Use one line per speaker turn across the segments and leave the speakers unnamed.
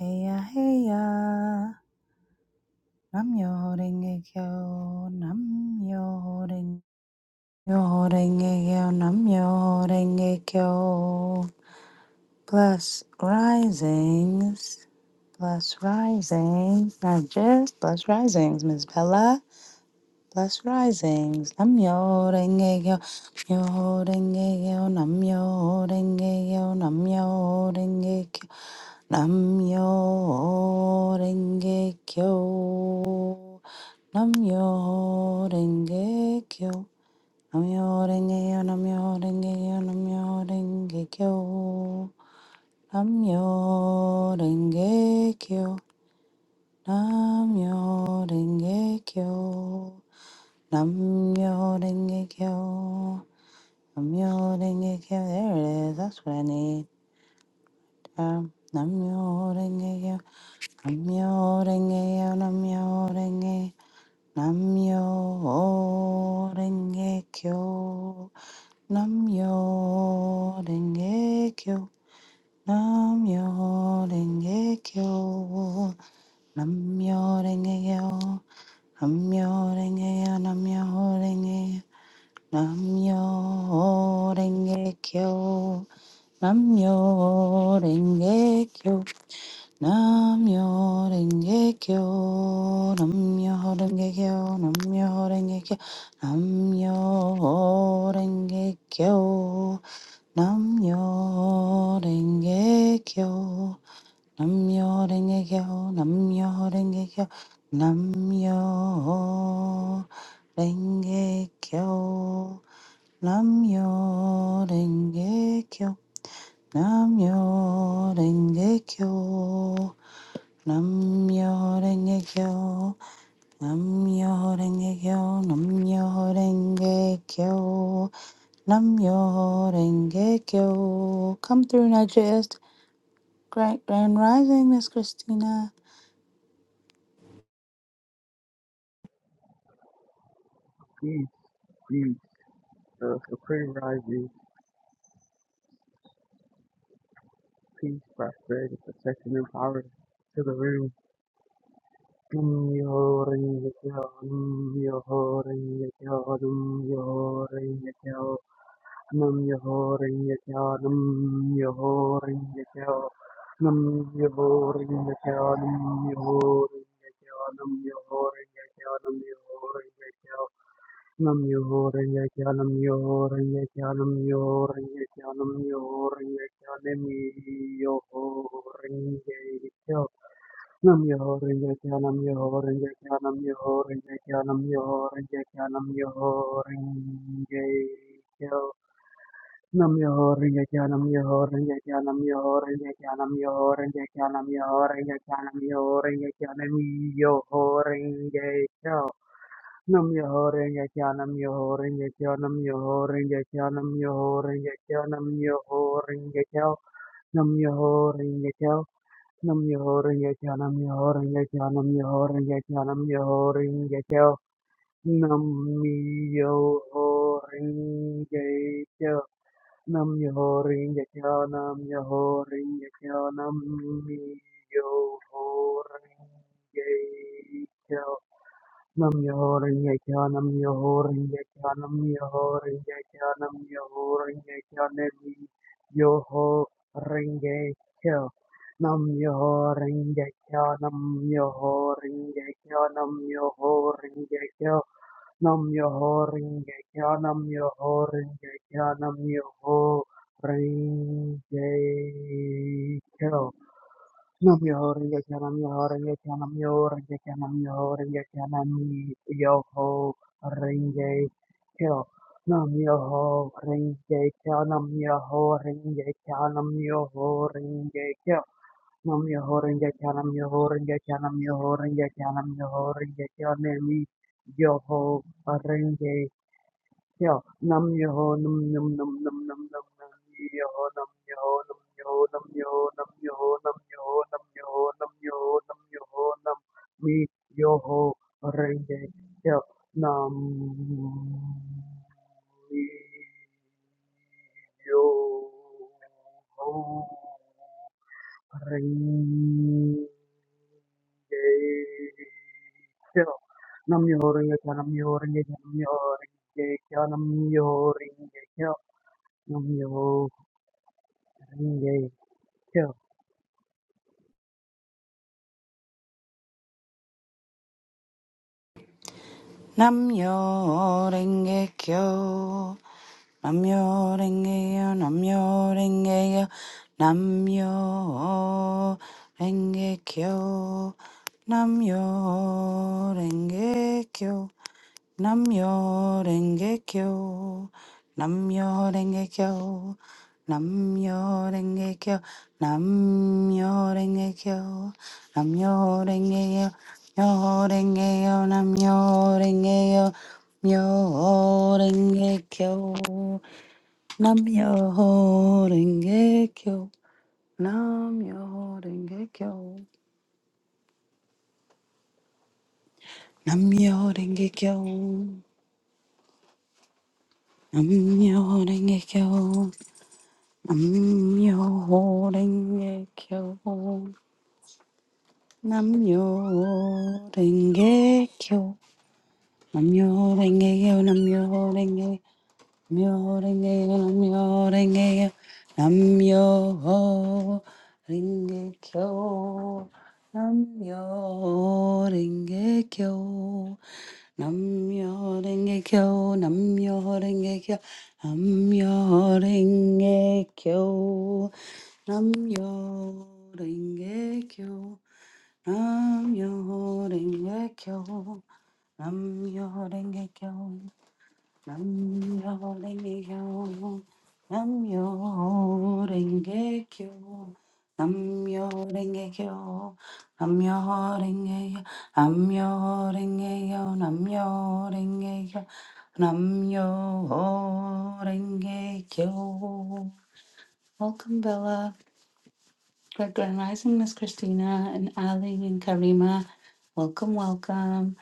Heya, heya, nam yo renge kyo, nam yo renge, yo renge kyo, nam yo renge kyo. Plus risings, plus risings, not just plus risings, Miss Bella. Plus risings, nam yo renge kyo, yo renge kyo, nam yo renge kyo, nam yo renge kyo. Namyo Renge Kyo. Namyo Renge Kyo. Namyo Renge Kyo. Namyo Renge Kyo. Namyo Renge Kyo. Namyo Renge Kyo. Namyo Renge Kyo. Namyo Renge Kyo. Namyo Renge Kyo. There it is. That's what I need. Um, Namyo Renge Kyo. Namyo Namyorenge, namyorenge, namyorenge kyo, namyorenge kyo, namyorenge kyo, namyorenge yo, namyo namyorenge yo, namyo namyorenge yo, namyorenge kyo, namyorenge kyo. Namyo Renge Kyo, Namyo Renge Kyo, Namyo Renge Kyo, Namyo Renge Kyo, Namyo Renge Kyo, Namyo Renge Kyo, Namyo Renge Kyo, Namyo Renge Kyo, Namyo Renge Kyo, Namyo Renge Kyo. Namyo Renge Kyo, Namyo Renge Kyo, Namyo Renge Kyo, Namyo Renge Kyo. Come through, Nigist. great grand Rising, Miss Christina.
Peace, peace, the supreme rising, peace, prosperity, protection, and power to the room. Dum yo ring yo yo, dum yo ho ring yo yo, dum yo ho ring yo yo, dum yo ho ring yo yo, dum yo ho ring yo yo, dum yo ho ring yo yo, dum yo ho ring yo yo, dum yo ho ring yo yo, dum yo ho ring yo yo. Nam yo ho renge kyo, nam yo ho renge kyo, nam yo ho renge kyo, nam yo ho renge kyo, nam yo ho renge kyo. Nam yo ho renge kyo, nam yo ho renge kyo, nam yo ho renge kyo, nam yo ho renge kyo, nam yo ho renge kyo. Nam Myoho Renge Kya Nam Myoho Renge Kya Nam Myoho Renge Kya Nam Myoho Renge Kya Nam Myoho Renge Kya Nam Myoho Renge Kya Nam Myoho Renge Kya Nam Myoho Renge Kyo, Nam Myoho Renge Kyo, Nam Myoho Renge Kyo, Nam Myoho Renge Kyo, Nam Myoho Renge Kyo, Nam Myoho Renge Kyo, Nam Myoho Renge Kyo, Nam Myoho Renge Kyo, Nam Myoho Renge Kyo, Nam Myoho Renge Kyo, Nam Myoho Renge Kyo, Nam Myoho Renge Kyo, Nam Myoho Renge Kyo, Nam Myoho Renge Kyo. Nam Myoho-renge-kyo, Nam Myoho-renge-kyo, Nam Myoho-renge-kyo, Nam Myoho-renge-kyo, Nam Myoho-renge-kyo. Nam Myoho-renge-kyo, Nam Myoho-renge-kyo, Nam Myoho-renge-kyo, Nam Myoho-renge-kyo, Nam Myoho-renge-kyo, Nam Myoho-renge-kyo. Nam yo renge kyo nam yo renge kyo nam yo renge kyo nam yo renge kyo nam yo ho renge kyo nam yo ho renge kyo nam yo ho renge kyo nam yo ho renge kyo nam yo ho renge kyo nam yo ho renge kyo nam yo ho renge kyo nam yo ho renge kyo nam yo ho renge Yo, Nam yo Nam Nam Nam Nam Nam Nam num num yo ho, num yo ho, num yo ho, num yo ho, num yo ho, num yo ho, num yo ho, num yo ho, num yo Nam num me yo ho, ring it, yo, num me yo ho, ring it, yo, Nam yo ho, ring Nam yo, num yo Nam ring it, yo, num yo Nam ring it, yo, num yo ho, ring it, yo. Nam Myoho Renge Kyo.
Namyo Renge Kyo, Namyo Renge Kyo, Namyo Renge Kyo, Namyo Renge Kyo, Namyo Renge Kyo. Namyo Rengekyo, Namyo Rengekyo, Namyo Rengekyo, Namyo Rengekyo, Namyo Rengekyo, Myo Rengekyo, Namyo Rengekyo, Myo Rengekyo, Namyo Rengekyo, Namyo Rengekyo, Namyo Rengekyo, Namyo Rengekyo. Namyo ringe kyo. Namyo ringe kyo. Namyo ringe kyo. Namyo ringe. Namyo ringe. Namyo ringe. Namyo ringe kyo. Namyo ringe kyo. Namyo ringe kyo. Namyo ringe kyo. Namyo ringe kyo. Namyo ringe kyo. Namyo ringe kyo. Namyo ringe kyo. Namyo ringe yo. Namyo ringe kyo. Namyo ringe kyo. Namyo ringe yo. Namyo ringe yo. Namyo ringe yo. Namyo ringe kyo. Welcome, Bella. Good Grand Rising, Miss Christina and Ali and Karima. Welcome, welcome.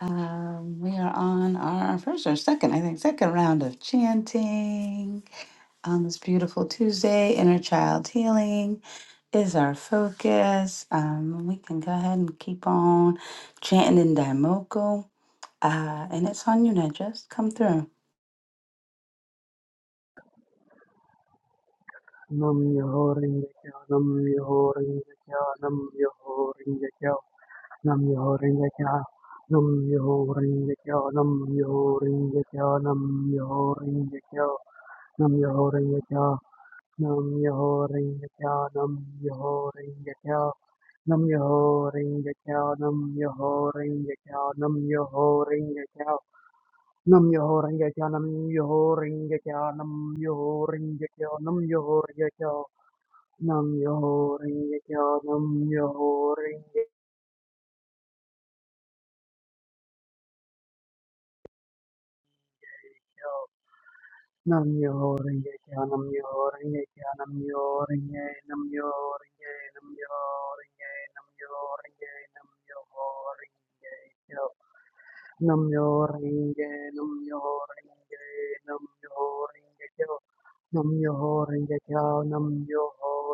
Um, we are on our first or second, I think, second round of chanting on this beautiful Tuesday. Inner child healing is our focus. Um, we can go ahead and keep on chanting in Daimoku. Uh, and it's on you, Ned. Just come through.
Nam Myoho Renge Kyo. Nam Myoho Renge Kyo. Nam Myoho Renge Kyo. Nam Myoho Renge Kyo. Nam Myoho Renge Kyo. Nam Myoho Renge Kyo. Nam Myoho Renge Kyo. Nam Myoho Renge Kyo. Nam Myoho Renge Kyo. Nam Myoho Renge Kyo. Nam Myoho Renge Kyo. Nam Myoho Renge Kyo. Nam Myoho Renge Kyo. Nam Yoho Rengekyo, Nam Yoho Rengekyo, Nam Yoho Rengekyo, Nam Yoho Rengekyo, Nam Yoho Rengekyo, Nam Yoho Rengekyo, Nam Yoho Rengekyo, Nam Yoho Rengekyo, Nam Yoho Renge, Nam Yoho Renge, Nam Yoho Renge, Nam Yoho Renge, Nam Yoho Rengekyo. Nam yo ringe, nam yo ringe, nam yo ringe kyo, nam yo ringe kyo, nam yo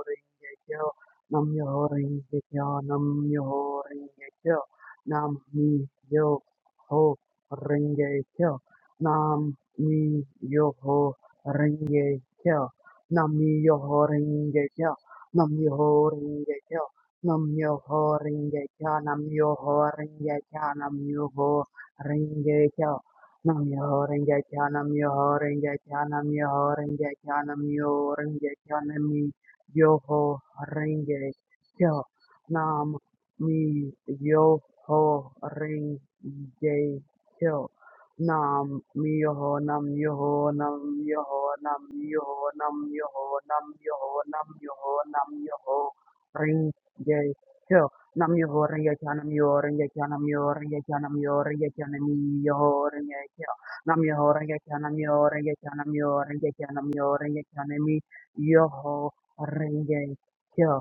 ringe kyo, nam yo ringe kyo, nam yo ringe kyo, nam mi yo ho ringe kyo, nam mi yo ho ringe kyo, nam mi yo ho ringe kyo, nam yo ho ringe kyo, nam yo ho ringe kyo, nam yo ho ringe kyo, nam yo ho Renge Kyo. Nam Myoho Renge Kyo, Nam Myoho Renge Kyo, Nam Myoho Renge Kyo, Nam Myoho Renge Kyo, Nam Myoho Renge Kyo. Nam Myoho Renge Kyo. Nam Myoho, Nam Myoho, Nam Myoho, Nam Myoho, Nam Myoho, Nam Myoho, Nam Myoho, Nam Myoho Renge Kyo. Nam yo yoring yekya nam yo yoring yekya nam yo yoring yekya nam yo yoring yekya nam yo yoring yekya nam yo yoring yekya nam yo yoring yekya nam yo yoring yekya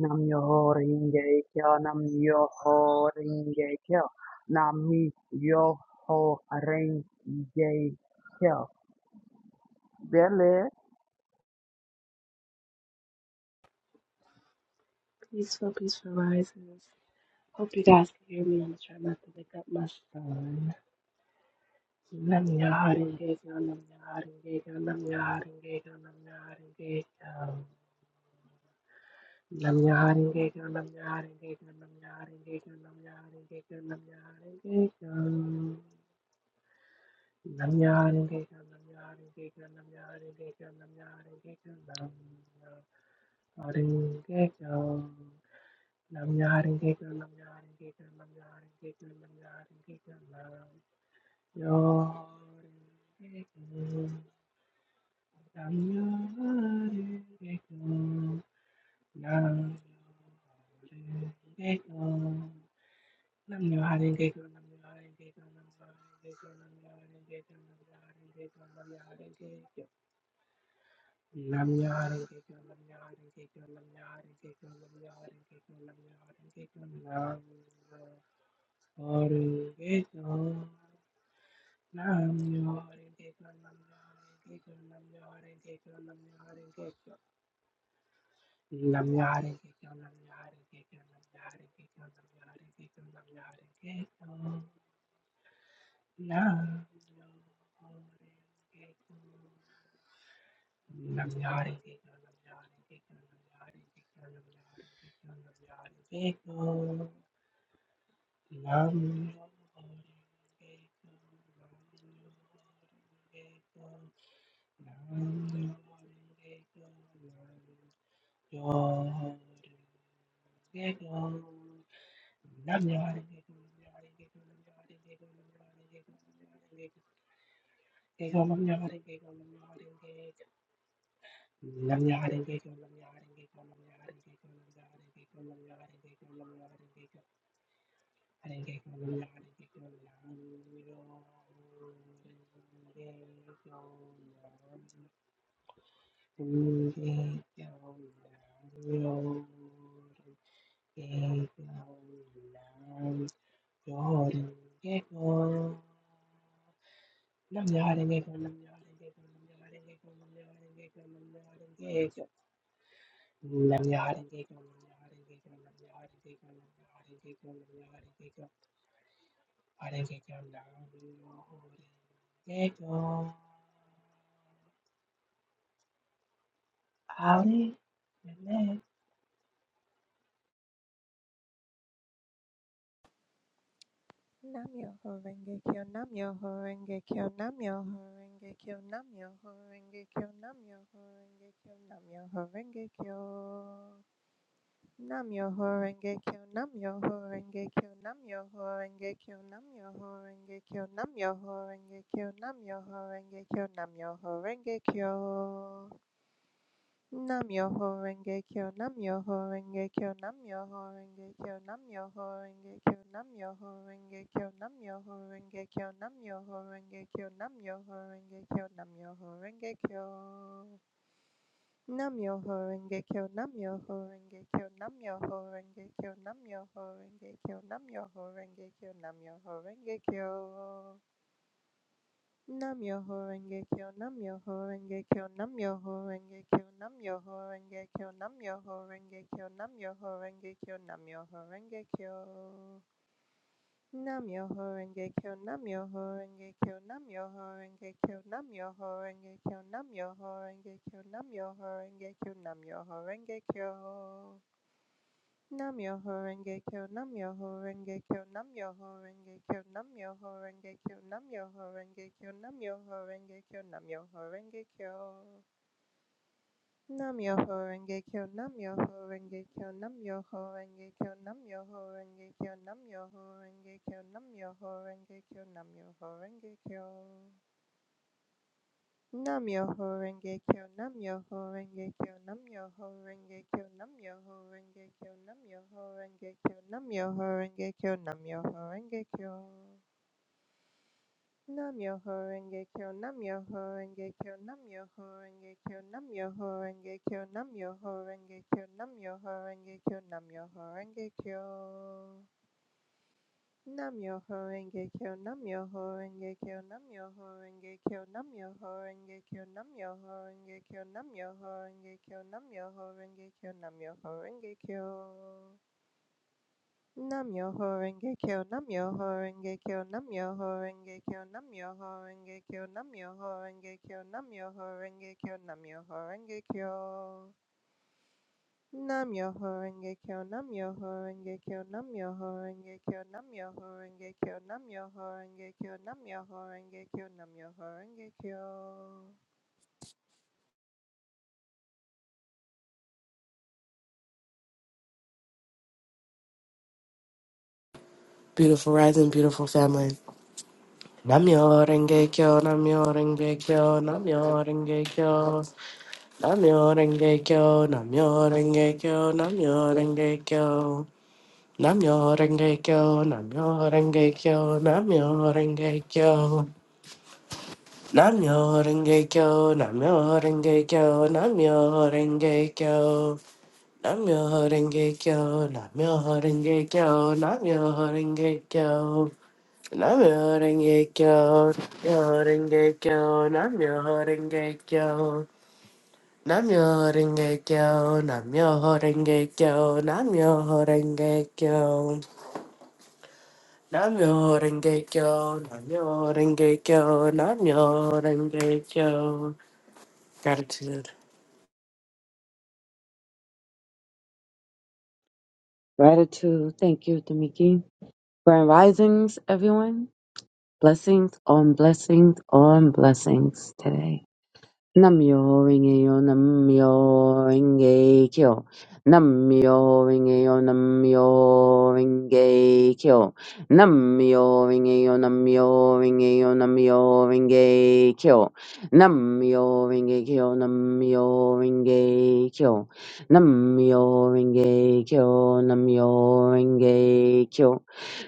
nam yo yoring yekya nam yo yoring yekya nam yo yoring yekya nam yo yoring yekya nam yo yoring yekya Billy
Peaceful, peaceful rises. Hope you guys can hear me. I'm trying not to wake up my son. Nam your heart and gay nam your heart and gay nam your heart and gay nam your heart and gay Nam your heart and gay nam your heart and gay nam your heart and gay nam your heart and gay nam your heart and gay Nam your heart and gay nam your heart and gay nam your heart and gay nam your heart and gay nam your heart and gay Nam yarin kekar nam yarin kekar nam yarin kekar nam yarin kekar nam yarin kekar nam yarin kekar nam yarin kekar nam yarin kekar nam yarin kekar nam yarin kekar nam yarin kekar nam yarin kekar nam yarin kekar Nam yarin kekar nam yarin kekar nam yarin kekar nam yarin kekar nam yarin kekar nam Nam Nam nam Nam Hare Krishna, Hare Krishna. Ali, Renee,
Namyoho Renge Kyo, Namyoho Renge Kyo, Namyoho Renge Kyo, Namyoho Renge Kyo, Namyoho Renge Kyo, Namyoho Renge Kyo. Namyoho Renge Kyo, Namyoho Renge Kyo, Namyoho Renge Kyo, Namyoho Renge Kyo, Namyoho Renge Kyo, Namyoho Renge Kyo, Namyoho Renge Kyo. Namyoho Renge Kyo, Namyoho Renge Kyo, Namyoho Renge Kyo, Namyoho Renge Kyo, Namyoho Renge Kyo, Namyoho Renge Kyo, Namyoho Renge Kyo, Namyoho Renge Kyo, Namyoho Renge Kyo. Namyoho Renge Kyo, Namyoho Renge Kyo, Namyoho Renge Kyo, Namyoho Renge Kyo, Namyoho Renge Kyo, Namyoho Renge Kyo. Nam Myoho Renge Kyo, Nam Myoho Renge Kyo, Nam Myoho Renge Kyo, Nam Myoho Renge Kyo, Nam Myoho Renge Kyo, Nam Myoho Renge Kyo, Nam Myoho Renge Kyo. Nam Myoho Renge Kyo, Nam Myoho Renge Kyo, Nam Myoho Renge Kyo, Nam Myoho Renge Kyo, Nam Myoho Renge Kyo, Nam Myoho Renge Kyo, Nam Myoho Renge Kyo. Nam Yoho Renge Kyo, Nam Yoho Renge Kyo, Nam Yoho Renge Kyo, Nam Yoho Renge Kyo, Nam Yoho Renge Kyo, Nam Yoho Renge Kyo, Nam Yoho Renge Kyo. Nam Yoho Renge Kyo, Nam Yoho Renge Kyo, Nam Yoho Renge Kyo, Nam Yoho Renge Kyo, Nam Yoho Renge Kyo, Nam Yoho Renge Kyo, Nam Yoho Renge Kyo. Nam Namyoho Renge Kyo, Nam Namyoho Renge Kyo, Nam Namyoho Renge Kyo, Nam Namyoho Renge Kyo, Nam Namyoho Renge Kyo, Nam Namyoho Renge Kyo, Nam Namyoho Renge Kyo. Nam Namyoho Renge Kyo, Nam Namyoho Renge Kyo, Nam Namyoho Renge Kyo, Nam Namyoho Renge Kyo, Nam Namyoho Renge Kyo, Nam Namyoho Renge Kyo, Nam Namyoho Renge Kyo. Nam Namyoho Renge Kyo, nam Namyoho Renge Kyo, nam Namyoho Renge Kyo, nam Namyoho Renge Kyo, nam Namyoho Renge Kyo, nam Namyoho Renge Kyo, nam Namyoho Renge Kyo, nam Namyoho Renge Kyo. nam Namyoho Renge Kyo, nam Namyoho Renge Kyo, nam Namyoho Renge Kyo, Namyoho Renge Kyo, Namyoho Renge Kyo, Namyoho Renge Kyo, Namyoho Renge Kyo. Nam Myoho Renge Kyo, Nam Myoho Renge Kyo, Nam Myoho Renge Kyo, Nam Myoho Renge Kyo, Nam Myoho Renge Kyo, Nam Myoho Renge Kyo, Nam Myoho Renge Kyo.
Beautiful rising, beautiful family. Namyo renge kyo, namyo renge kyo, namyo renge kyo, namyo renge kyo, namyo renge kyo, namyo renge kyo, namyo renge kyo, namyo renge kyo, namyo renge kyo, namyo renge kyo, namyo renge kyo, namyo renge kyo, namyo renge kyo, namyo renge kyo, namyo renge kyo. I'm your Rengekyo, your Namyo-renge-kyo, namyo-renge-kyo, namyo I'm your renge kyo namyo-renge-kyo, namyo-renge-kyo, namyo-renge-kyo, namyo-renge-kyo, namyo-renge-kyo. Gratitude.
Gratitude. Thank you, Tamiki. Grand risings, everyone. Blessings on blessings on blessings today. Nam-myoho-renge-kyo, Nam-myoho-renge-kyo, Nam-myoho-renge-kyo, Nam-myoho-renge-kyo, Nam-myoho-renge-kyo, Nam-myoho-renge-kyo, Nam-myoho-renge-kyo, Nam-myoho-renge-kyo, Nam-myoho-renge-kyo, Nam-myoho-renge-kyo, Nam-myoho-renge-kyo,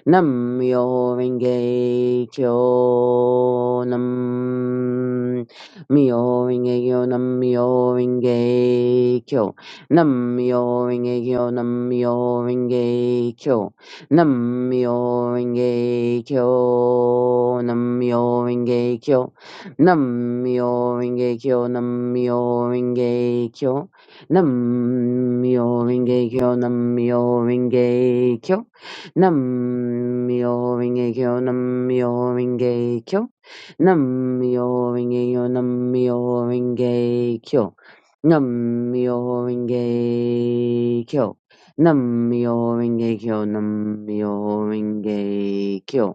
Nam-myoho-renge-kyo, Nam. Myoingekyo Nam-myoingekyo. Nam-myoingekyo Nam-myoingekyo. Nam-myoingekyo Nam-myoingekyo. Nam-myoingekyo Nam-myoingekyo. Nam-myoingekyo Nam-myoingekyo. Nam-myoingekyo Nam-myoingekyo. Namyo Renge-yo, Namyo Renge-kyo. Namyo Renge-kyo. Namyo Renge-kyo, Namyo Renge-kyo.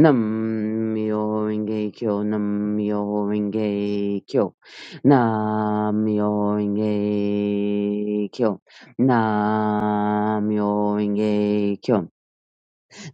Namyo Renge-kyo, Namyo Renge-kyo. Namyo Renge-kyo. Namyo Renge-kyo.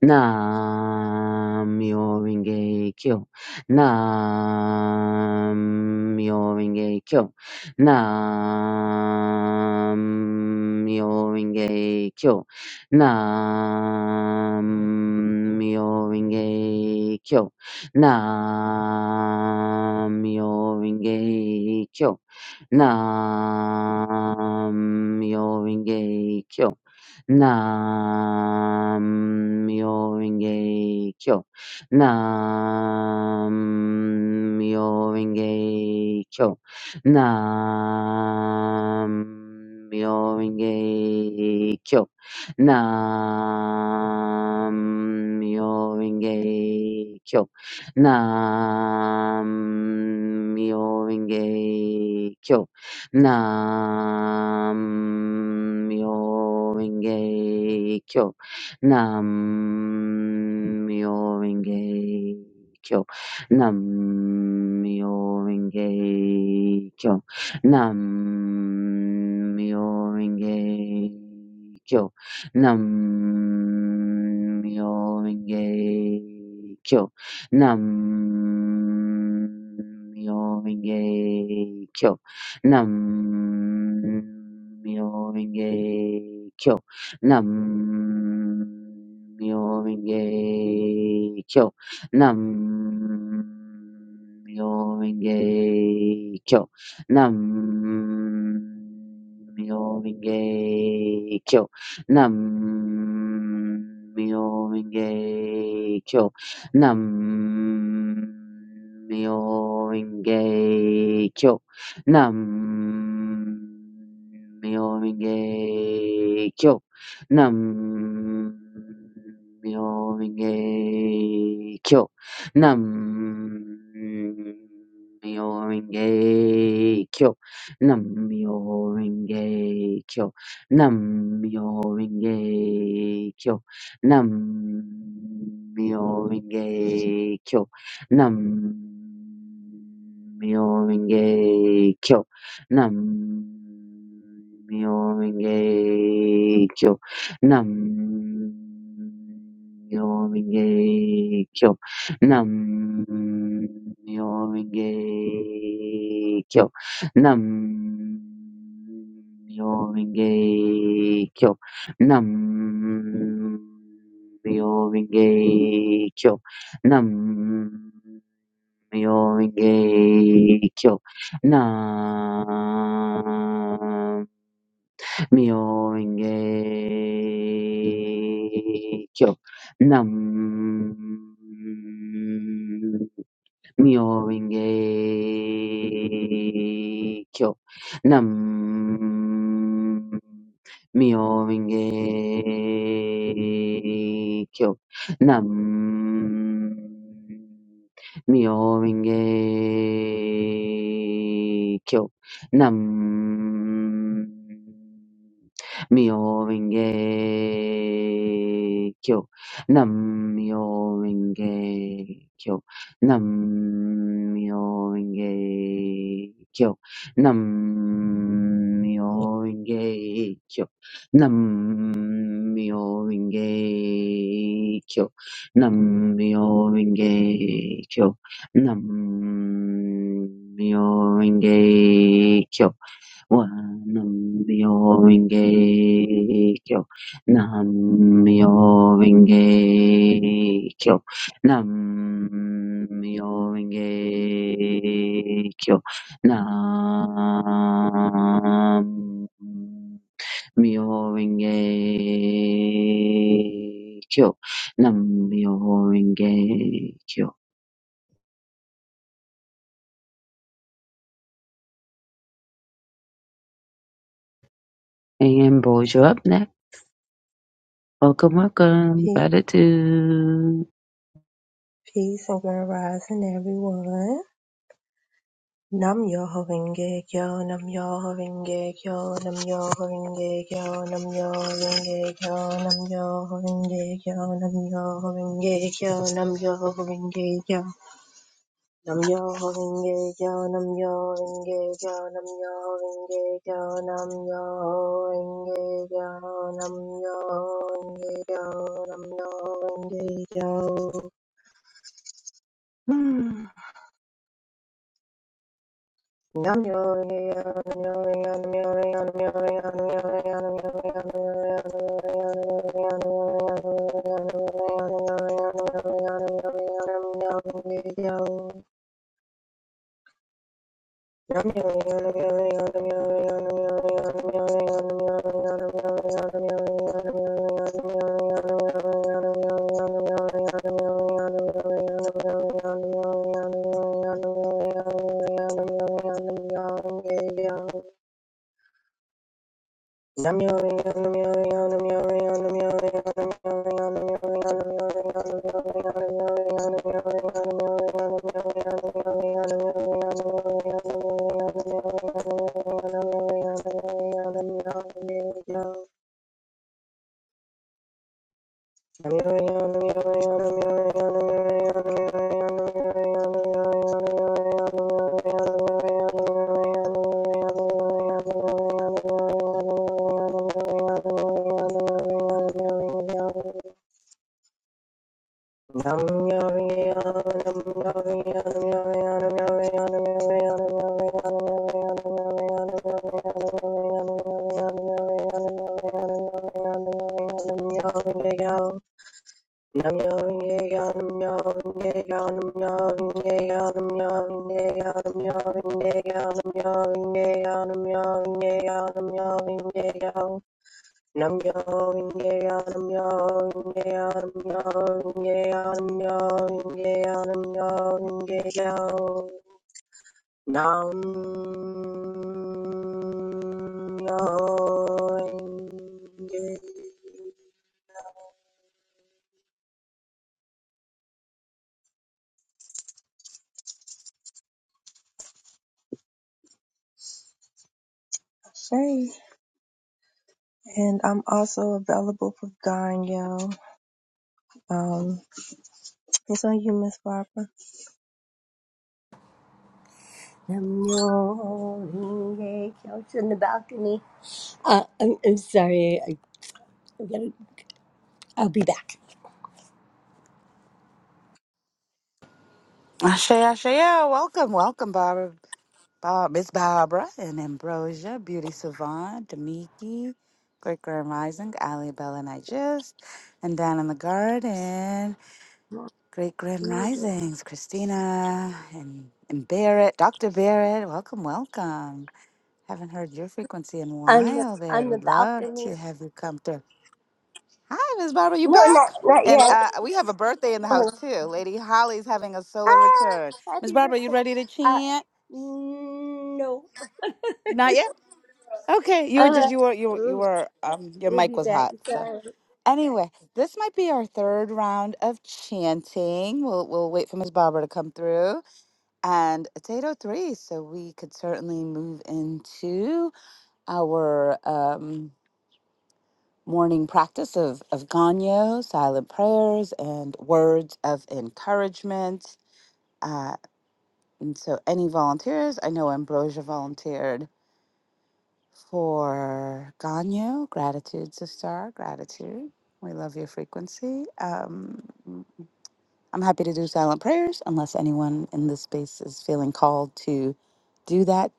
Nam-myoho Renge Kyo. Nam-myoho Renge Kyo. Nam-myoho Renge Kyo. Nam-myoho Renge Kyo. Nam-myoho Renge Kyo. Nam-myoho Renge Kyo. Nam-myoho-renge-kyo. Nam-myoho-renge-kyo. Nam-myoho-renge-kyo. Nam-myoho-renge-kyo. Nam-myoho-renge-kyo. Nam Myo Renge Kyo. Nam Myo Renge Kyo. Nam Myo Renge Kyo. Nam Myo Renge Kyo. Nam Myo Renge Kyo. Nam Myo Renge Kyo. Nam-myoho-renge-kyo. Nam-myoho-renge-kyo. Nam-myoho-renge-kyo. Nam-myoho-renge-kyo. Nam-myoho-renge-kyo. Nam-myoho-renge-kyo nam myo renge kyo nam myo renge kyo nam myo renge kyo nam myo renge kyo nam myo renge kyo nam myo renge kyo nam nam myoho Renge Kyo. Nam myoho Renge Kyo. Nam myoho Renge Kyo. Nam myoho Renge Kyo. Nam myoho Renge Kyo. Nam myoho Renge Kyo. Nam Myoho-renge-kyo. Nam Myoho-renge-kyo. Nam Myoringe kyo. Nam Myoringe kyo. Nam Myoringe kyo. Nam Myoringe kyo. Nam Myoringe kyo. Nam-myoho-renge-kyo. Nam-myoho-renge-kyo. Nam-myoho-renge-kyo. Nam-myoho-renge-kyo. Nam-myoho-renge-kyo. Nam-myoho-renge-kyo. Nam-myoho-renge-kyo. Nam-myoho-renge-kyo. Nam-myoho-renge-kyo. Nam-myoho-renge-kyo. And boys, you're up next. Welcome, welcome.
Peace,
Gratitude.
peace, over rising everyone. Nam yo hovenge kyo, nam yo hovenge kyo, nam yo hovenge kyo, nam yo hovenge kyo, nam yo hovenge kyo, nam yo hovenge kyo, nam yo hovenge kyo. Nam yo hovenge kyo, nam yo hovenge kyo, nam yo hovenge kyo, nam yo hovenge kyo, nam yo hovenge kyo, nam yo hovenge kyo. Yeah. Namyo Nam Nam yong ye yong yong ye yong yong ye yong yong ye yong yong ye yong yong ye yong yong ye yong yong ye yong nam yong ye yong yong ye yong yong ye yong yong ye yong yong ye yong nam Say, and I'm also available for Ganyo. Um, it's on you, Miss Barbara.
Namyo Kyo. It's in the balcony. Uh, I'm, I'm sorry. I, I'm gonna, I'll be back.
Ashe, Ashe, yeah, welcome, welcome, Barbara. Bob, Miss Barbara and Ambrosia, Beauty Savant, Damiki, Great Grand Rising, Ali Bella and I just, and down in the garden, Great Grand Risings, Christina and, and Barrett, Dr. Barrett, welcome, welcome. Haven't heard your frequency in a
On the,
while, Barrett.
on the
Would love
balcony.
to have you come through. Hi, Miss Barbara, you
No, not,
back?
not
And
yet.
uh, we have a birthday in the
Oh,
house too. Lady Holly's having a solar return.
ah,
Miss
happy
Barbara, you
birthday.
ready to
Uh,
chant?
no.
Not yet. Okay, you were just
Uh,
you were you were- you
we'll,
were um your
we'll
mic
be
was
back.
hot. So
Sorry.
anyway, this might be our third round of chanting. We'll we'll wait for Ms. Barbara to come through, and it's eight oh three, so we could certainly move into our um morning practice of of Ganyo, silent prayers, and words of encouragement. Uh, and so any volunteers, I know Ambrosia volunteered for Ganyo. Gratitude, sister. Gratitude. We love your frequency. Um, I'm happy to do silent prayers unless anyone in this space is feeling called to do that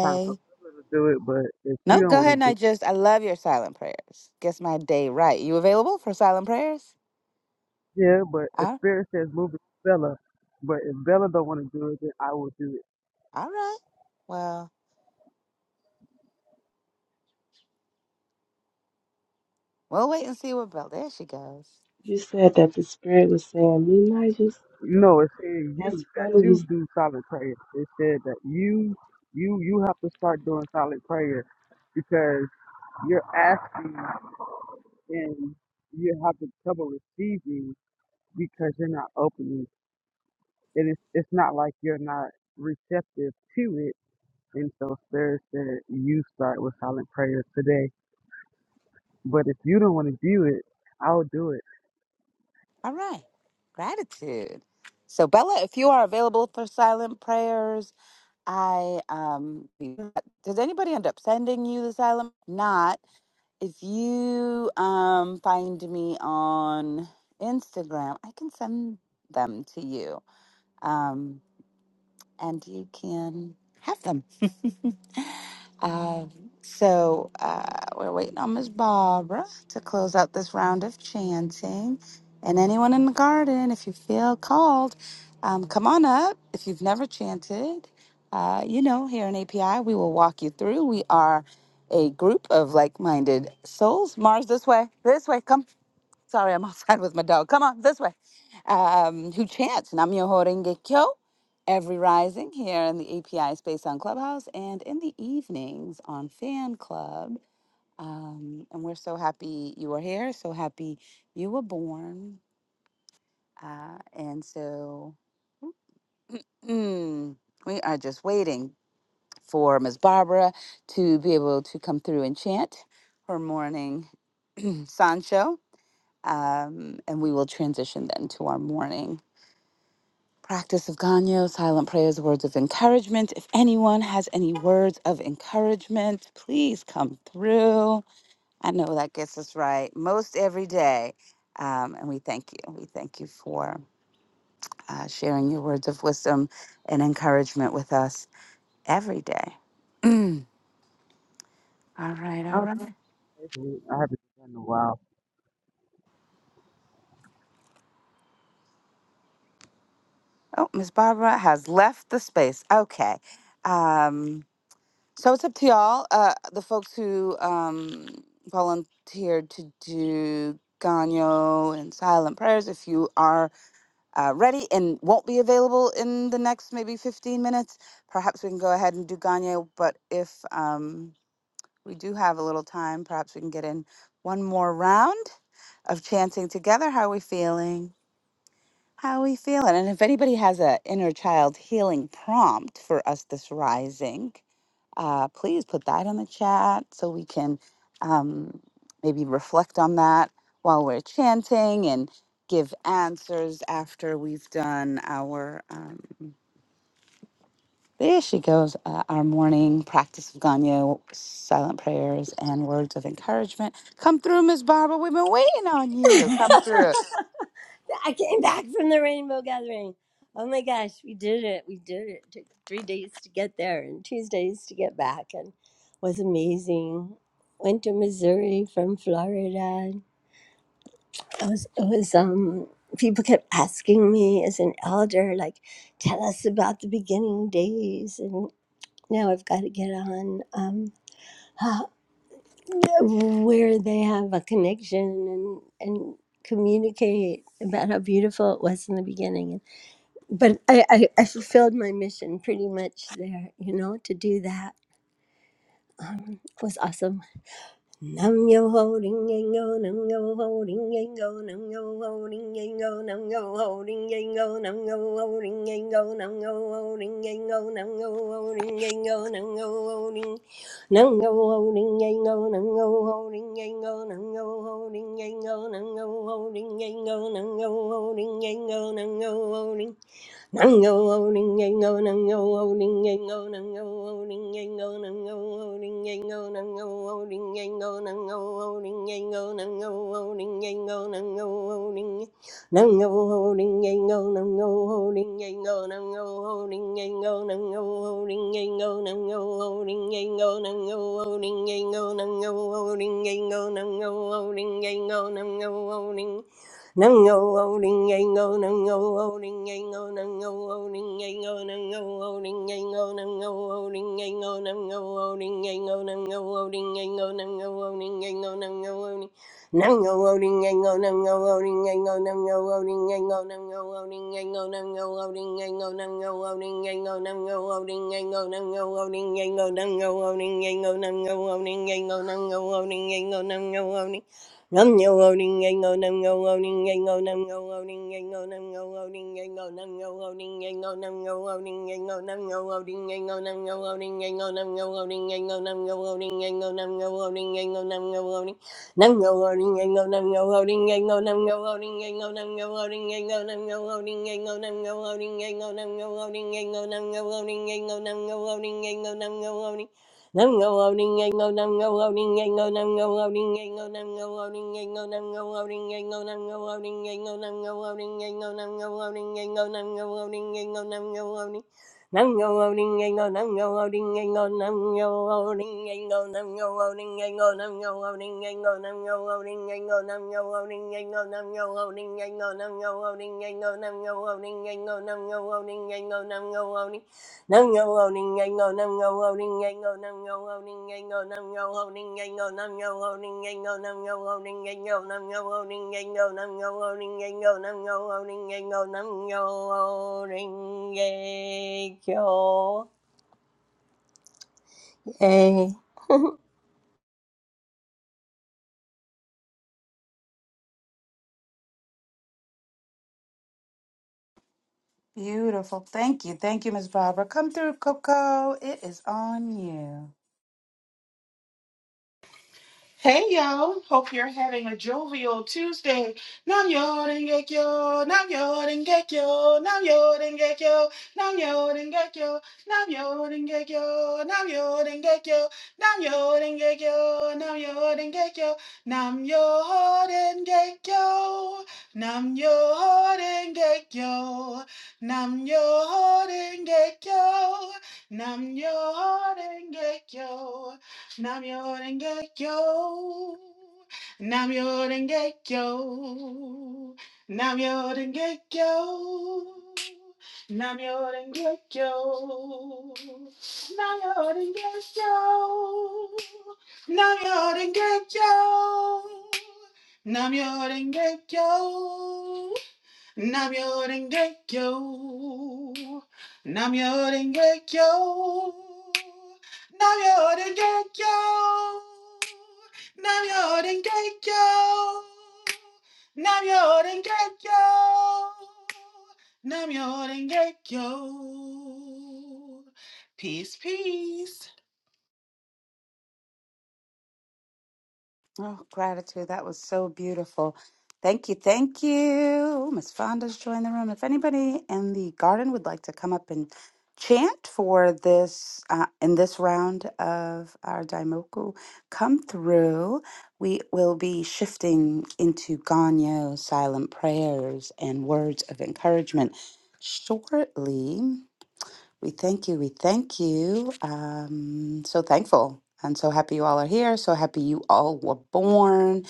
thankful to do it, but if you
No,
don't
go
want
ahead
to
and I just, I love your silent prayers. Guess my day right. You available for silent prayers?
Yeah, but if
Uh,
spirit says move it to Bella, but if Bella don't want to do it, then I will do it.
all right. Well, we'll wait and see what Bella, there she goes.
you said that the spirit was saying midnight. Just
No, it's saying you
that's
that
funny. You,
you
s-
do silent prayer. It said that you you you have to start doing silent prayer because you're asking and you have the trouble receiving because you're not opening. And it's it's not like you're not receptive to it. And so spirit said you start with silent prayer today. But if you don't want to do it, I'll do it.
All right. Gratitude. So, Bella, if you are available for silent prayers, I um does anybody end up sending you the asylum? Not if you um find me on Instagram, I can send them to you. Um and you can have them. Uh, so uh, we're waiting on Miss Barbara to close out this round of chanting. And anyone in the garden, if you feel called, um, come on up. If you've never chanted, uh, you know, here in API, we will walk you through. We are a group of like minded souls. Mars, this way, this way, come. Sorry, I'm outside with my dog. Come on, this way. Um, who chants Nam Namyo Horenge Kyo every rising here in the API space on Clubhouse and in the evenings on Fan Club. Um, and we're so happy you are here, so happy you were born. Uh, and so mm, we are just waiting for Ms. Barbara to be able to come through and chant her morning Sancho. Um, and we will transition then to our morning Practice of Ganyo, silent prayers, words of encouragement. If anyone has any words of encouragement, please come through. I know that gets us right most every day. Um, and we thank you. We thank you for uh, sharing your words of wisdom and encouragement with us every day. all right, all right.
Mhm. I haven't done in a while.
Oh, Miss Barbara has left the space. Okay. Um, So it's up to y'all, uh, the folks who um, volunteered to do Ganyo and silent prayers. If you are uh, ready and won't be available in the next maybe 15 minutes, perhaps we can go ahead and do Ganyo. But if um, we do have a little time, perhaps we can get in one more round of chanting together. How are we feeling? How are we feeling? And if anybody has a inner child healing prompt for us this rising, uh, please put that in the chat so we can um, maybe reflect on that while we're chanting and give answers after we've done our. Um, there she goes, uh, our morning practice of Ganyo, silent prayers, and words of encouragement. Come through, Miss Barbara. We've been waiting on you. Come through.
I came back from the rainbow gathering. Oh my gosh, we did it. We did it. It took three days to get there and Tuesdays to get back and was amazing. Went to Missouri from Florida. It was it was um people kept asking me as an elder, like, tell us about the beginning days and now I've got to get on um uh, where they have a connection and and communicate about how beautiful it was in the beginning but I, I, I fulfilled my mission pretty much there, you know, to do that. Um, was awesome. Nam yo holding yang go, nam yo holding yang go, nam yo holding yang go, nam yo holding yang go, nam yo holding yang go, nam yo holding yang go, nam yo holding yang go, nam yo holding nam yo holding yang go, nam yo holding yang go, nam yo holding yang go, nam yo holding yang go, nam yo holding yang go, nam yo holding Nango owning yango nango owning yango nango owning yango nango owning yango nango owning yango nango owning yango nango owning yango nango owning nango owning yango nango owning yango nango owning yango nango owning yango nango owning yango nango owning yango nango owning yango nango owning yango nango owning Nung oh oh ding ding oh nung oh oh ding ding oh nung oh oh ding ding oh nung oh oh ding ding oh nung oh oh ding ding oh nung oh oh ding ding oh nung oh oh ding ding oh nung oh oh ding ding oh nung oh oh ding Nung oh oh ding ding oh nung oh oh ding ding oh nung oh oh ding ding oh nung oh oh ding ding oh nung oh oh ding ding oh nung oh oh ding ding oh nung oh oh ding ding oh nung oh oh ding ding oh nung oh oh ding ding oh nung oh oh ding ding oh nung oh oh ding ding oh nung oh oh oh oh oh Nam yo owning ain't go nam yo owning ain't go nam yo owning ain't go nam yo owning ain't go nam yo owning ain't go nam yo owning ain't go nam yo owning ain't go nam yo owning ain't go nam yo owning ain't go nam yo owning ain't go nam yo owning ain't go nam yo owning nam yo owning ain't go nam yo owning ain't go nam yo owning ain't go nam yo owning ain't go nam yo owning ain't go nam yo owning ain't go nam yo owning ain't go nam yo owning ain't go nam yo owning ain't go nam yo owning Nam go loading and go nam go loading and go nam go loading and go nam go loading and go nam go loading and go nam go loading and go nam go loading and go nam go loading and go nam go loading and go nam go loading Nam go loading and go nam go loading and go nam go loading and go nam go loading and go nam go loading and go nam go loading and go nam go loading and go nam go loading and go nam go loading and go nam go loading and go nam go loading and go nam go loading Nam yo owning and go nam yo owning and go nam yo owning and go nam yo owning and go nam yo owning and go nam yo owning and go nam yo owning and go nam yo owning and go nam yo owning and go nam yo owning and go Hey.
Beautiful. Thank you. Thank you, Miss Barbara. Come through, Coco. It is on you.
Hey y'all, hope you're having a jovial Tuesday. Nam yo dengekyo, nam yo dengekyo, nam yo dengekyo, nam yo dengekyo, nam yo dengekyo, nam yo dengekyo, nam yo dengekyo, nam yo dengekyo, nam yo dengekyo, nam yo dengekyo, nam yo dengekyo, nam yo dengekyo. Namyo Renge Kyo. Namyo Renge Kyo. Namyo Renge Kyo. Namyo Renge Kyo. Namyo Renge Kyo. Namyo Renge Kyo. Namyo Renge Kyo. Namyo Rengekyo. Namyo Rengekyo. Namyo Rengekyo. Namyo Rengekyo. Namyo Rengekyo. Namyo Rengekyo. Peace, peace.
Oh, gratitude. That was so beautiful. Thank you. Thank you. Miss Fonda's joined the room. If anybody in the garden would like to come up and chant for this uh, in this round of our daimoku come through we will be shifting into ganyo silent prayers and words of encouragement shortly we thank you. We thank you. Um, so thankful and so happy you all are here. So happy you all were born.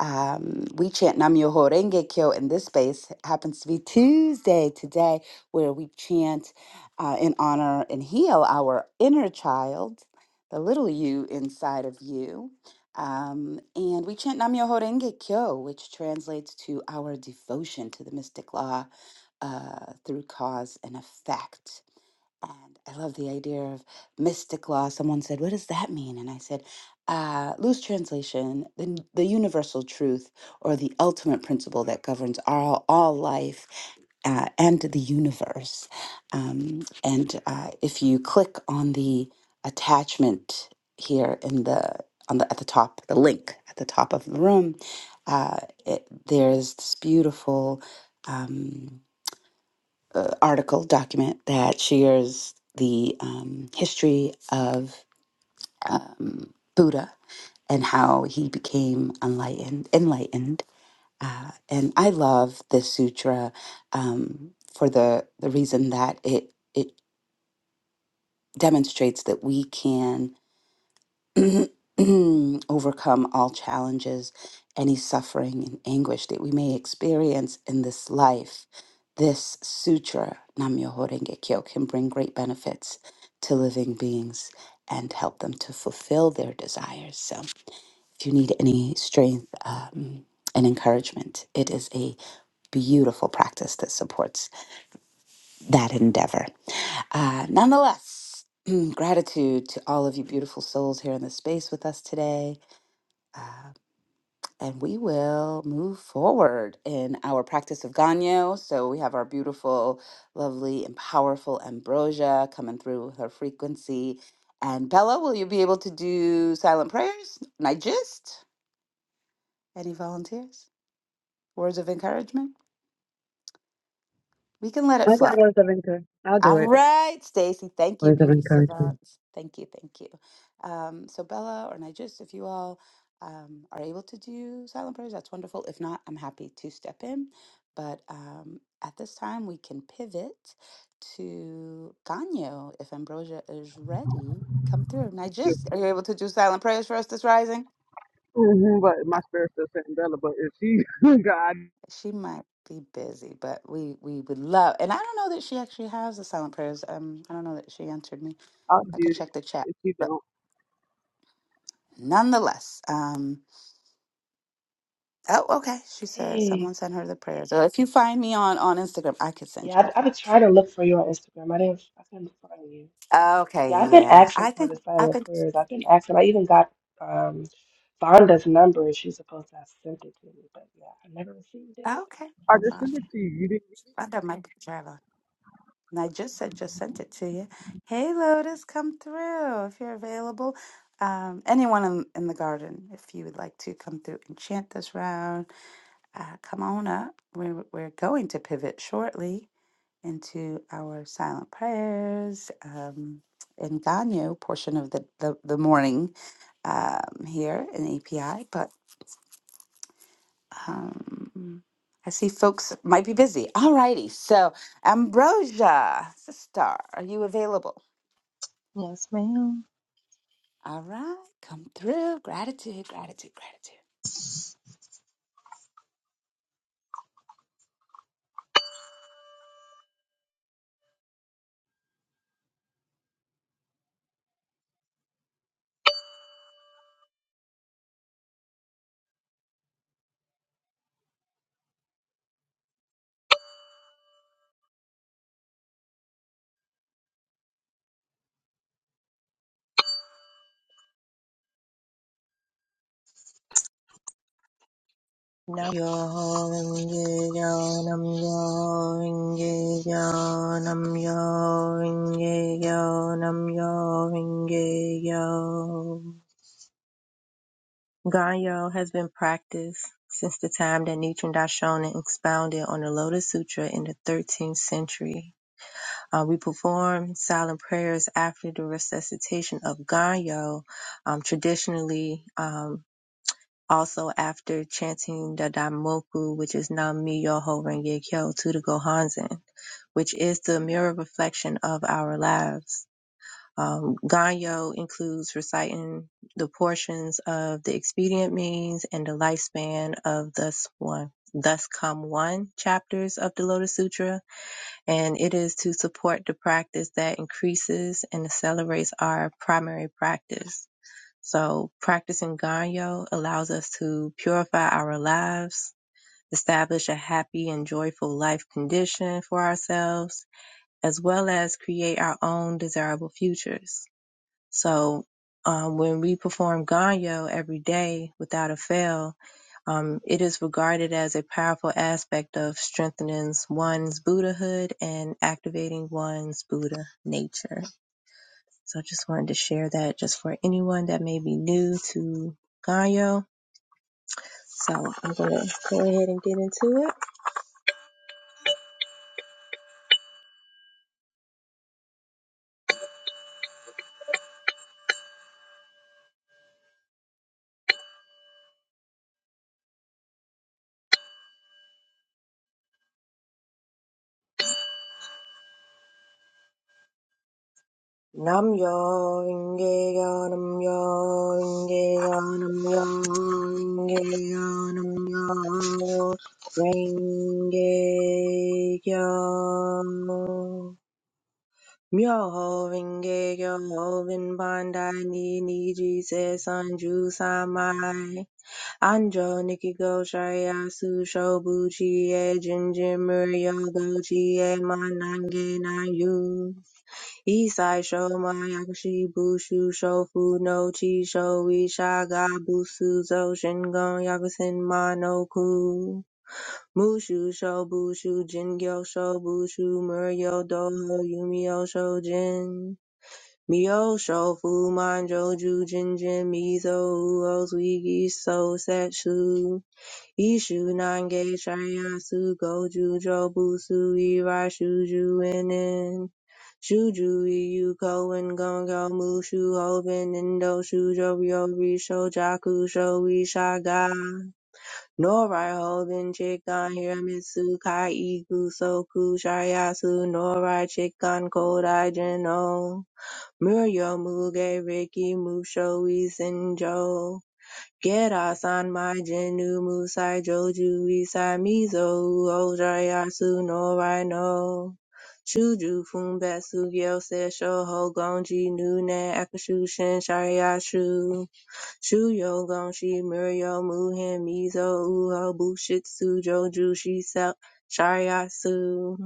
Um, we chant Namyo Horenge Kyo in this space. It happens to be Tuesday today, where we chant uh, in honor and heal our inner child, the little you inside of you. Um, and we chant Namyo Horenge Kyo, which translates to our devotion to the mystic law uh, through cause and effect. And I love the idea of mystic law. Someone said, What does that mean? And I said, uh, Loose translation, the, n- the universal truth or the ultimate principle that governs all, all life uh, and the universe. Um, and uh, if you click on the attachment here in the on the at the top, the link at the top of the room, uh, it, there's this beautiful. Um, uh, article document that shares the um, history of um, Buddha and how he became enlightened. Enlightened, uh, and I love this sutra um, for the the reason that it it demonstrates that we can overcome all challenges, any suffering and anguish that we may experience in this life, this sutra, Nam-myoho Renge Kyo, can bring great benefits to living beings and help them to fulfill their desires. So, if you need any strength um, and encouragement, it is a beautiful practice that supports that endeavor. Uh, nonetheless, gratitude to all of you beautiful souls here in the space with us today. Uh, And we will move forward in our practice of Ganyo. So we have our beautiful, lovely, and powerful Ambrosia coming through with her frequency. And Bella, will you be able to do silent prayers? Nigist? Any volunteers? Words of encouragement? We can let it
I
flow.
got words of encouragement. I'll do
All
it.
right, Stacy. Thank you,
Words of
beauty
encouragement.
savants. Thank you, thank you. Um, so Bella or Nigis, if you all um, are able to do silent prayers, that's wonderful. If not, I'm happy to step in. But um, at this time, we can pivot to Ganyo. If Ambrosia is ready, come through.
Yeah.
Nigis, are you able to do silent prayers for us this rising?
Mhm, But
Uh,
my spirit's still saying Bella. But if she got,
She might be busy, but we we would love. And I don't know that she actually has the silent prayers. Um, I don't know that she answered me.
I'll
I could
get it.
check the chat.
If she don't,
nonetheless um oh okay she said
hey,
someone sent her the prayers so if you find me on on instagram i could send
yeah,
you
I've,
the
I've been
prayers
trying to look for you on Instagram. I didn't, I couldn't find you, but
okay
yeah, I've been
yeah
asking
i
for
think
the
i
silent
think
prayers. I've been asking. I even got um Vonda's number, and she's supposed to have sent it to me, but yeah, I never received it.
okay
I
well
just
fine.
send it to you. You didn't.
i might be traveling and i just said just sent it to you hey lotus come through if you're available um anyone in, in the garden if you would like to come through and chant this round uh come on up we're we're going to pivot shortly into our silent prayers um, and Ganyo portion of the, the, the morning um, here in API, but um, I see folks might be busy. All righty. So, Ambrosia, sister, are you available?
Yes, ma'am.
All right. Come through. Gratitude, gratitude, gratitude.
No. Yo ringe yo nam yo ringe yo nam yo ringe yo nam yo ringe yo. Ganyo has been practiced since the time that Nichiren Daishonin expounded on the Lotus Sutra in the 13th century. Uh, we perform silent prayers after the recitation of Ganyo, um, traditionally. um, Also, after chanting the Daimoku, which is Nam Myoho Renge Kyo to the Gohanzen, which is the mirror reflection of our lives. Um, Ganyo includes reciting the portions of the expedient means and the lifespan of thus one, thus come one chapters of the Lotus Sutra, and it is to support the practice that increases and accelerates our primary practice. So practicing Ganyo allows us to purify our lives, establish a happy and joyful life condition for ourselves, as well as create our own desirable futures. So um, when we perform Ganyo every day without a fail, um, it is regarded as a powerful aspect of strengthening one's Buddhahood and activating one's Buddha nature. So I just wanted to share that just for anyone that may be new to Ganyo. So I'm going to go ahead and get into it. Nam yo inge yo nam yo inge yo nam yo inge yo nam yo inge yo. Myoho Renge Kyo Ho Vin Pandai Ni Ni Ji Se San Ju Samai 安城 nikigō-sharya sushobuchi-e jinjin-muryo gochi-e manange-nan-yu. Isai-sho myakushi bushu shofu no chi-sho ishigabusu zo shingon yakusen manoku. Mushu sho bushu jingyo sho bushu muryo doho yumio sho jin. Mio sho fu manjo ju jinjin mizo uo Suigi so setsu. Ishu nange shiryasu goju jobusu irai shuju inen. Shuju iu koen gongyo mushu hoben indo shujo ryo shojaku jaku sho Norai hoben chikan hiramitsu kai iku soku shiryasu norai chikan kodai jino. Muryo muge riki musho isenjo. Gerasan Maijinu Musai Joju Isai Mizo Ojayasu no Rhino Shuju Fumbetsu Gyose Shoho Gonji Nune Akushu shin Shariashu Shuyo Gonshi Muryo Muhen Mizo Uho Bushitsu Joju Shisa Shariatsu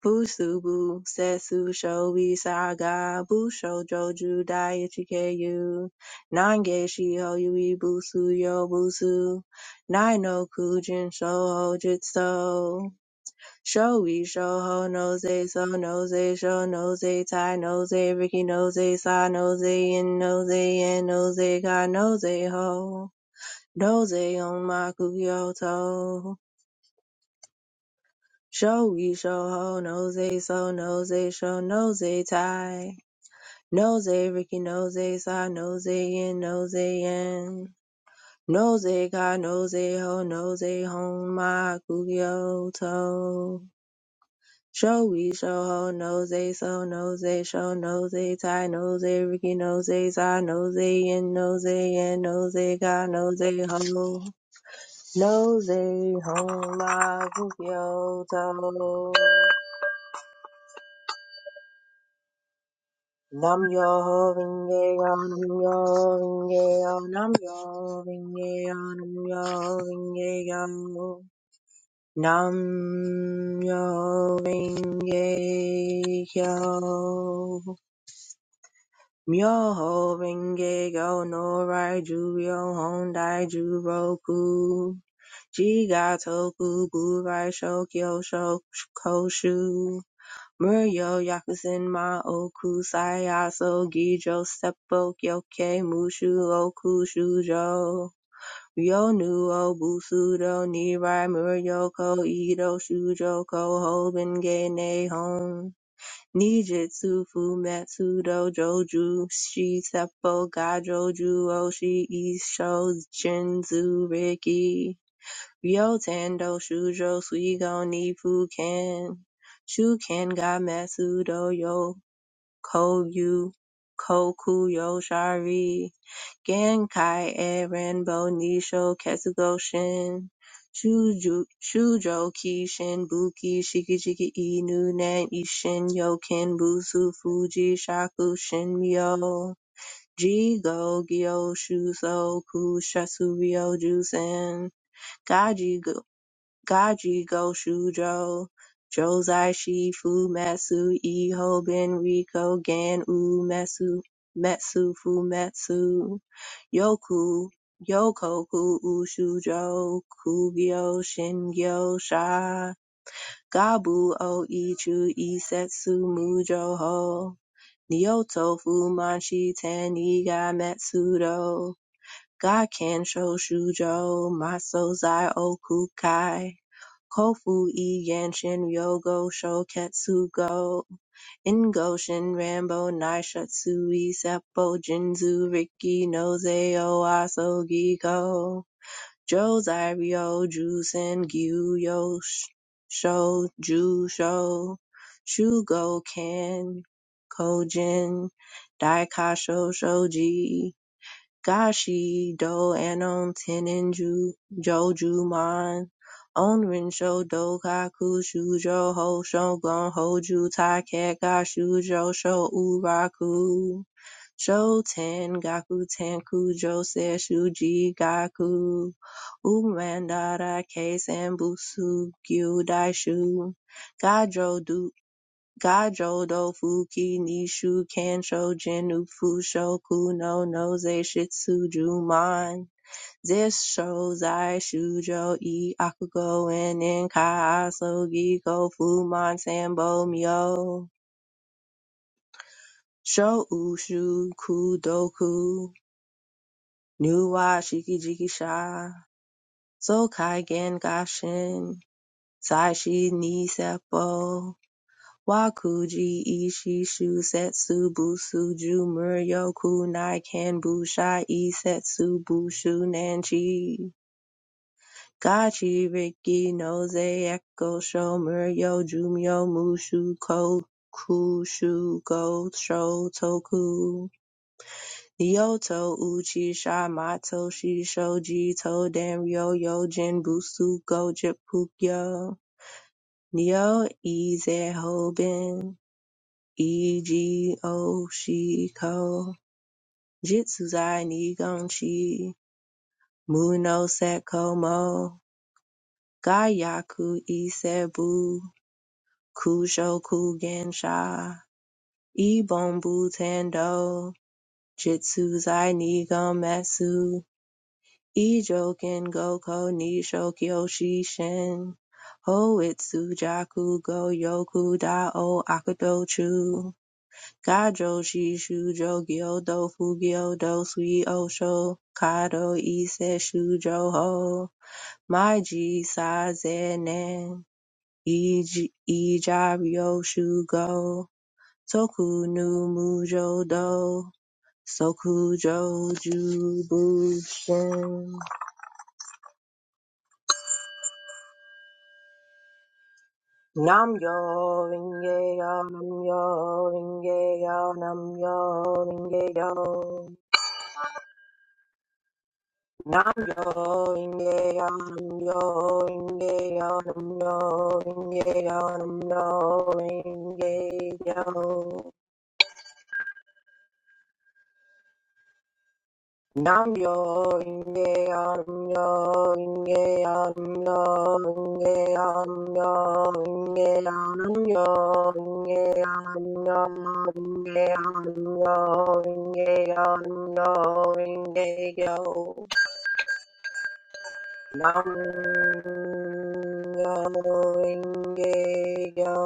Busu Busubu, Setsu Shobi Saga, Busho Joju Daichikeyu, Nange Shiho Yui Busu Yo Busu, nai no Kujin Shoho Jitsu, Shoei Shoho Noze So Noze Sho Noze Tai Noze Riki Noze Sa Noze In Noze En Noze Ka Noze Ho, Noze On Maku Yoto. Shogi show ho nosey So nosey Show nosey tie nosey Ricky nosey Sa nosey In nosey In nosey Ka nosey Ho Nose Hon Ma Kugyo To Shogi show ho nosey So nosey Show nosey tie nosey Ricky nosey Sa nosey In nosey In nosey Ka nosey Ho Nose Hon Ma Kugyo To Nam yo vinge yo nam yo vinge yo nam yo vinge yo nam yo vinge yo nam yo vinge yo myo ho vinge yo no rai ju yo hondai ju roku ji ga toku gu rai shokyo shok Muryo Yakusen ma oku aso gijō seppo gyokkei mushu oku shūjō. Ryōnu o Busudō Nirai Muryo ko Idō Shūjō ko Hoben ge Neihon. Nijutsu Fumetsu Dojoju Shi Seppo Gajoju Oshi Isho Shinzu Riki. Ryotendo shujo suigo ni fuken shuken ga metsu do yo kogyu kokuyo shari genkai e renbo nisho ketsugo shin shuju- shujoki shin buki shikijiki inu nen ishin yoken busu fuji shaku shin myo jigo gyo shuso ku shasuryo jusen Gaji Go Shujo, Josei Shifu Metsu, Iho Benrico Gan Umetsu, Metsu Fumetsu, Yoku, Yokoku Ushujo, Kugyo Shingyo Sha, Gabu O Ichu Isetsu Mujo Ho, Nyoto Fumanshi Taniga Metsudo, Gaken Sho Shujo, Maso Zai Okukai, Kofu e Yanshin Ryogo Shoketsu Go Ingoshin Rambo Naishutsu e Seppo Jinzu Riki no Zei-o Aso Giko Josei Ryo Jusen Gyu Sho Jusho Shugo Ken Kojin Daikasho Shoji Gashi do anon tenin ju joju man jojumon onrinsho dokaku shujo ho shogun hoju taikeka shujo sho uraku sho ten gaku tenku jose shuji gaku umandara case and busu keisenbutsu gyudaishu gajo du Gajo do fuki nishu kansho jinu fushoku no noze shitsuju man. Zisho zai shujo e akugo en en kai aso giko fuman sambo myo. Sho ushu kudoku nuwa shiki jiki sha. So kai gen gashin sai shi ni seppo. Wakuji, Ishi, Shusetsu, busu ju Muryoku, nai Naikan, Bushai, Isetsu, Bushu, Nanchi, Gachi, Riki, Noze, Ekosho, Muryo, Jumyo, Mushu, Kokushu, go sho Toku, Ryoto, Uchi, Shamato, Shisho, Jito, Danryo, Yojin, Busu, Go, Jippukyo, Neo, Ize, Hoben, Igo Shiko Jitsuzai Nigonchi Muno Sekomo Gayaku Isebu Kushoku Gensha Ibombu Tendo Jitsuzai Nigometsu Ijoken Goko Nisho Kyoshi Shin Hoitsu Jaku Go Yoku Da O Akudochu Gajo, shishujo, gyodo, fugyodo, suiosho, kado, ise, shujo, ho, maiji, sazenen, ij- ijabyo, shugo, toku nu mujo do, sokujo, jubushin. Nam yo ringe yo, nam yo ringe yo, nam yo ringe yo. Nam yo inge yo nam yo inge yo nam yo inge yo nam yo inge yo Nam yo inge yo nam yo inge yo nam yo inge yo nam yo inge yo nam yo inge yo Nam-myoho-renge-kyo.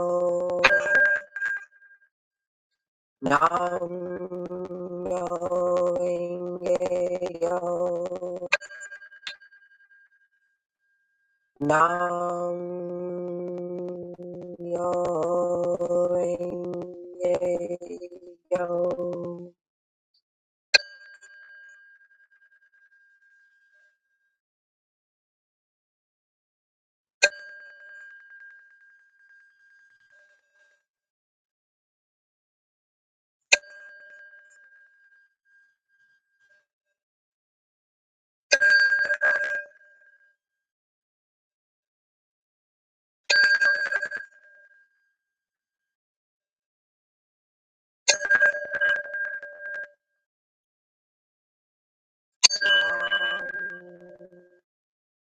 Nam-myoho-renge-kyo. Nam-myoho-renge-kyo.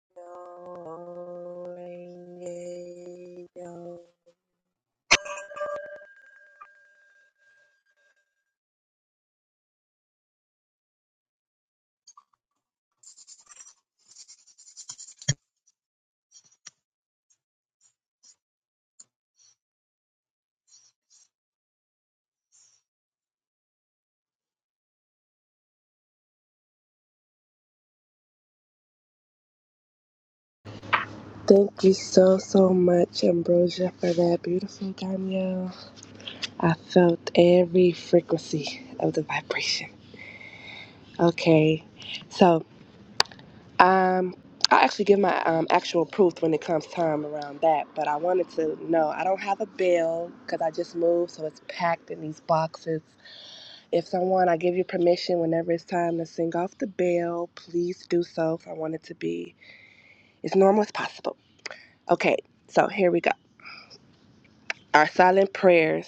Nam-myoho-renge-kyo.
Thank you so, so much, Ambrosia, for that beautiful cameo. I felt every frequency of the vibration. Okay, so um, I actually give my um, actual proof when it comes time around that, but I wanted to know I don't have a bill because I just moved, so it's packed in these boxes. If someone, I give you permission whenever it's time to sing off the bell, please do so. 'cause I want it to be as normal as possible. Okay, so here we go. Our silent prayers.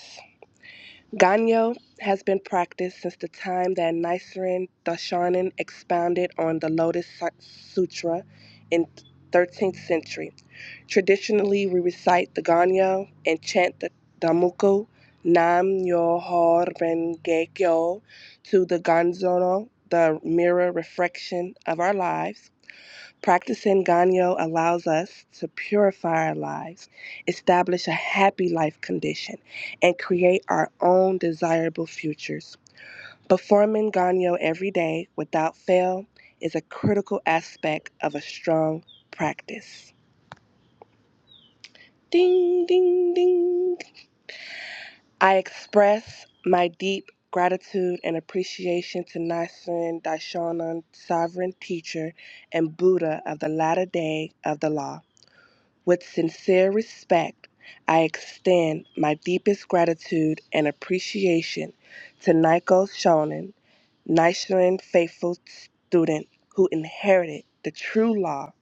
Ganyo has been practiced since the time that Nichiren Daishonin expounded on the Lotus Sutra in 13th century. Traditionally, we recite the Ganyo and chant the Damuku Nam Myoho Renge Kyo to the Ganzono, the mirror reflection of our lives. Practicing Ganyo allows us to purify our lives, establish a happy life condition, and create our own desirable futures. Performing Ganyo every day without fail is a critical aspect of a strong practice. Ding, ding, ding. I express my deep gratitude and appreciation to Nichiren Daishonin, Sovereign Teacher and Buddha of the latter day of the law. With sincere respect, I extend my deepest gratitude and appreciation to Nico Shonin, Nichiren faithful student who inherited the true law.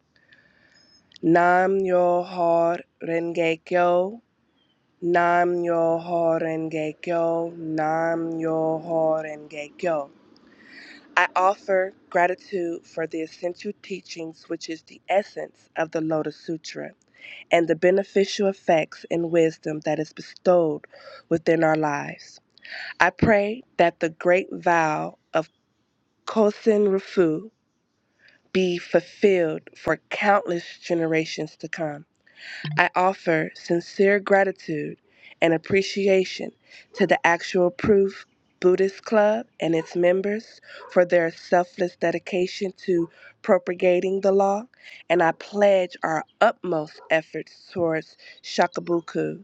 Nam Yo Ho Renge Kyo. Nam Yo Ho Renge Kyo. Nam Yo Ho Renge Kyo. I offer gratitude for the essential teachings, which is the essence of the Lotus Sutra and the beneficial effects and wisdom that is bestowed within our lives. I pray that the great vow of Kosin Rufu be fulfilled for countless generations to come. I offer sincere gratitude and appreciation to the Actual Proof Buddhist Club and its members for their selfless dedication to propagating the law, and I pledge our utmost efforts towards Shakabuku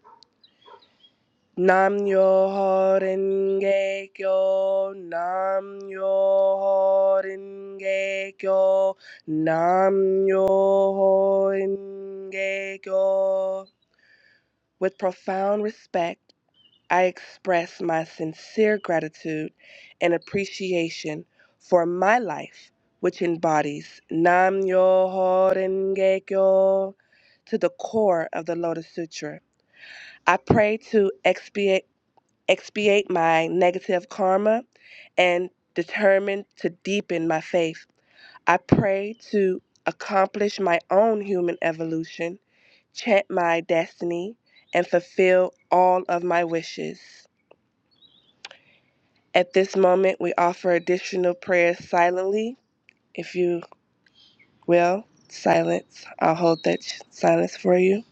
Nam yo horenge kyo, nam yo horenge kyo, nam yo horenge kyo. With profound respect, I express my sincere gratitude and appreciation for my life, which embodies Nam yo horenge kyo to the core of the Lotus Sutra. I pray to expiate expiate my negative karma, and determined to deepen my faith. I pray to accomplish my own human evolution, chant my destiny, and fulfill all of my wishes. At this moment, we offer additional prayers silently. If you will, silence. I'll hold that sh- silence for you.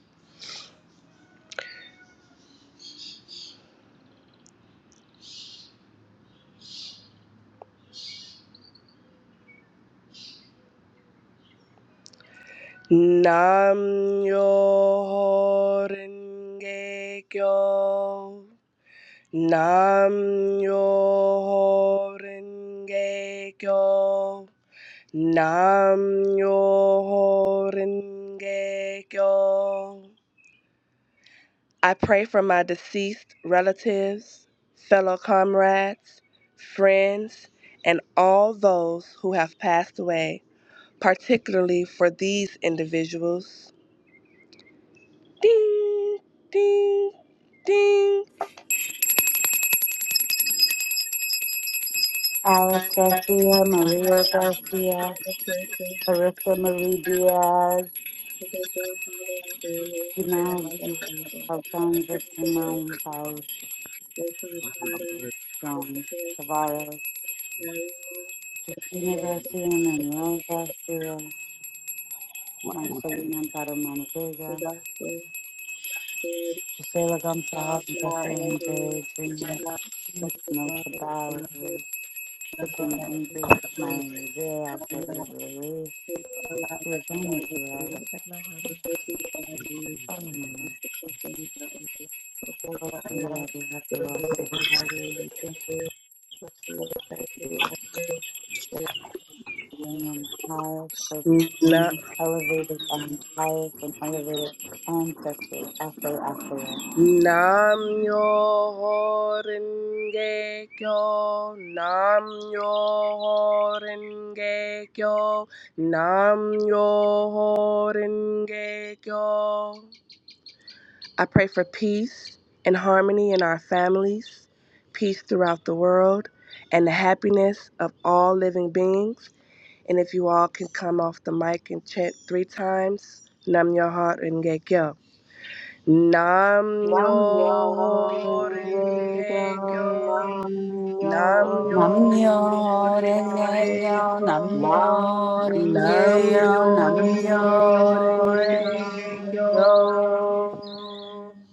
Nam yo renge kyo. Nam Yo Renge Kyo. Nam Yo Renge Kyo. I pray for my deceased relatives, fellow comrades, friends, and all those who have passed away, particularly for these individuals. Ding, ding, ding.
Alice Garcia, Maria Garcia, Marissa Marie Diaz,
Particular Father and early
Simone,
grandmother Marvel,
Alfonso
Jay,
Simone
Uh,
Rachel
Uncle
Carter,
George,
John
Mr.
Tavares,
Marion,
Justina
mm,
Amanda
Garcia, Manuel Garcia,
My
Marcelina Paramano Vega,
Disaster, Sid,
Gisela Gonzalez,
Mara
Jeffrey
Angelou,
Andrade, Dreamer,
Mark, Justice
No
Marvel, and Hood
Cabarrus,
of the
Tiffany
Jackson,
Andrews,
praise
Sid,
Smiley Rivera, Alfredo
Diana,
Ruiz,
Sid, Alive, and the
Giovanni Perez,
Descendant,
Alfred
the
Mahoney.
Forty Diamonds, and
Solomon
the Succession Mountains, the Florida
Maria,
Isles, the
Happy
Lord
Rossi,
and Valley, and Thank you, What's the Lord, Thank you, I
Simon Miles, Elevated on Fire, Riddick, and Highest Rated
Nam yo ho renge kyo, nam yo ho renge kyo, nam yo ho renge kyo. I pray for peace and harmony in our families, peace throughout the world, and the happiness of all living beings. And if you all can come off the mic and chant three times, nam yo ho renge kyo. Nam
Nam yo
yo
ringe yo,
renge kyo.
nam yo
Nam
Can
yo
ringe yo,
renge
남녀랭개요
kyo.
nam Myoho Renge
Nam
남녀랭개요
yo
Kyo.
renge
남녀랭개요
kyo.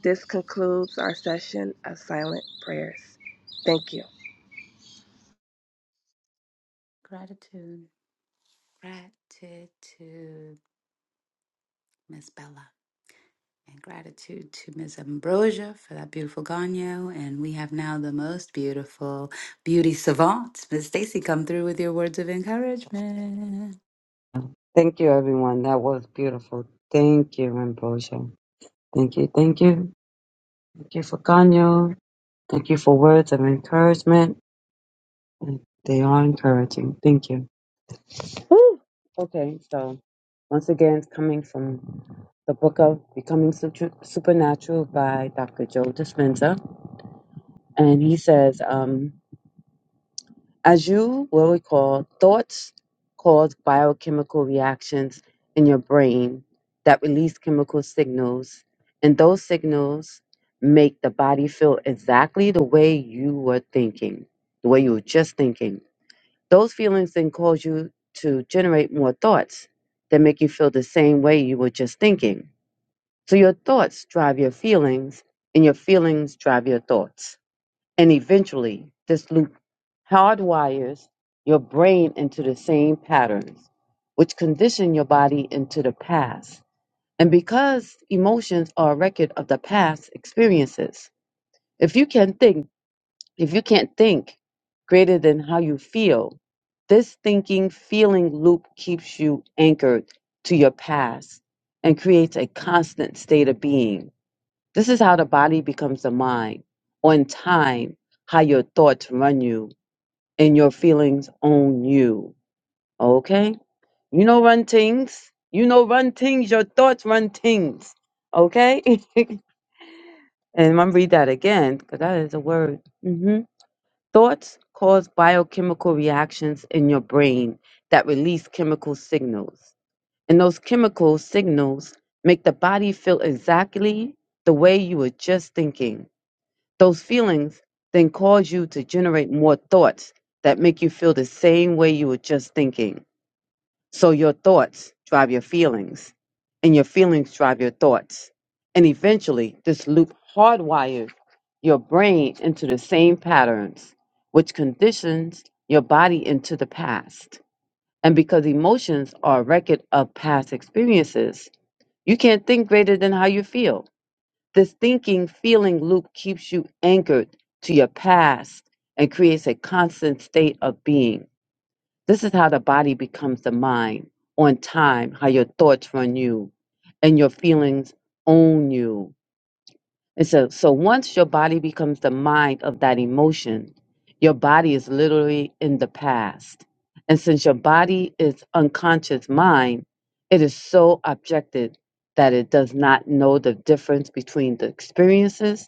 This concludes our session of silent prayers. Thank you.
Gratitude, gratitude, Miss Bella, and gratitude to Miss Ambrosia for that beautiful Ganyo. And we have now the most beautiful beauty savant, Miss Stacy, come through with your words of encouragement.
Thank you, everyone. That was beautiful. Thank you, Rinpoche. Thank you, thank you. Thank you for Ganyo. Thank you for words of encouragement. And They are encouraging. Thank you. Woo! Okay, so once again, it's coming from the book of Becoming Sutra- Supernatural by Dr. Joe Dispenza. And he says, um. as you will recall, thoughts cause biochemical reactions in your brain that release chemical signals, and those signals make the body feel exactly the way you were thinking, the way you were just thinking. Those feelings then cause you to generate more thoughts that make you feel the same way you were just thinking. So your thoughts drive your feelings, and your feelings drive your thoughts. And eventually, this loop hardwires your brain into the same patterns, which condition your body into the past. And because emotions are a record of the past experiences, if you can think, if you can't think greater than how you feel, this thinking feeling loop keeps you anchored to your past and creates a constant state of being this is how the body becomes the mind. On time, how your thoughts run you and your feelings own you. Okay? You know run things. You know run things. Your thoughts run things. Okay? and I'm gonna read that again, because that is a word. hmm Thoughts cause biochemical reactions in your brain that release chemical signals. And those chemical signals make the body feel exactly the way you were just thinking. Those feelings then cause you to generate more thoughts that make you feel the same way you were just thinking. So your thoughts drive your feelings, and your feelings drive your thoughts. And eventually, this loop hardwires your brain into the same patterns, which conditions your body into the past. And because emotions are a record of past experiences, you can't think greater than how you feel this thinking, feeling loop keeps you anchored to your past and creates a constant state of being. This is how the body becomes the mind on time, how your thoughts run you and your feelings own you. And so, so once your body becomes the mind of that emotion, your body is literally in the past. And since your body is unconscious mind, it is so objected that it does not know the difference between the experiences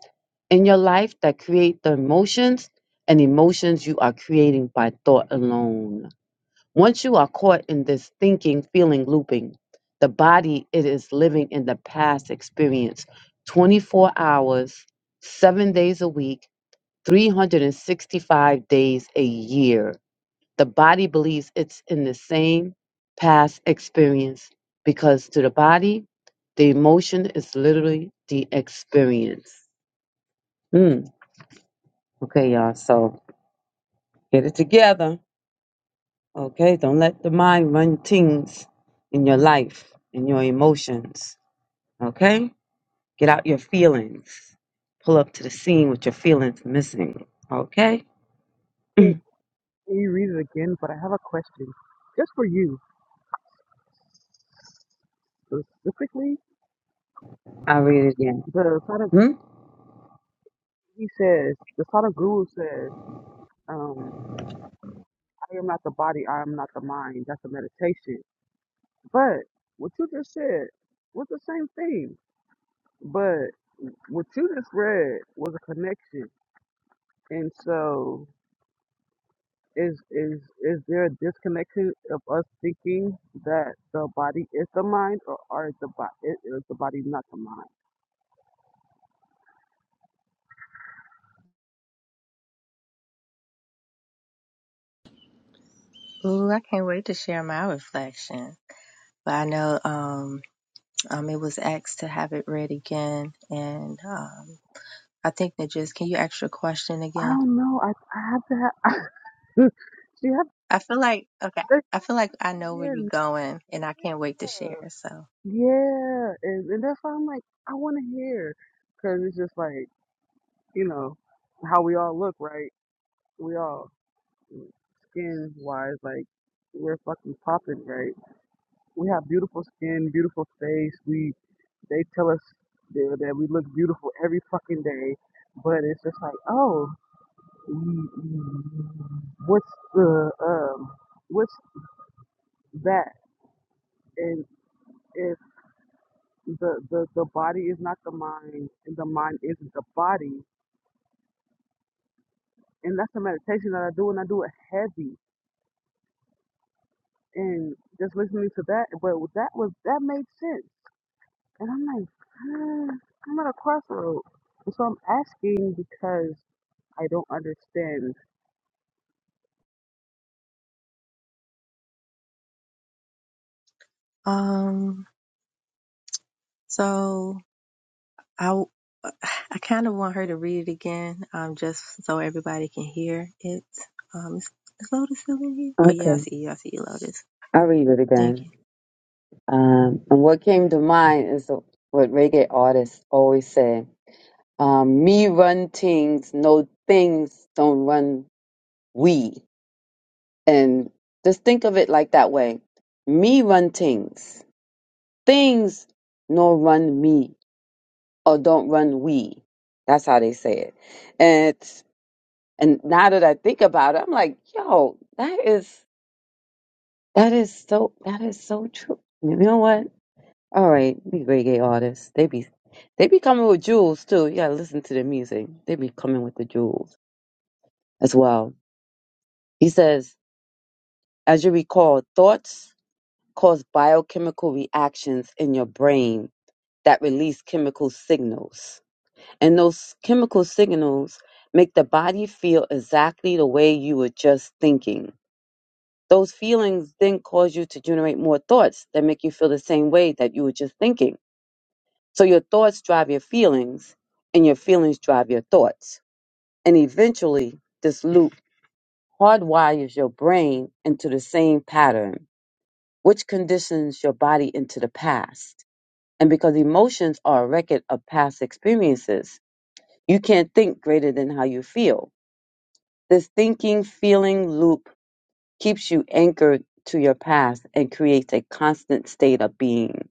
in your life that create the emotions and emotions you are creating by thought alone. Once you are caught in this thinking, feeling looping, the body it is living in the past experience 24 hours, 7 days a week, 365 days a year. The body believes it's in the same past experience because to the body, the emotion is literally the experience. Hmm. Okay, y'all. So get it together. Okay, don't let the mind run things in your life, in your emotions. Okay, get out your feelings. Pull up to the scene with your feelings missing. Okay,
can you read it again? But I have a question, just for you specifically.
I'll read it again.
The Sada
Hmm?
he says, the Sada Guru says, um, "I am not the body, I am not the mind." That's a meditation. But what you just said was the same thing. but. what you just read was a connection. And so is is is there a disconnection of us thinking that the body is the mind or are the body is the body not the mind?
Ooh, I can't wait to share my reflection. But I know um, um, it was asked to have it read again, and um, I think that just can you ask your question
I
again?
don't know. I I have to have she have to
I feel like okay,
say it
I feel like I know where you're
again.
going, and I can't wait to
Yeah.
share. So,
Yeah. And and that's why I'm like, I wanna hear. Cause it's just like, you know, how we all look, right? We all skin wise, like we're fucking popping, right? We have beautiful skin, beautiful face. We they tell us that, that we look beautiful every fucking day, but it's just like, oh, mm, mm, what's the um, what's that? And if the, the the body is not the mind, and the mind isn't the body, and that's the meditation that I do, and I do it heavy, and just listening to that, but that was that made sense, and I'm like, hmm, I'm at a crossroad, and so I'm asking because. I don't understand.
um, so I I kind of want her to read it again, um, just so everybody can hear it. Um, is, is Lotus still in here? Oh yeah, I
Okay,
see you. I see you, Lotus.
I'll read it
Thank
again.
you.
Um, and what came to mind is what reggae artists always say um, me run things, no things don't run we. And just think of it like that way me run things things nor run me or don't run we. That's how they say it. And it's, and now that I think about it, I'm like, yo, that is that is so that is so true. You know what? All right, we reggae artists. They be they be coming with jewels too. You gotta listen to the music. They be coming with the jewels as well. He says, as you recall, thoughts cause biochemical reactions in your brain that release chemical signals. And those chemical signals make the body feel exactly the way you were just thinking. Those feelings then cause you to generate more thoughts that make you feel the same way that you were just thinking. So your thoughts drive your feelings, and your feelings drive your thoughts. And eventually, this loop hardwires your brain into the same pattern, which conditions your body into the past. And because emotions are a record of past experiences, you can't think greater than how you feel This thinking feeling loop keeps you anchored to your past and creates a constant state of being.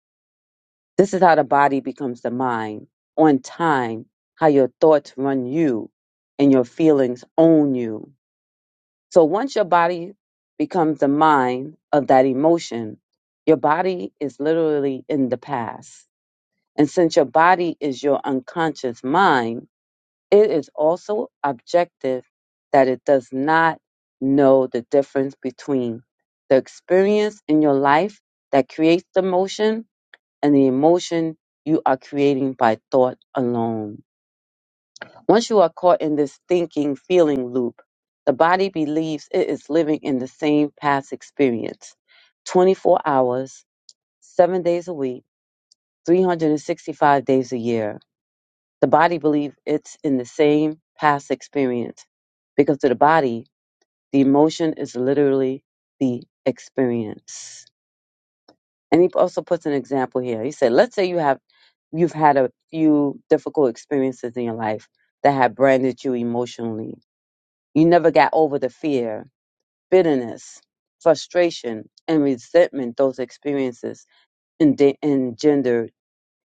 This is how the body becomes the mind on time, how your thoughts run you and your feelings own you. So once your body becomes the mind of that emotion, your body is literally in the past. And since your body is your unconscious mind, it is also objective that it does not know the difference between the experience in your life that creates the emotion and the emotion you are creating by thought alone. Once you are caught in this thinking feeling loop, the body believes it is living in the same past experience 24 hours, 7 days a week, 365 days a year. The body believes it's in the same past experience because to the body, the emotion is literally the experience. And he also puts an example here. He said, let's say you have you've had a few difficult experiences in your life that have branded you emotionally. You never got over the fear, bitterness, frustration, and resentment those experiences ende- engendered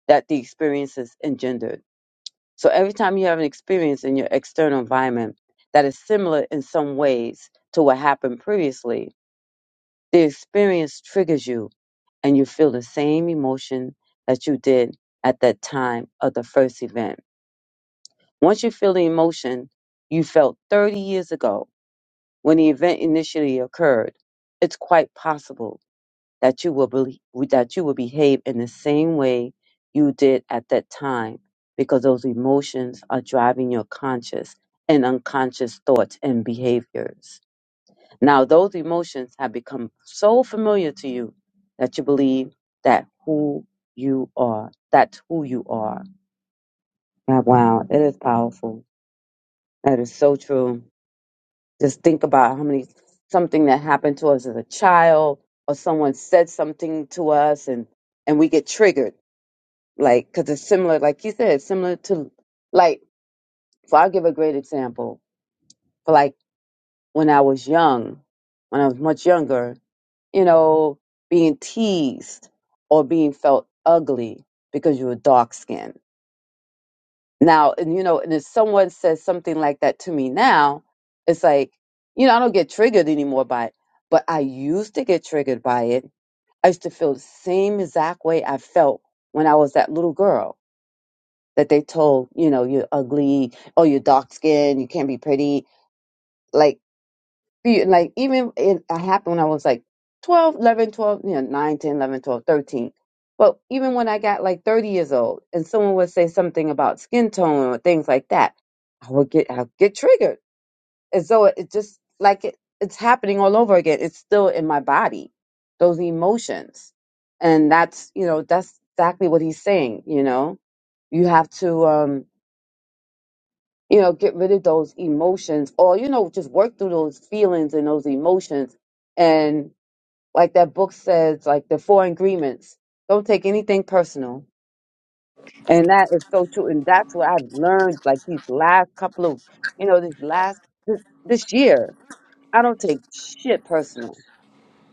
that the experiences engendered. So every time you have an experience in your external environment that is similar in some ways to what happened previously, the experience triggers you and you feel the same emotion that you did at that time of the first event. Once you feel the emotion you felt 30 years ago when the event initially occurred, it's quite possible that you will believe, that you will behave in the same way you did at that time because those emotions are driving your conscious and unconscious thoughts and behaviors. Now those emotions have become so familiar to you that you believe that who you are, that's who you are. Ah, Wow, it is powerful. That is so true. Just think about how many something that happened to us as a child or someone said something to us and and we get triggered like because it's similar like you said it's similar to like so i'll give a great example for like when i was young when i was much younger you know being teased or being felt ugly because you were dark skinned now and you know and if someone says something like that to me now it's like you know i don't get triggered anymore by it but i used to get triggered by it i used to feel the same exact way i felt when i was that little girl that they told, you know, you're ugly, oh, you're dark skinned, you can't be pretty. Like, be- like even it happened when I was like 12 11 12 you know, 9 10 11 12 13 But even when I got like 30 years old and someone would say something about skin tone or things like that, I would get, I would get triggered. And so it, it just like it, it's happening all over again. It's still in my body, those emotions. And that's, you know, that's exactly what he's saying, you know, you have to, um, you know, get rid of those emotions or, you know, just work through those feelings and those emotions. And like that book says, like the four agreements, don't take anything personal. And that is so true. And that's what I've learned like these last couple of, you know, this last, this, this year, I don't take shit personal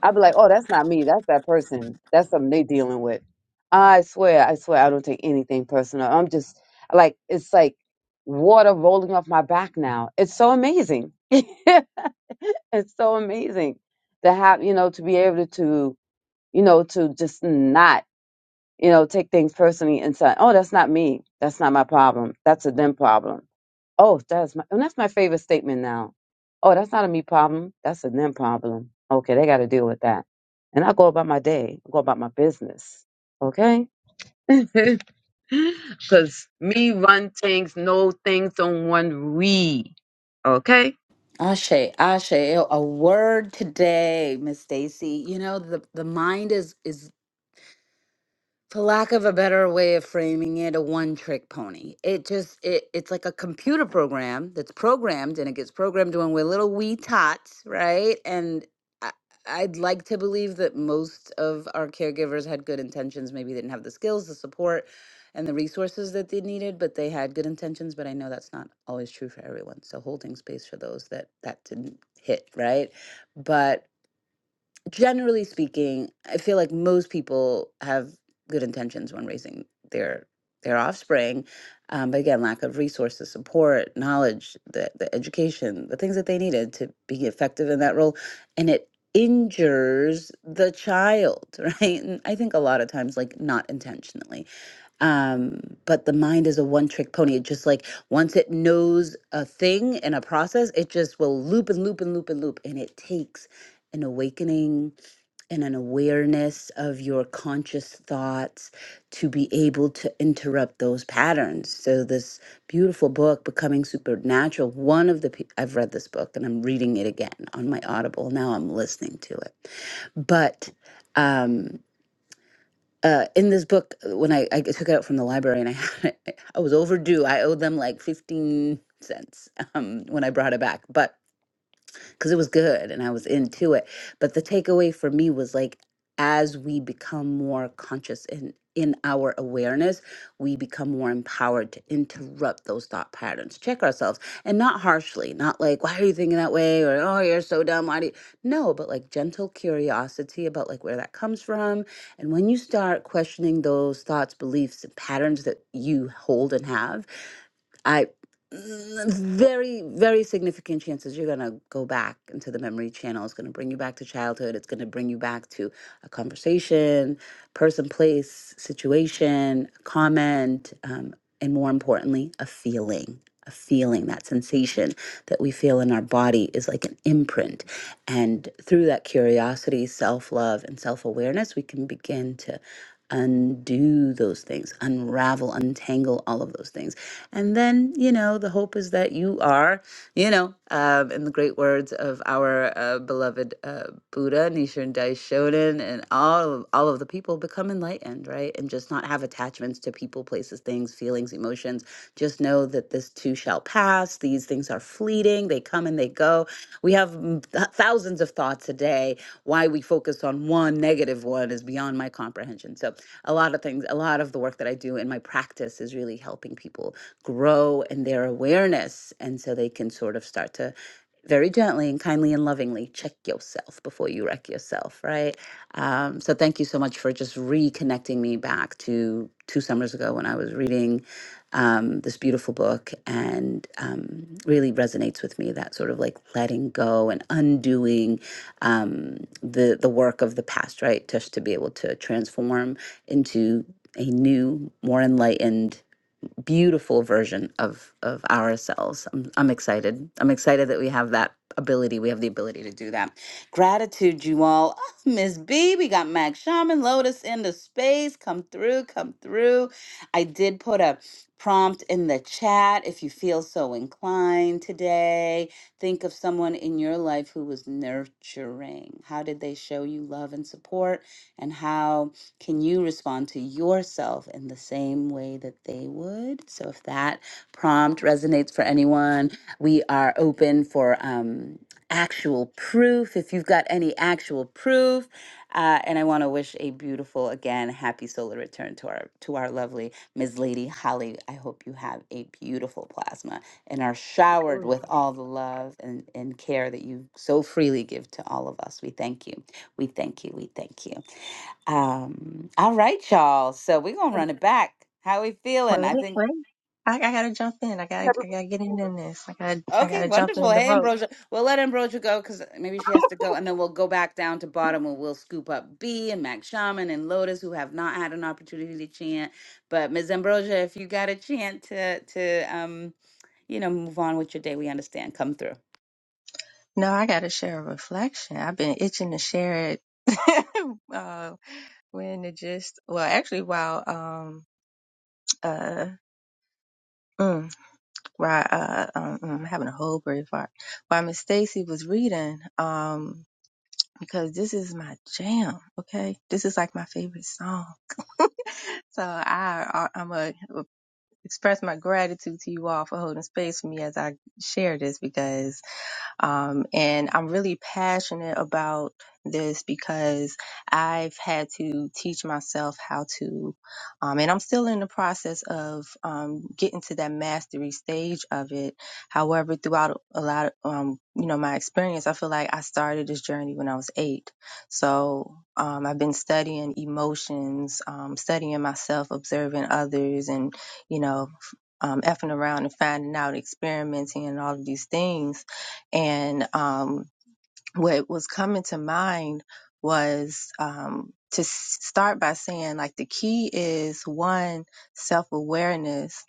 I'd be like, oh, that's not me. That's that person. That's something they dealing with. I swear, I swear, I don't take anything personal. I'm just like, it's like water rolling off my back now. It's so amazing. it's so amazing to have, you know, to be able to, you know, to just not you know, take things personally and say, "Oh, that's not me. That's not my problem. That's a them problem." Oh, that's my and that's my favorite statement now. Oh, that's not a me problem. That's a them problem. Okay, they got to deal with that. And I go about my day. I go about my business. Okay. Cause me run things, know things don't run we. Okay.
Ashe, Ashe, a word today, Miss Stacy. You know, the, the mind is is for lack of a better way of framing it, a one-trick pony. It just it it's like a computer program that's programmed, and it gets programmed when we're little wee tots, right? And I, I'd like to believe that most of our caregivers had good intentions. Maybe they didn't have the skills, the support, and the resources that they needed, but they had good intentions. But I know that's not always true for everyone. So holding space for those that that didn't hit, right? But generally speaking, I feel like most people have good intentions when raising their their offspring, um, but again, lack of resources, support, knowledge, the the education, the things that they needed to be effective in that role, and it injures the child, right? And I think a lot of times, like not intentionally. Um, but the mind is a one trick pony. It just like once it knows a thing and a process, it just will loop and loop and loop and loop. And it takes an awakening and an awareness of your conscious thoughts to be able to interrupt those patterns. So this beautiful book, Becoming Supernatural, one of the pe- I've read this book and I'm reading it again on my Audible. Now I'm listening to it. But um uh, in this book, uh, when I, I took it out from the library and I had it, I was overdue. I owed them like 15 cents um, when I brought it back. But because it was good and I was into it. But the takeaway for me was like, as we become more conscious in in our awareness, we become more empowered to interrupt those thought patterns, check ourselves, and not harshly, not like, why are you thinking that way? Or, oh, you're so dumb. Why do you? No, but like gentle curiosity about like where that comes from. And when you start questioning those thoughts, beliefs, and patterns that you hold and have, I mm, very very significant chances you're going to go back into the memory channel it's going to bring you back to childhood it's going to bring you back to a conversation person place situation comment um, and more importantly a feeling a feeling that sensation that we feel in our body is like an imprint and through that curiosity self-love and self-awareness we can begin to undo those things unravel untangle all of those things and then, you know, the hope is that you are, you know, um, in the great words of our uh, beloved uh, Buddha, Nichiren Daishonin, and all of, all of the people become enlightened, right? And just not have attachments to people, places, things, feelings, emotions. Just know that this too shall pass. These things are fleeting. They come and they go. We have mm, th- thousands of thoughts a day. Why we focus on one negative one is beyond my comprehension. So, a lot of things, a lot of the work that I do in my practice is really helping people grow in their awareness. And so they can sort of start to very gently and kindly and lovingly check yourself before you wreck yourself, right? Um, so thank you so much for just reconnecting me back to two summers ago when I was reading um, this beautiful book and um, really resonates with me that sort of like letting go and undoing um, the the work of the past, right? Just to be able to transform into a new, more enlightened beautiful version of of ourselves. I'm, I'm excited. I'm excited that we have that ability. We have the ability to do that. Gratitude, you all. Ah, Miss B, we got Mag Shaman, Lotus into space. Come through, come through. I did put a prompt in the chat if you feel so inclined today. Think of someone in your life who was nurturing. How did they show you love and support? And how can you respond to yourself in the same way that they would? So if that prompt resonates for anyone, we are open for um, actual proof. If you've got any actual proof, uh, and I want to wish a beautiful, again, happy solar return to our to our lovely Ms. Lady Holly. I hope you have a beautiful plasma and are showered with all the love and, and care that you so freely give to all of us. We thank you. We thank you. We thank you. Um, all right, y'all. So we're gonna run it back. How we feeling? I
Wait,
think
wait. I, I gotta jump in. I gotta, I gotta get in in this. I gotta, I
okay,
gotta jump
wonderful.
in the
Hey
rope.
Ambrosia. We'll let Ambrosia go because maybe she has to go, and then we'll go back down to bottom and we'll scoop up B and Mac Shaman and Lotus who have not had an opportunity to chant. But Ms. Ambrosia, if you got a chant to to um, you know, move on with your day, we understand. Come through.
No, I gotta share a reflection. I've been itching to share it. uh, when the gist, well, actually, while um, uh, mm, while uh, um, mm, I'm having a whole brain fart, while Miss Stacy was reading, um. because this is my jam. Okay. This is like my favorite song. So I, I I'm to express my gratitude to you all for holding space for me as I share this because um, and I'm really passionate about this because I've had to teach myself how to, um, and I'm still in the process of um, getting to that mastery stage of it. However, throughout a lot of, um, you know, my experience, I feel like I started this journey when I was eight. So um, I've been studying emotions, um, studying myself, observing others, and, you know, um, effing around and finding out, experimenting, and all of these things and um, what was coming to mind was um, to s- start by saying, like, the key is one, self awareness,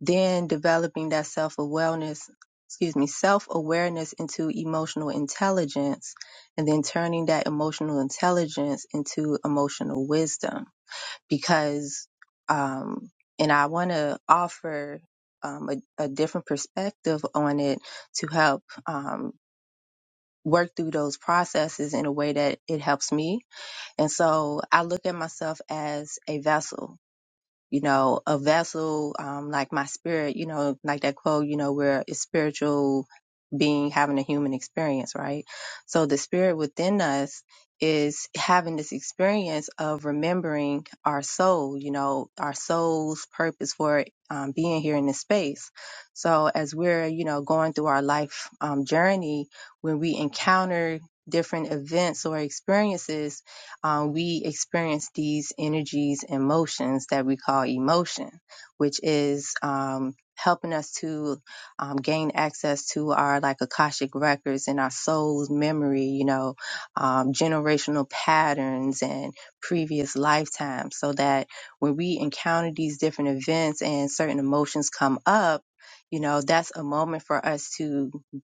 then developing that self awareness, excuse me, self awareness into emotional intelligence, and then turning that emotional intelligence into emotional wisdom. Because, um, and I want to offer um, a, a different perspective on it to help. Um, work through those processes in a way that it helps me. And so I look at myself as a vessel you know, a vessel, um, like my spirit, you know, like that quote, you know, where it's spiritual being having a human experience, right? So the spirit within us is having this experience of remembering our soul, you know, our soul's purpose for um, being here in this space. So as we're, you know, going through our life um, journey, when we encounter different events or experiences, uh, we experience these energies and motions that we call emotion, which is um, helping us to um, gain access to our like Akashic records and our soul's memory, you know, um, generational patterns and previous lifetimes, so that when we encounter these different events and certain emotions come up, you know, that's a moment for us to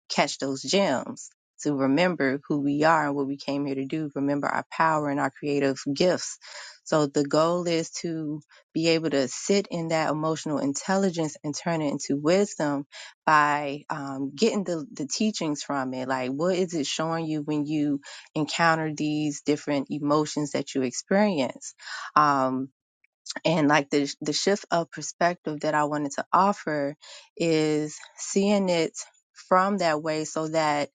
catch those gems to remember who we are and what we came here to do, remember our power and our creative gifts. So the goal is to be able to sit in that emotional intelligence and turn it into wisdom by um, getting the, the teachings from it. Like, what is it showing you when you encounter these different emotions that you experience? Um, and like the, the shift of perspective that I wanted to offer is seeing it from that way so that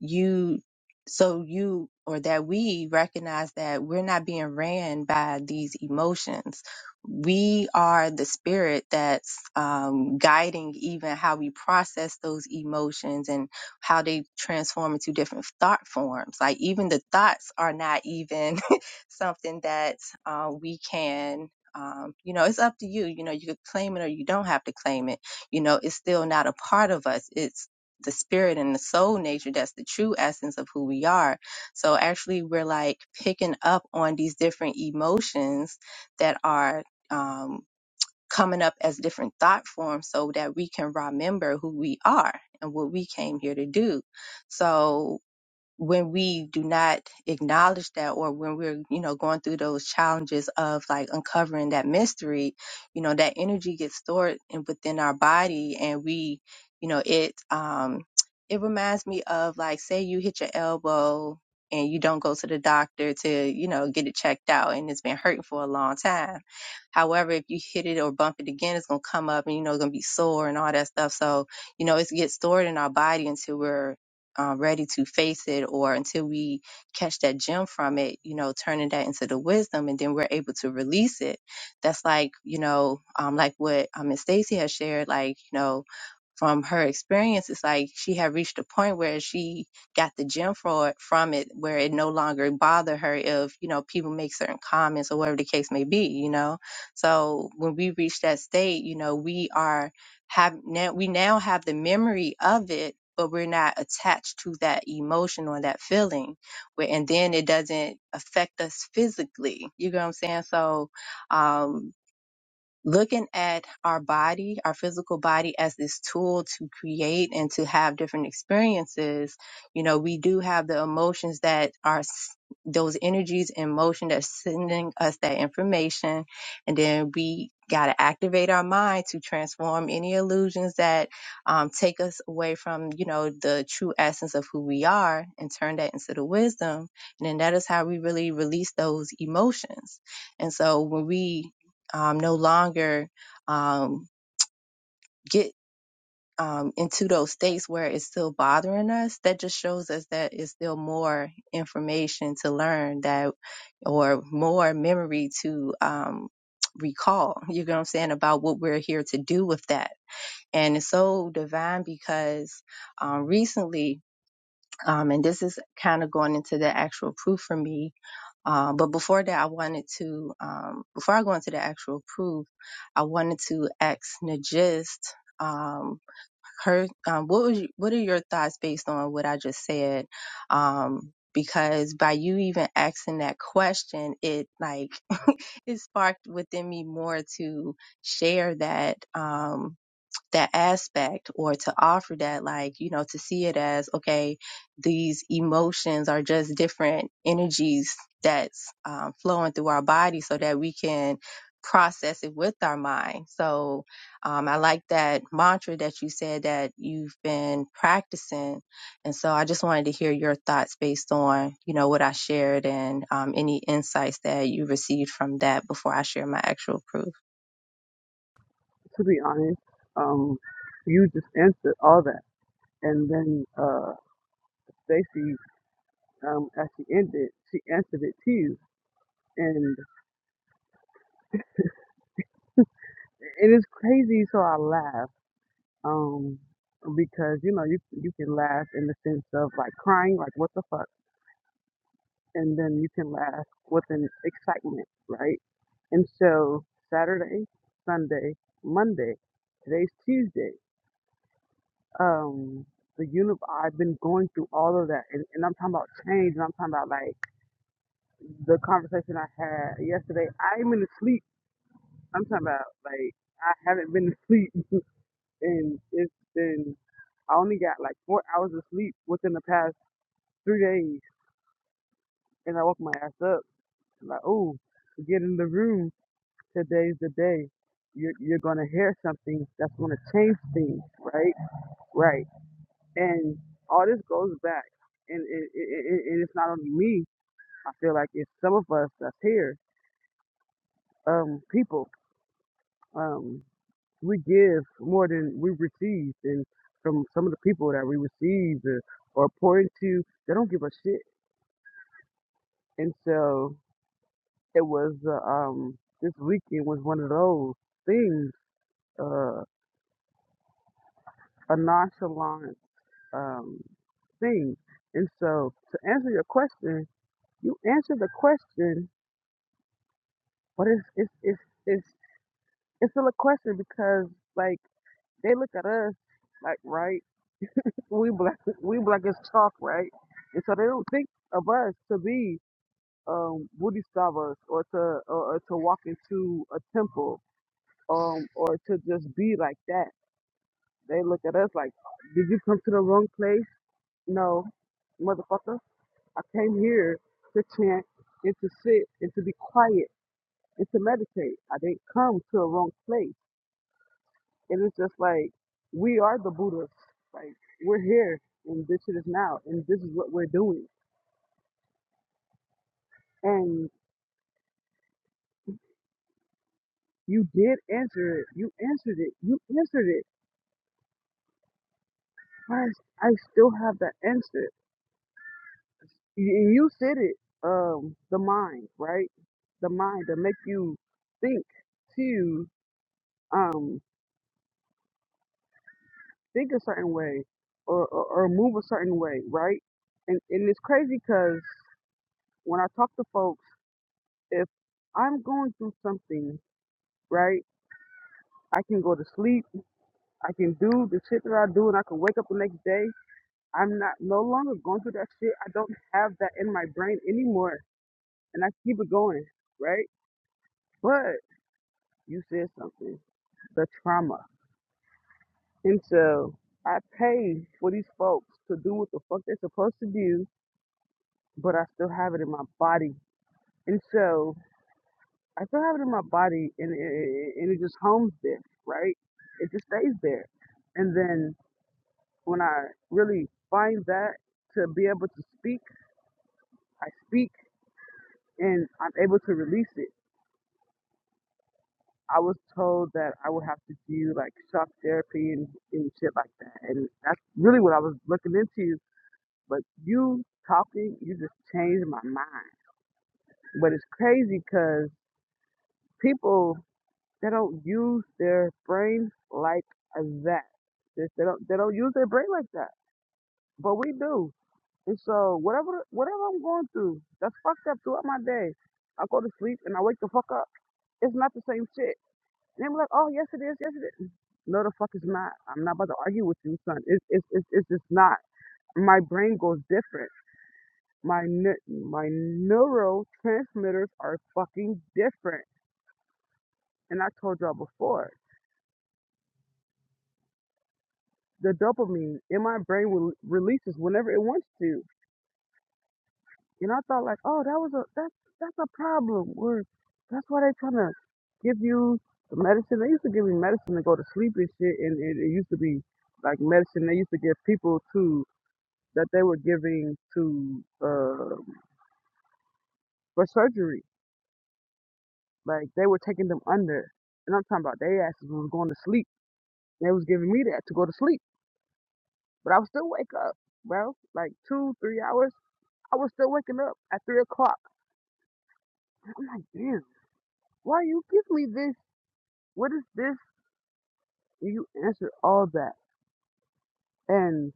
you so you or that we recognize that we're not being ran by these emotions we are the spirit that's um, guiding even how we process those emotions and how they transform into different thought forms like even the thoughts are not even something that uh, we can um, you know it's up to you you know you could claim it or you don't have to claim it you know it's still not a part of us It's the spirit and the soul nature that's the true essence of who we are so actually we're like picking up on these different emotions that are um, coming up as different thought forms so that we can remember who we are and what we came here to do so when we do not acknowledge that or when we're you know going through those challenges of like uncovering that mystery you know that energy gets stored in, within our body and we you know it um it reminds me of like say you hit your elbow and you don't go to the doctor to you know get it checked out and it's been hurting for a long time however if you hit it or bump it again it's going to come up and you know it's going to be sore and all that stuff so you know it gets stored in our body until we're uh, ready to face it or until we catch that gem from it, you know, turning that into the wisdom and then we're able to release it. That's like, you know, um, like what um, Miss Stacy has shared, like, you know, from her experience, it's like she had reached a point where she got the gem for, from it, where it no longer bothered her if, you know, people make certain comments or whatever the case may be, you know. So when we reach that state, you know, we are have now we now have the memory of it but we're not attached to that emotion or that feeling where and then it doesn't affect us physically you know what i'm saying so um looking at our body, our physical body as this tool to create and to have different experiences, you know, we do have the emotions that are s- those energies in motion that's sending us that information. And then we got to activate our mind to transform any illusions that um, take us away from, you know, the true essence of who we are and turn that into the wisdom. And then that is how we really release those emotions. And so when we um, no longer um, get um, into those states where it's still bothering us, that just shows us that it's still more information to learn that, or more memory to um, recall. You know what I'm saying about what we're here to do with that. And it's so divine because um, recently, um, and this is kind of going into the actual proof for me uh, but before that, I wanted to, um, before I go into the actual proof, I wanted to ask Najist, um, her, um, what was, what are your thoughts based on what I just said? Um, because by you even asking that question, it like, it sparked within me more to share that, um, that aspect or to offer that like you know to see it as okay these emotions are just different energies that's um, flowing through our body so that we can process it with our mind so um, i like that mantra that you said that you've been practicing and so i just wanted to hear your thoughts based on you know what i shared and um, any insights that you received from that before i share my actual proof
To be honest, um, you just answered all that, and then uh, Stacy, um, as she ended, she answered it too, and it is crazy. So I laugh, um, because you know you you can laugh in the sense of like crying, like what the fuck, and then you can laugh with an excitement, right? And so Saturday, Sunday, Monday, today's Tuesday. um the unif I've been going through all of that and, and I'm talking about change and I'm talking about like the conversation I had yesterday. I'm in sleep. I'm talking about like I haven't been asleep and it's been I only got like four hours of sleep within the past three days and I woke my ass up. Like, oh, get in the room. Today's the day. You're you're gonna hear something that's gonna change things, right? Right. And all this goes back, and it, it, it, and it's not only me. I feel like it's some of us that's here, um, people. Um, we give more than we receive, and from some of the people that we receive or, or pour into, they don't give a shit. And so it was uh, um, this weekend was one of those things, uh, a nonchalant um, thing. And so to answer your question, you answered the question But it's it's it's it's it's still a question because like they look at us like right we black we black as chalk right, and so they don't think of us to be um Buddhist or to or, or to walk into a temple um or to just be like that. They look at us like, did you come to the wrong place? No, motherfucker, I came here to chant and to sit and to be quiet and to meditate. I didn't come to a wrong place. And it's just like we are the Buddhas. Like we're here and this shit is now and this is what we're doing. And you did answer it. You answered it. You answered it. But I, I still have that answer. You, you said it. Um, the mind, right? The mind that make you think to um think a certain way or, or, or move a certain way, right? And and it's crazy because when I talk to folks, if I'm going through something, right? I can go to sleep. I can do the shit that I do, and I can wake up the next day. I'm not no longer going through that shit. I don't have that in my brain anymore, and I keep it going, right? But you said something, the trauma, and so I pay for these folks to do what the fuck they're supposed to do, but I still have it in my body, and so I still have it in my body, and it, and it just homes there, right? It just stays there, and then when I really find that to be able to speak, I speak and I'm able to release it. I was told that I would have to do like shock therapy and, and shit like that. And that's really what I was looking into. But you talking, you just changed my mind. But it's crazy because people, they don't use their brain like that. They they don't, they don't use their brain like that. But we do. And so whatever whatever I'm going through, that's fucked up throughout my day. I go to sleep and I wake the fuck up. It's not the same shit. And they be like, oh yes it is, yes it is. No the fuck it's not. I'm not about to argue with you, son. It's it's it's, it's just not. My brain goes different. My ne- my neurotransmitters are fucking different. And I told y'all before, the dopamine in my brain will releases whenever it wants to. And I thought like, oh, that was a that's that's a problem. Or that's why they trying to give you the medicine. They used to give me medicine to go to sleep and shit, and it, it used to be like medicine they used to give people to that they were giving to uh, for surgery. Like they were taking them under, and I'm talking about they asses was going to sleep. They was giving me that to go to sleep, but I would still wake up, bro. Like two, three hours, I was still waking up at three o'clock. I'm like, damn, why you give me this? What is this? You answered all that. And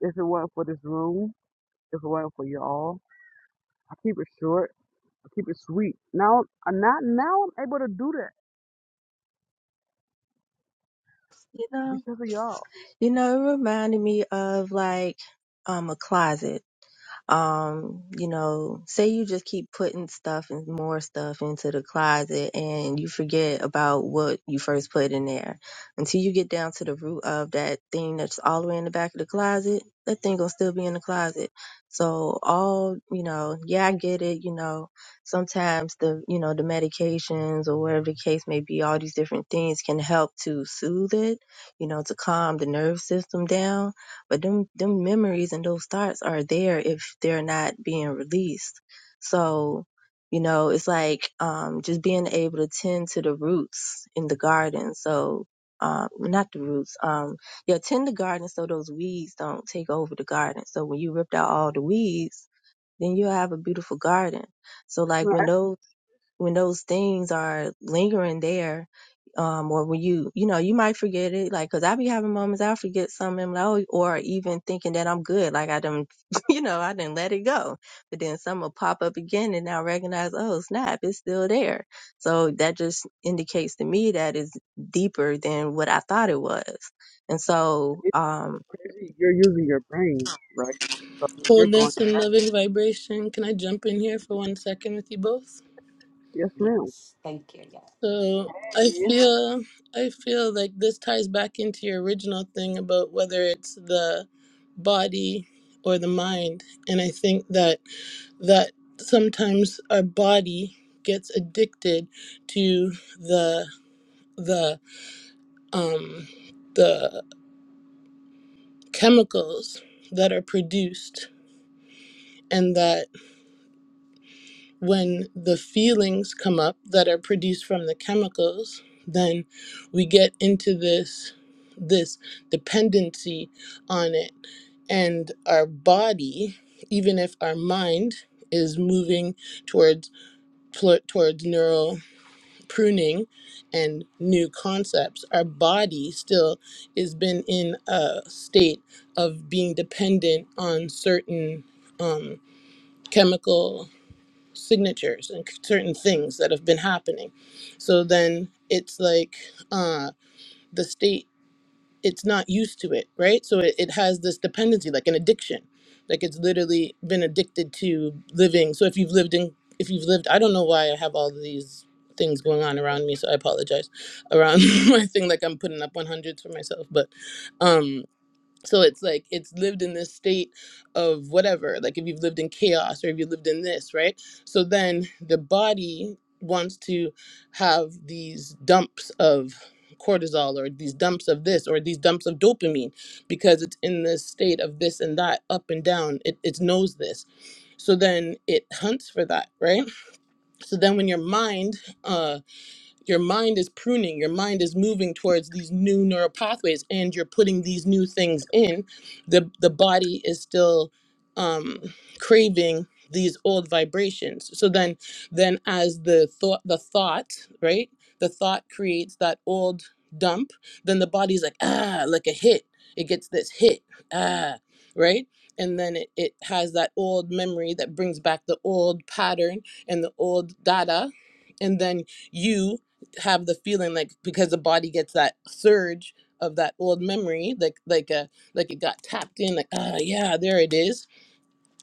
if it weren't for this room, if it weren't for you all, I keep it short. I keep it sweet. Now, uh, not now, I'm able to do that
you know,
because of y'all.
you know, it reminded me of like um a closet. um, you know, say you just keep putting stuff and more stuff into the closet and you forget about what you first put in there. Until you get down to the root of that thing that's all the way in the back of the closet, that thing gonna still be in the closet. So all, you know, yeah, I get it, you know, sometimes the, you know, the medications or whatever the case may be, all these different things can help to soothe it, you know, to calm the nerve system down but them them memories and those thoughts are there if they're not being released so you know it's like um just being able to tend to the roots in the garden so um not the roots um yeah tend the garden so those weeds don't take over the garden so when you ripped out all the weeds then you'll have a beautiful garden so
You
like
know,
when
actually,
those when those things are lingering there, um, or when you, you know, you might forget it, like, cause I be having moments I'll forget something, i like, oh, or even thinking that I'm good, like I done, you know, I didn't let it go. But then some will pop up again and I'll recognize, oh, snap, it's still there. So that just indicates to me that it's deeper than what I thought it was. And so,
it's
um,
it's crazy. You're using your brain, right? So you're going,
Wholeness and loving vibration. Can I jump in here for one second with you both?
yes, ma'am.
Yes, thank you. Yes.
So I
Yeah.
feel I feel like this ties back into your original thing about whether it's the body or the mind. And I think that that sometimes our body gets addicted to the the um the chemicals that are produced and that when the feelings come up that are produced from the chemicals then we get into this this dependency on it and our body even if our mind is moving towards pl- towards neural pruning and new concepts our body still has been in a state of being dependent on certain um, chemical signatures and certain things that have been happening. So then it's like uh, the state, it's not used to it, right? So it, it has this dependency, like an addiction. Like it's literally been addicted to living. So if you've lived in, if you've lived, I don't know why I have all these things going on around me. So I apologize around my thing. Like I'm putting up 100s for myself, but um so it's like it's lived in this state of whatever, like if you've lived in chaos or if you lived in this, right? So then the body wants to have these dumps of cortisol or these dumps of this or these dumps of dopamine because it's in this state of this and that, up and down. It, it knows this. So then it hunts for that, right? So then when your mind, uh your mind is pruning your mind is moving towards these new neural pathways and you're putting these new things in the the body is still um craving these old vibrations so then then as the thought the thought right the thought creates that old dump then the body's like ah like a hit it gets this hit ah right and then it, it has that old memory that brings back the old pattern and the old data and then you have the feeling like because the body gets that surge of that old memory like like a like it got tapped in like ah yeah there it is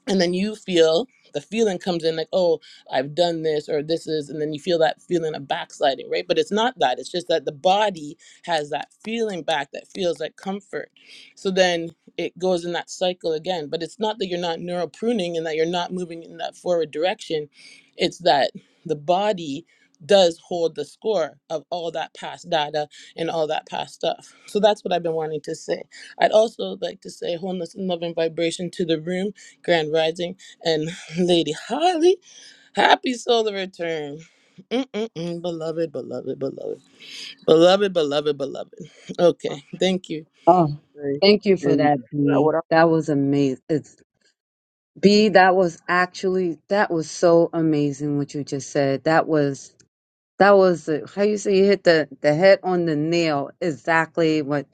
and then you feel the feeling comes in like oh i've done this or this is and then you feel that feeling of backsliding right but it's not that it's just that the body has that feeling back that feels like comfort so then it goes in that cycle again but it's not that you're not neural pruning and that you're not moving in that forward direction it's that the body does hold the score of all that past data and all that past stuff so that's what i've been wanting to say i'd also like to say wholeness and love and vibration to the room Grand Rising, and Lady Holly. Happy solar return. Mm-mm-mm, beloved, beloved, beloved, beloved, beloved, beloved. Okay, thank you.
Oh, thank you for
And you
that,
know,
B.
what I
That was amazing. B, that was actually that was so amazing what you just said. That was that was the, how you say you hit the the head on the nail. Exactly what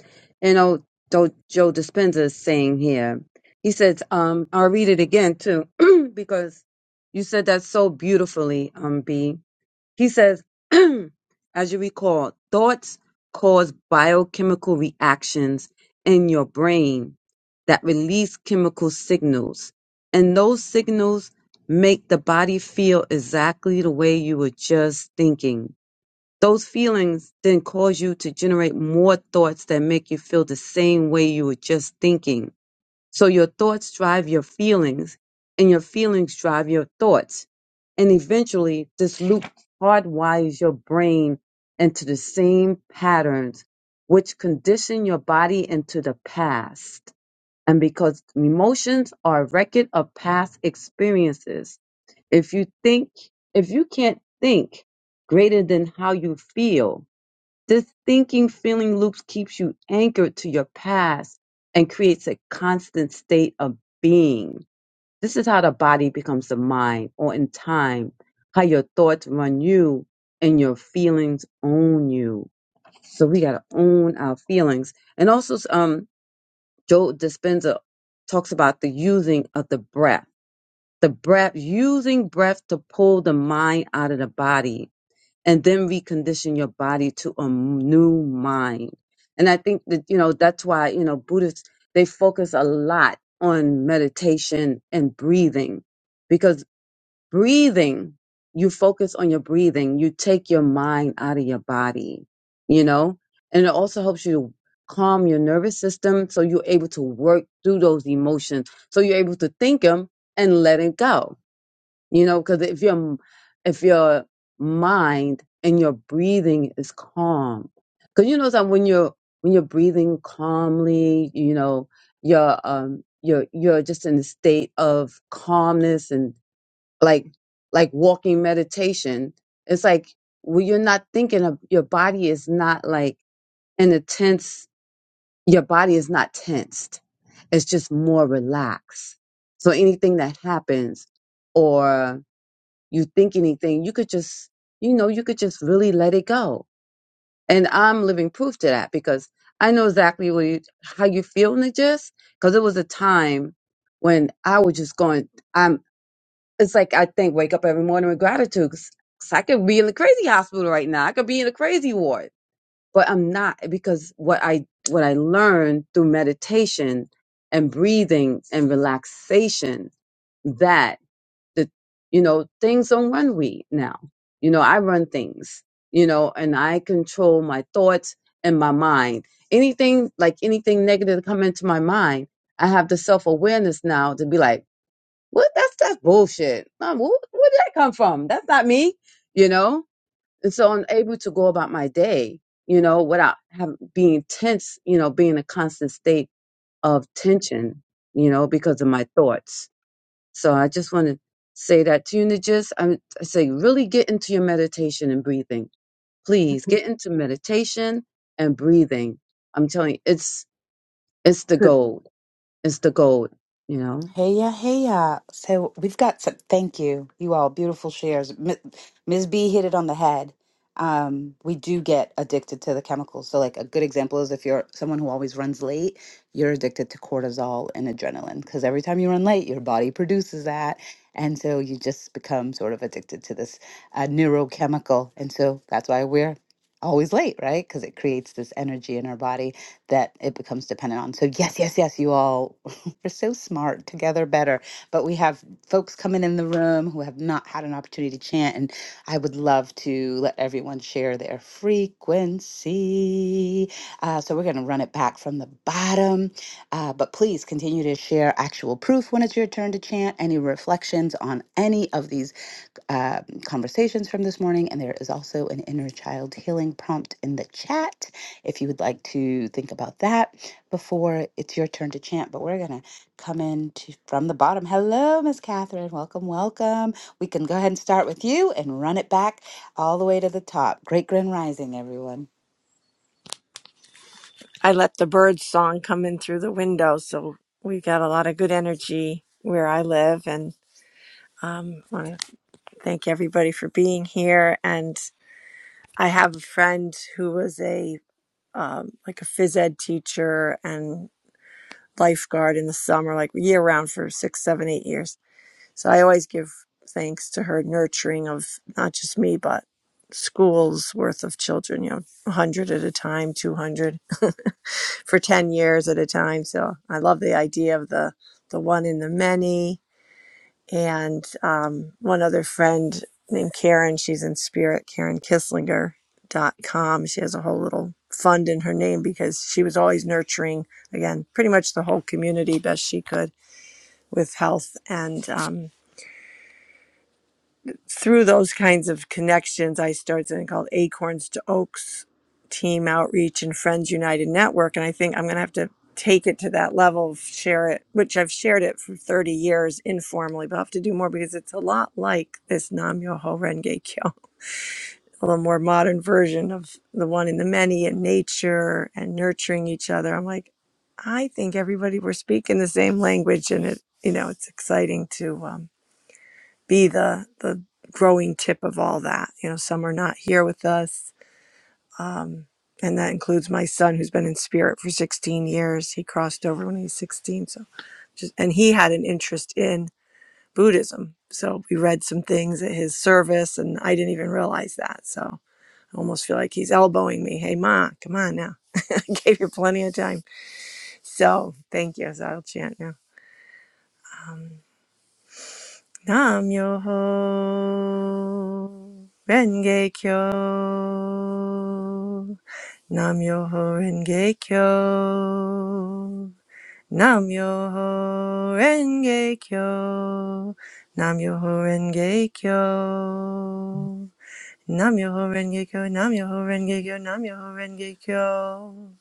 you know. Do, Joe Dispenza is saying here. He says, um, I'll read it again too because you said that so beautifully, um, B. He says, as you recall, thoughts cause biochemical reactions in your brain that release chemical signals. And those signals make the body feel exactly the way you were just thinking. Those feelings then cause you to generate more thoughts that make you feel the same way you were just thinking. So your thoughts drive your feelings, and your feelings drive your thoughts. And eventually, this loop hardwires your brain into the same patterns, which condition your body into the past. And because emotions are a record of past experiences, if you think, if you can't think greater than how you feel, this thinking feeling loops keeps you anchored to your past and creates a constant state of being. This is how the body becomes the mind, or in time, how your thoughts run you and your feelings own you. So we gotta own our feelings. And also, um, Joe Dispenza talks about the using of the breath. The breath, using breath to pull the mind out of the body and then recondition your body to a new mind. And I think that, you know, that's why, you know, Buddhists, they focus a lot on meditation and breathing because breathing, you focus on your breathing, you take your mind out of your body, you know, and it also helps you to calm your nervous system so you're able to work through those emotions. So you're able to think them and let it go you know, because if your if your mind and your breathing is calm, because you know that when you're when you're breathing calmly, you know you're um you're you're just in a state of calmness and like like walking meditation. It's like when you're not thinking of your body is not like in a tense. Your body is not tensed. It's just more relaxed. So anything that happens, or you think anything, you could just, you know, you could just really let it go. And I'm living proof to that because I know exactly what you, how you feel, Najis, because it was a time when I was just going, I'm, it's like I think wake up every morning with gratitude. 'cause- 'cause I could be in the crazy hospital right now. I could be in a crazy ward, but I'm not because what I, what I learned through meditation and breathing and relaxation that the you know things don't run we now you know i run things you know and i control my thoughts and my mind anything like anything negative to come into my mind i have the self-awareness now to be like what that's that's bullshit Um, wh- where did that come from that's not me you know and so i'm able to go about my day you know without having being tense you know being in a constant state of tension you know because of my thoughts so I just want to say that to you, Najis. I, I say, really get into your meditation and breathing. Please get into meditation and breathing. I'm telling you, it's it's the
took
gold. It's the gold. You know.
Heya, heya. So we've got some, thank you, you all, beautiful shares. M- Ms. B hit it on the head. Um, we do get addicted to the chemicals. So, like, a good example is if you're someone who always runs late, you're addicted to cortisol and adrenaline because every time you run late, your body produces that. And so you just become sort of addicted to this uh, neurochemical. And so that's why we're always late, right? Because it creates this energy in our body that it becomes dependent on. So, yes, yes, yes, you all we are so smart. Together better. But we have folks coming in the room who have not had an opportunity to chant, and I would love to let everyone share their frequency. Uh, so we're going to run it back from the bottom. Uh, but please continue to share actual proof when it's your turn to chant, any reflections on any of these uh, conversations from this morning, and there is also an inner child healing prompt in the chat if you would like to think about that before it's your turn to chant. But we're gonna come in to, from the bottom. Hello, Miss Catherine. Welcome, welcome. We can go ahead and start with you and run it back all the way to the top. Great Grand Rising, everyone.
I let the bird song come in through the window. So we've got a lot of good energy where I live. And um, want to thank everybody for being here. And I have a friend who was a um, like a phys ed teacher and lifeguard in the summer, like year round for six, seven, eight years so I always give thanks to her nurturing of not just me, but schools worth of children, you know, 100 at a time, 200 for 10 years at a time. So I love the idea of the, the one in the many. And um, one other friend named Karen, she's in spirit, Karen Kisslinger dot com. She has a whole little fund in her name because she was always nurturing, again, pretty much the whole community best she could with health and um, through those kinds of connections, I started something called Acorns to Oaks Team Outreach and Friends United Network. And I think I'm going to have to take it to that level, share it, which I've shared it for 30 years informally, but I'll have to do more because it's a lot like this Nam Yoho Renge Kyo, a little more modern version of the one in the many and nature and nurturing each other. I'm like, I think everybody, we're speaking the same language and it, you know, it's exciting to, um, be the the growing tip of all that. You know, some are not here with us. Um, and that includes my son who's been in spirit for 16 years. He crossed over when he was 16. So just and he had an interest in Buddhism. So we read some things at his service and I didn't even realize that. So I almost feel like he's elbowing me. Hey ma, come on now. I gave you plenty of time. So thank you. So I'll chant now. Um, Nam Yoho Renge Kyo. Nam Yoho Renge Kyo. Nam Yoho Renge Kyo. Nam Yoho Renge Kyo. Nam Yoho Renge Kyo. Nam Yoho Renge Kyo.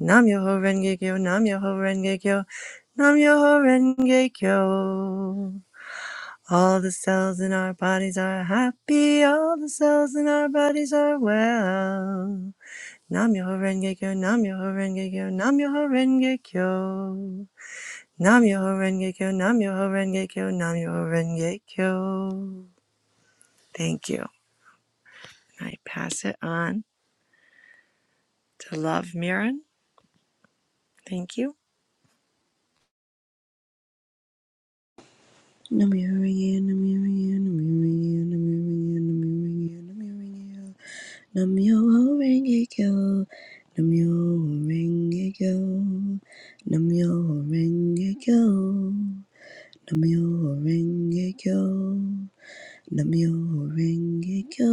Nam Yoho Renge Kyo. Nam Yoho Renge Kyo. Nam Yoho Renge Kyo. Nam Yoho Renge Kyo. All the cells in our bodies are happy. All the cells in our bodies are well. Nam Yoho Renge Kyo, Nam Yoho Renge Kyo, Nam Yoho Renge Kyo. Nam Yoho Renge Kyo, Nam Yoho Renge Kyo, Nam Yoho Renge Kyo. Thank you. I pass it on to Love Mirren. Thank you.
Nam-myoho-renge-kyo. Nam-myoho-renge-kyo. Nam-myoho-renge-kyo. Nam-myoho-renge-kyo. Nam-myoho-renge-kyo.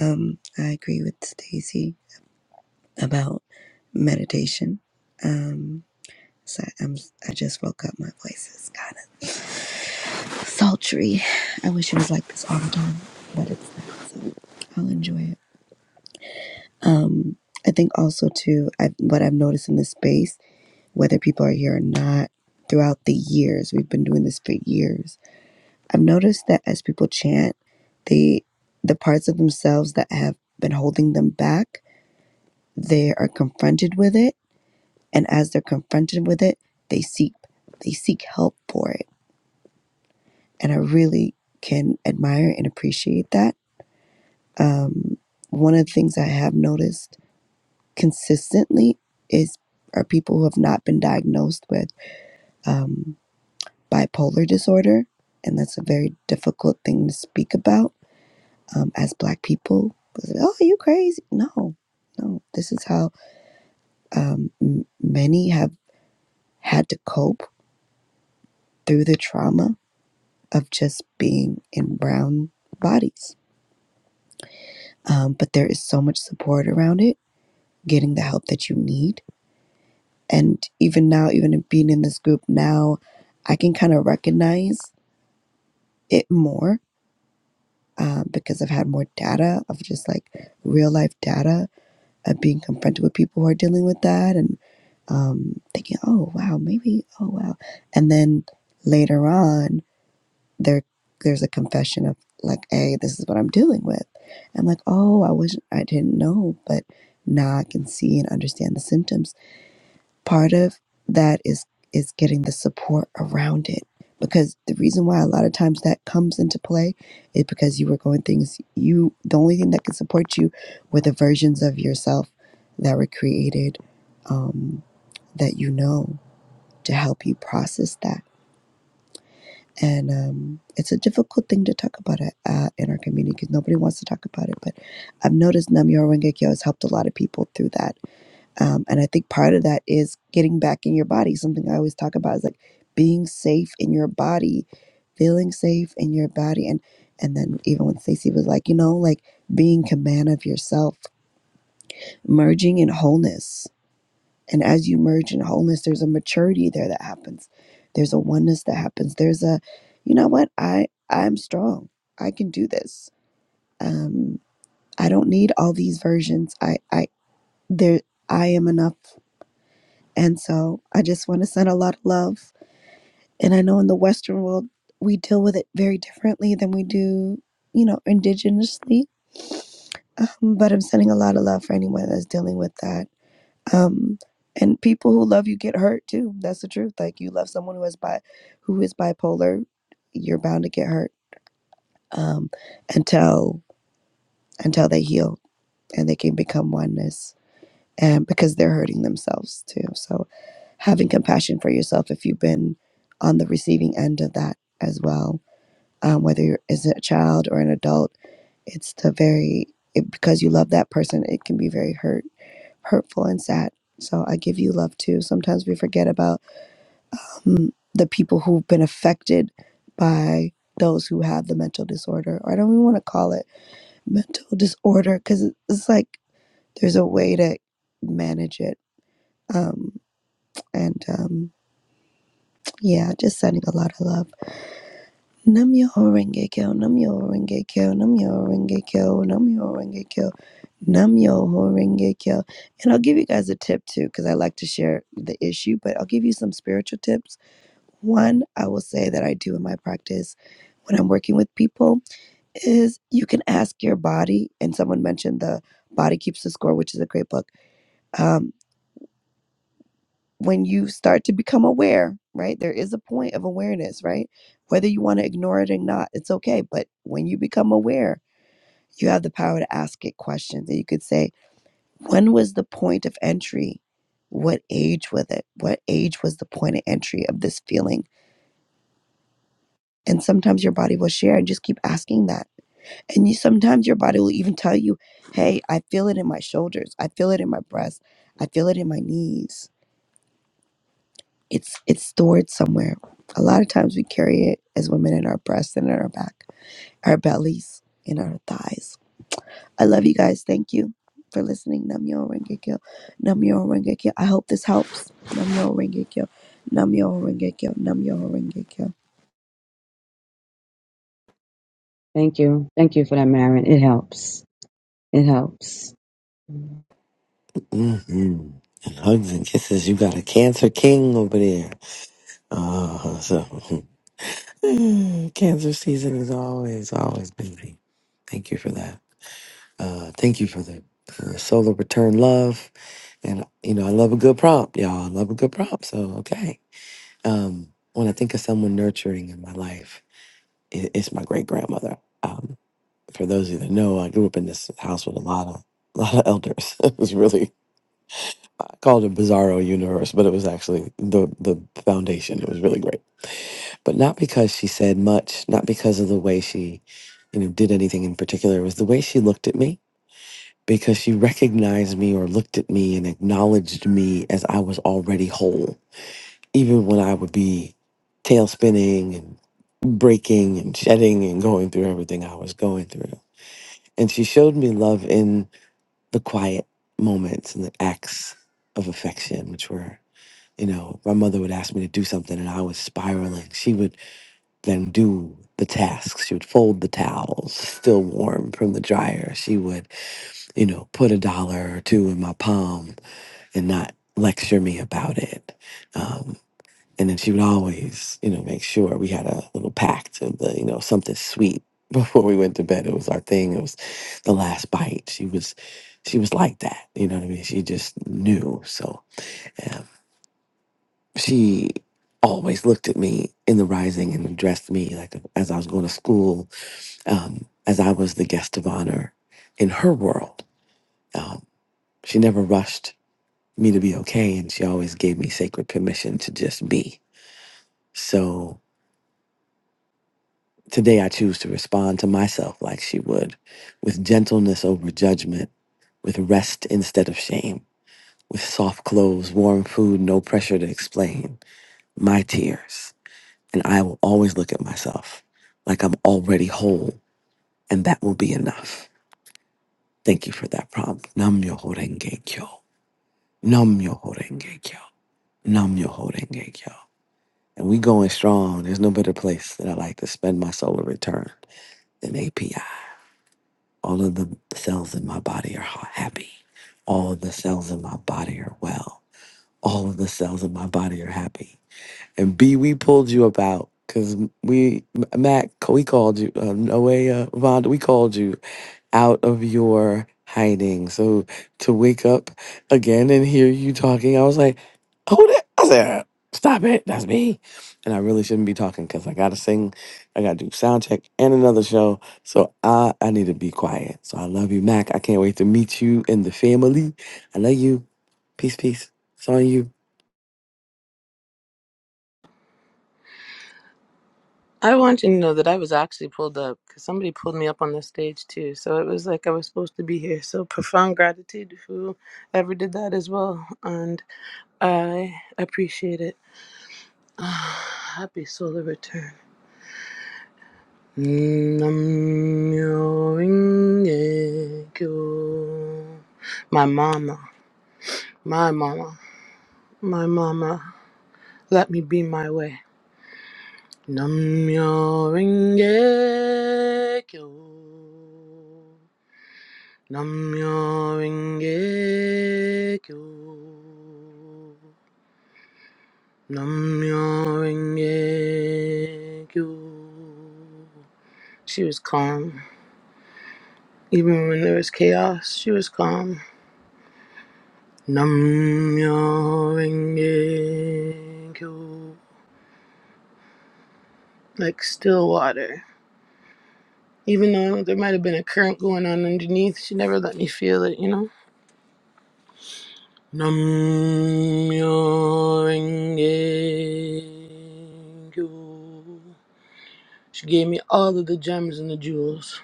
Um, I agree with Stacy about meditation. Um, so I'm I just woke up. My voice is kind of. sultry. I wish it was like this all the time, but it's not. So I'll enjoy it. Um, I think also too, I, what I've noticed in this space, whether people are here or not, throughout the years we've been doing this for years, I've noticed that as people chant, they the parts of themselves that have been holding them back, they are confronted with it, and as they're confronted with it, they seek they seek help for it, and I really can admire and appreciate that Um, one of the things I have noticed consistently is are people who have not been diagnosed with um, bipolar disorder, and that's a very difficult thing to speak about um, as Black people. Oh, you crazy? No, no. This is how um, m- many have had to cope through the trauma of just being in brown bodies. Um, but there is so much support around it, getting the help that you need And even now, even in being in this group now, I can kind of recognize it more um, because I've had more data of just like real life data of being confronted with people who are dealing with that and um, thinking, oh, wow, maybe, oh, wow. And then later on, there there's a confession of like, hey, this is what I'm dealing with. I'm like, oh, I wish I didn't know, but now I can see and understand the symptoms part of that is is getting the support around it because the reason why a lot of times that comes into play is because you were going things you the only thing that can support you were the versions of yourself that were created um, that you know to help you process that and um, it's a difficult thing to talk about it, uh, in our community because nobody wants to talk about it but i've noticed namyo rengekyo has helped a lot of people through that um, and I think part of that is getting back in your body. Something I always talk about is like being safe in your body, feeling safe in your body. And and then even when Stacey was like, you know, like being command of yourself, merging in wholeness. And as you merge in wholeness, there's a maturity there that happens. There's a oneness that happens. There's a, you know what, I I'm strong. I can do this. Um, I don't need all these versions. I I there I am enough And so I just want to send a lot of love. And I know in the Western world, we deal with it very differently than we do, you know, indigenously. Um, but I'm sending a lot of love for anyone that's dealing with that. Um, and people who love you get hurt too. That's the truth. Like you love someone who is bi- who is bipolar, you're bound to get hurt um, until until they heal and they can become oneness. and because they're hurting themselves too. So having compassion for yourself if you've been on the receiving end of that as well, um, whether you're as a child or an adult, it's the very it, because you love that person, it can be very hurt, hurtful, and sad. So I give you love too. Sometimes we forget about um, the people who've been affected by those who have the mental disorder, or I don't even want to call it mental disorder because it's like there's a way to manage it. Um, And um, yeah, just sending a lot of love. Namyo Horenge Kyo, Namyo Horenge Kyo, Namyo Horenge Kyo, Namyo Horenge Kyo, Namyo Horenge Kyo. And I'll give you guys a tip too, because I like to share the issue, but I'll give you some spiritual tips. One, I will say that I do in my practice when I'm working with people is you can ask your body, and someone mentioned the Body Keeps the Score, which is a great book. Um, when you start to become aware, right? There is a point of awareness, right? Whether you want to ignore it or not, it's okay. But when you become aware, you have the power to ask it questions. And you could say, when was the point of entry? What age was it? What age was the point of entry of this feeling? And sometimes your body will share and just keep asking that. And you sometimes your body will even tell you, hey, I feel it in my shoulders. I feel it in my breast. I feel it in my knees It's it's stored somewhere. A lot of times we carry it as women in our breasts and in our back, our bellies, in our thighs. I love you guys. Thank you for listening. Namyo Rengekyo. Namyo Rengekyo. I hope this helps. Namyo Rengekyo. Namyo Rengekyo. Namyo Rengekyo.
Thank you. Thank you for that, Marin. It helps. It helps.
Mm-hmm. And hugs and kisses. You got a cancer king over there. Uh, so cancer season is always, always busy. Thank you for that. Uh, thank you for the uh, solar return love. And, you know, I love a good prompt, y'all. I love a good prompt. So, okay. Um, when I think of someone nurturing in my life, it, it's my great grandmother. Um, for those of you that know, I grew up in this house with a lot of, a lot of elders. it was really I called it Bizarro Universe, but it was actually the the foundation. It was really great, but not because she said much, not because of the way she, you know, did anything in particular. It was the way she looked at me because she recognized me or looked at me and acknowledged me as I was already whole, even when I would be tail spinning and breaking and shedding and going through everything I was going through. And she showed me love in the quiet moments and the acts of affection, which were you know, my mother would ask me to do something and I was spiraling. She would then do the tasks. She would fold the towels, still warm from the dryer. She would, you know, put a dollar or two in my palm and not lecture me about it. Um, and then she would always, you know, make sure we had a little pact of the, you know, something sweet before we went to bed. It was our thing. It was the last bite. She was, she was like that. You know what I mean? She just knew. So, yeah she always looked at me in the rising and addressed me like as I was going to school, um, as I was the guest of honor in her world. Um, she never rushed me to be okay, and she always gave me sacred permission to just be. So today I choose to respond to myself like she would, with gentleness over judgment, with rest instead of shame, with soft clothes, warm food, no pressure to explain, my tears. And I will always look at myself like I'm already whole, and that will be enough. Thank you for that prompt. Nam yo horenge kyo. Nam yo horenge kyo. Nam yo horenge kyo. And we going strong. There's no better place that I like to spend my solar return than API. All of the cells in my body are ha- happy. All of the cells in my body are well. All of the cells in my body are happy. And B, we pulled you up out because we, Mac, we called you, uh, no way, uh, Vonda, we called you out of your hiding. So to wake up again and hear you talking, I was like, who that? I said, stop it, that's me. And I really shouldn't be talking because I got to sing, I got to do sound check and another show. So I, I need to be quiet. So I love you, Mac. I can't wait to meet you and the family. I love you. Peace, peace. It's on you.
I want you to know that I was actually pulled up because somebody pulled me up on the stage too. So it was like I was supposed to be here. So profound gratitude to whoever did that as well. And I appreciate it. Happy solar return. Nam myo renge kyo. My mama. My mama, my mama, let me be my way. Namyo Renge Kyo. Namyo Renge Kyo. Namyo Renge Kyo. She was calm. Even when there was chaos, she was calm. Namyo Renge Kyo. Like still water. Even though there might have been a current going on underneath, she never let me feel it, you know? Nam-myo renge kyo. She gave me all of the gems and the jewels.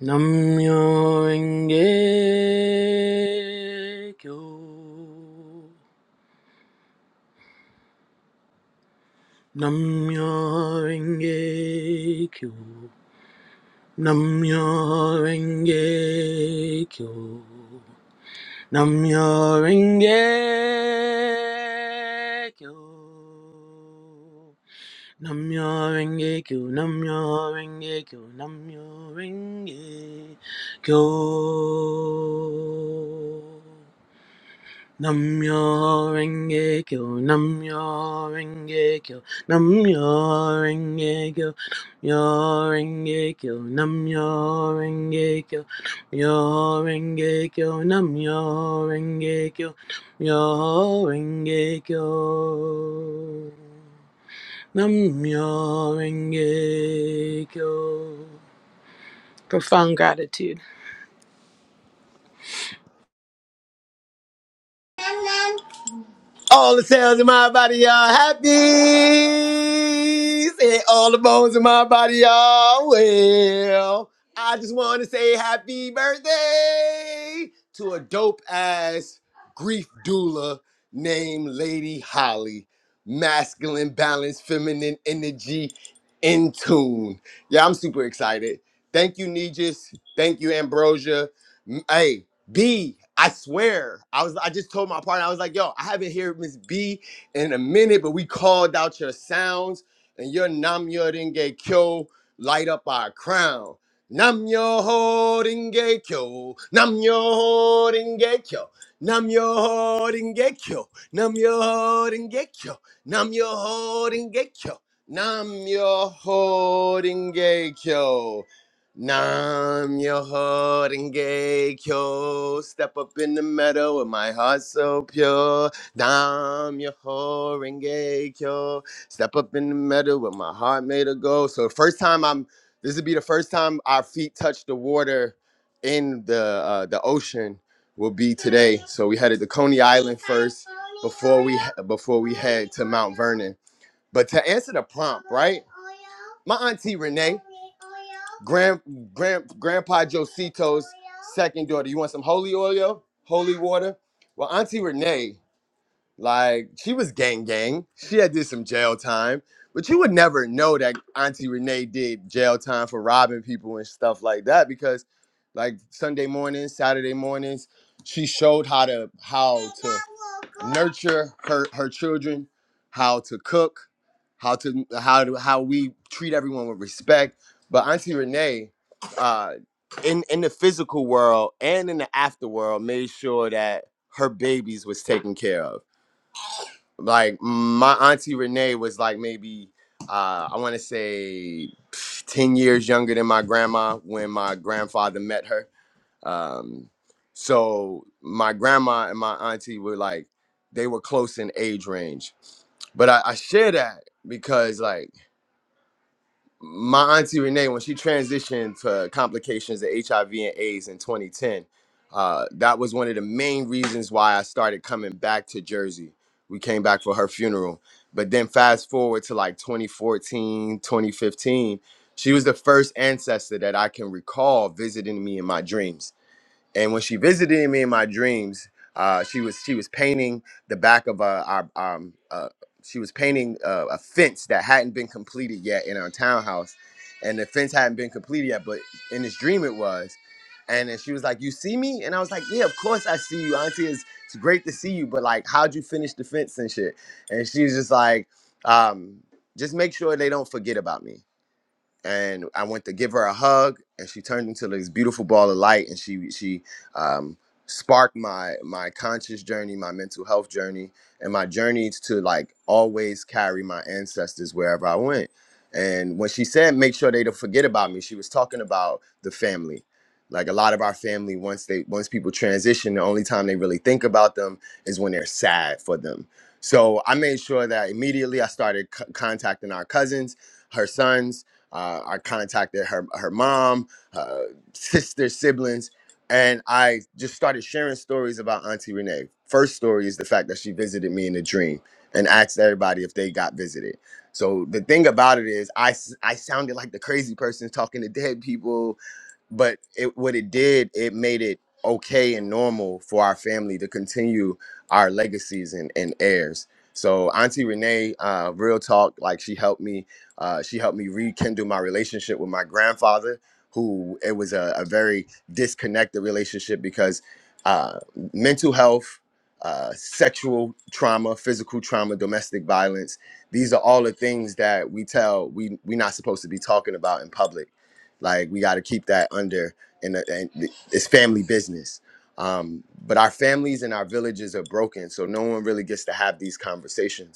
Nam-myo renge kyo. Nam-myo renge kyo. Nam-myo renge kyo. Namyo Renge Kyo. Namyo Renge Kyo. Namyo Renge Kyo. Namyo Renge Kyo. Namyo Renge Kyo, Namyo Renge Kyo, Namyo Renge Kyo, Namyo Renge Kyo, Namyo Renge Kyo, Namyo Renge Kyo, Namyo Renge Kyo, Namyo Renge Kyo, Namyo Renge Kyo. Profound gratitude.
All the cells in my body are happy. Say all the bones in my body are well. I just want to say happy birthday to a dope ass grief doula named Lady Holly. Masculine balance, feminine energy, in tune. Yeah, I'm super excited. Thank you, Nijis. Thank you, Ambrosia. M- Hey, B, I swear, I was I just told my partner, I was like, yo, I haven't heard Miss B in a minute, but we called out your sounds and your Namyo Denge Kyo light up our crown. Nam yo ho denge kyo, nam yo ho denge kyo, nam yo ho denge kyo, nam yo ho denge kyo, nam ho denge kyo, nam ho denge kyo. Nam your heart kyo. Step up in the meadow with my heart so pure. Nam your heart kyo. Step up in the meadow with my heart made of gold. So first time I'm this would be the first time our feet touch the water in the uh, the ocean will be today. So we headed to Coney Island first before we before we head to Mount Vernon. But to answer the prompt, right? My auntie Renee, grand grand grandpa Josito's second daughter. You want some holy oil, holy water? Well, auntie Renee like she was gang gang. She had did some jail time, but you would never know that Auntie Renee did jail time for robbing people and stuff like that because, like Sunday mornings, Saturday mornings, she showed how to how to nurture her her children, how to cook, how to how to how we treat everyone with respect. But Auntie Renee, uh, in in the physical world and in the after world, made sure that her babies was taken care of like my auntie renee was like maybe uh, i want to say 10 years younger than my grandma when my grandfather met her um, so my grandma and my auntie were like they were close in age range but i, I share that because like my auntie Renee, when she transitioned to complications of HIV and AIDS in 2010, uh, that was one of the main reasons why I started coming back to Jersey. We came back for her funeral. But then fast forward to like 2014, 2015, she was the first ancestor that I can recall visiting me in my dreams and when she visited me in my dreams, uh, she was she was painting the back of a, our um, uh, she was painting a, a fence that hadn't been completed yet in our townhouse, and the fence hadn't been completed yet, but in this dream it was. And then she was like, "You see me?" And I was like, "Yeah, of course I see you, Auntie. It's, it's great to see you, but like, how'd you finish the fence and shit?" And she was just like, um, "Just make sure they don't forget about me." and I went to give her a hug, and she turned into this beautiful ball of light, and she she um, sparked my my conscious journey, my mental health journey, and my journey to like always carry my ancestors wherever I went. And when she said, "Make sure they don't forget about me," she was talking about the family. Like a lot of our family, once they once people transition, the only time they really think about them is when they're sad for them. So I made sure that immediately I started c- contacting our cousins, her sons, uh, I contacted her her mom, her sister, siblings, and I just started sharing stories about Auntie Renee. First story is the fact that she visited me in a dream and asked everybody if they got visited. So the thing about it is, I s- I sounded like the crazy person talking to dead people but it what it did it made it okay and normal for our family to continue our legacies and, and heirs so auntie renee uh, real talk like she helped me uh, she helped me rekindle my relationship with my grandfather, who it was a, a very disconnected relationship because uh, mental health, uh, sexual trauma, physical trauma, domestic violence. These are all the things that we tell we we're not supposed to be talking about in public. Like we got to keep that under, and, it's family business. Um, but our families and our villages are broken, so no one really gets to have these conversations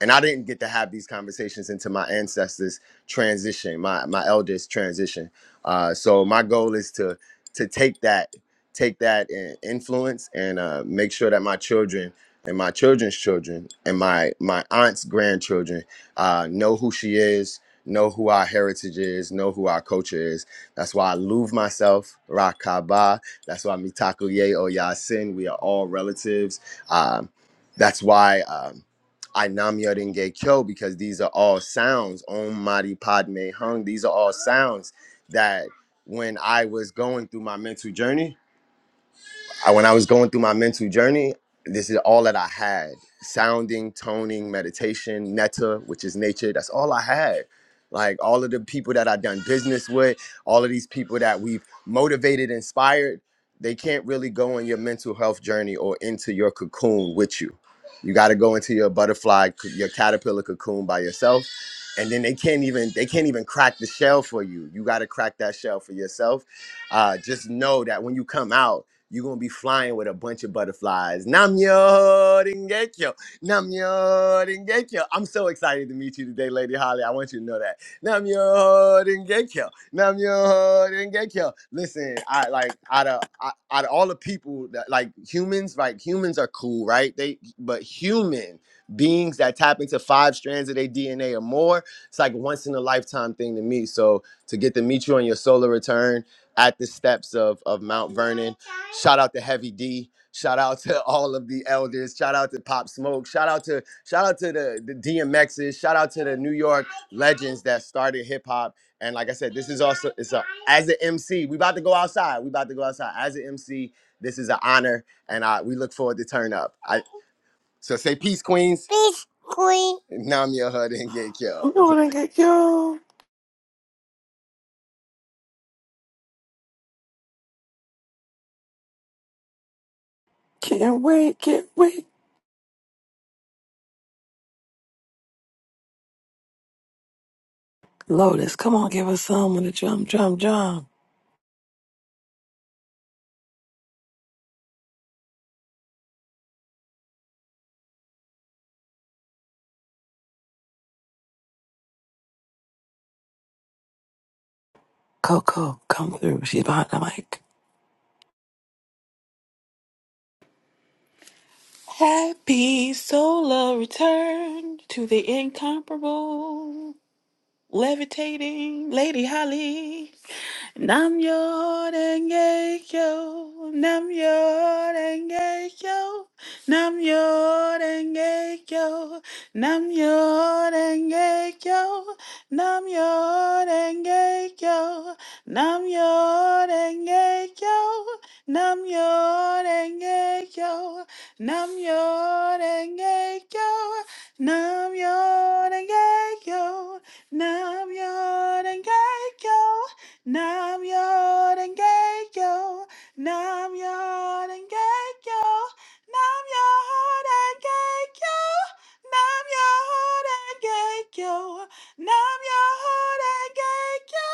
and I didn't get to have these conversations until my ancestors transition, my my elders transition. Uh, so my goal is to to take that take that in- influence and uh, make sure that my children and my children's children and my my aunt's grandchildren uh, know who she is, know who our heritage is, know who our culture is. That's why I love myself, Rakaba. That's why Mitakuye Oyasin. We are all relatives. Um, that's why. Um, I Namyo Renge Kyo because these are all sounds. Om Mani Padme Hung. These are all sounds that when I was going through my mental journey, I, when I was going through my mental journey, this is all that I had: sounding, toning, meditation, netta, which is nature. That's all I had. Like all of the people that I've done business with, all of these people that we've motivated, inspired, they can't really go on your mental health journey or into your cocoon with you. You got to go into your butterfly, c- your caterpillar cocoon by yourself, and then they can't even they can't even crack the shell for you. You got to crack that shell for yourself. Uh, just know that when you come out, you're gonna be flying with a bunch of butterflies. Namyo Dengekyo. Namyo Dengekyo. I'm so excited to meet you today, Lady Holly. I want you to know that. Namyo Dengekyo. Namyo Dengekyo. Listen, I like out of I- out of all the people that like humans, like humans are cool, right? They but human beings that tap into five strands of their DNA or more, it's like once in a lifetime thing to me. So to get to meet you on your solar return at the steps of of Mount Vernon. Shout out to Heavy D. Shout out to all of the elders. Shout out to Pop Smoke. Shout out to shout out to the the DMXs. Shout out to the New York legends that started hip hop. And like I said, this is also it's a as an MC. We about to go outside. We about to go outside as an MC. This is an honor, and I, we look forward to turn up. I, so say peace, Queens. Nam your hood and get
I'm
killed.
going to get you. Can't wait, can't wait. Lotus, come on, give us some with the drum, drum, drum. Coco, come through. She's behind the mic.
Happy solo return to the incomparable levitating Lady Holly. Nam Yorenge Kyo, Nam Yorenge Kyo, Nam Yorenge Kyo, Nam Yorenge Kyo, Nam Yorenge Kyo, Nam Yorenge Kyo, Nam Yorenge Kyo, Nam Yorenge Kyo, Nam Yorenge Kyo, Nam Yorenge Kyo. Nam Yoden Nam Yoden Gekyo, Nam Yoden Gekyo, Nam Yoden Gekyo, Nam Yoden Gekyo,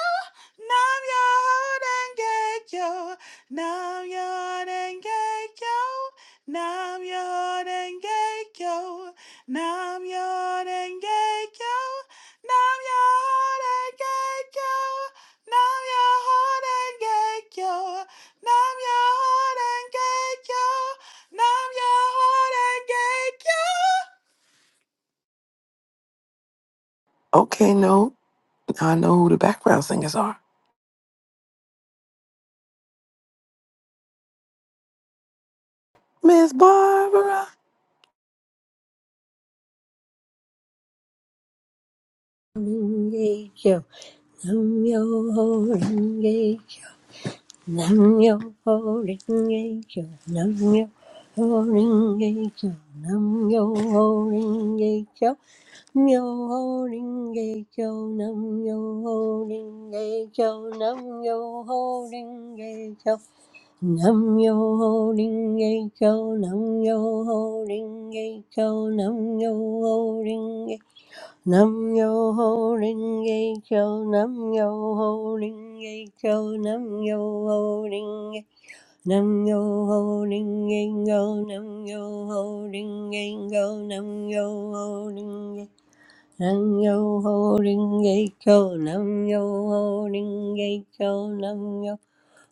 Nam Yoden Gekyo, Nam Yoden Gekyo, Nam Yoden Gekyo, Nam Yoden Gekyo, Nam Yoden Gekyo. Nam your heart and get yo. horengekyo. Nam your heart and get yo. horengekyo. Nam your heart and get yo. horengekyo.
Okay, no, now I know who the background singers are. Miss Barbara.
Owning and go. Nam yo ho ring ye kyo, nam yo ho ring ye kyo, nam yo ho ring ye kyo, nam yo ho ring ye kyo, nam yo ho ring ye kyo, nam yo ho ring ye kyo, nam yo ho ring ye kyo, nam yo ho ring ye kyo, nam yo ho ring ye kyo, Nam yo ho ring a cho, nam yo ho ring a cho, nam yo ho ring Nam yo ho ring a go, nam yo ho ring a go, nam yo ho ring Nam yo ho ring a cho, nam yo ho ring a cho, nam yo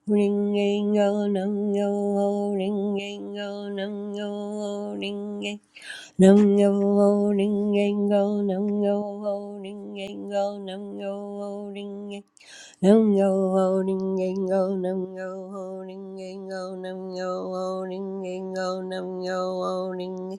ring a go, nam yo ho ring a go, nam yo ho ring Nam yo ho ring yang go, nam yo ho ring yang go, nam yo ho ring yang Nam yo ho ring yang go, nam yo ho ring yang go, nam yo ho ring yang go, nam yo ho ring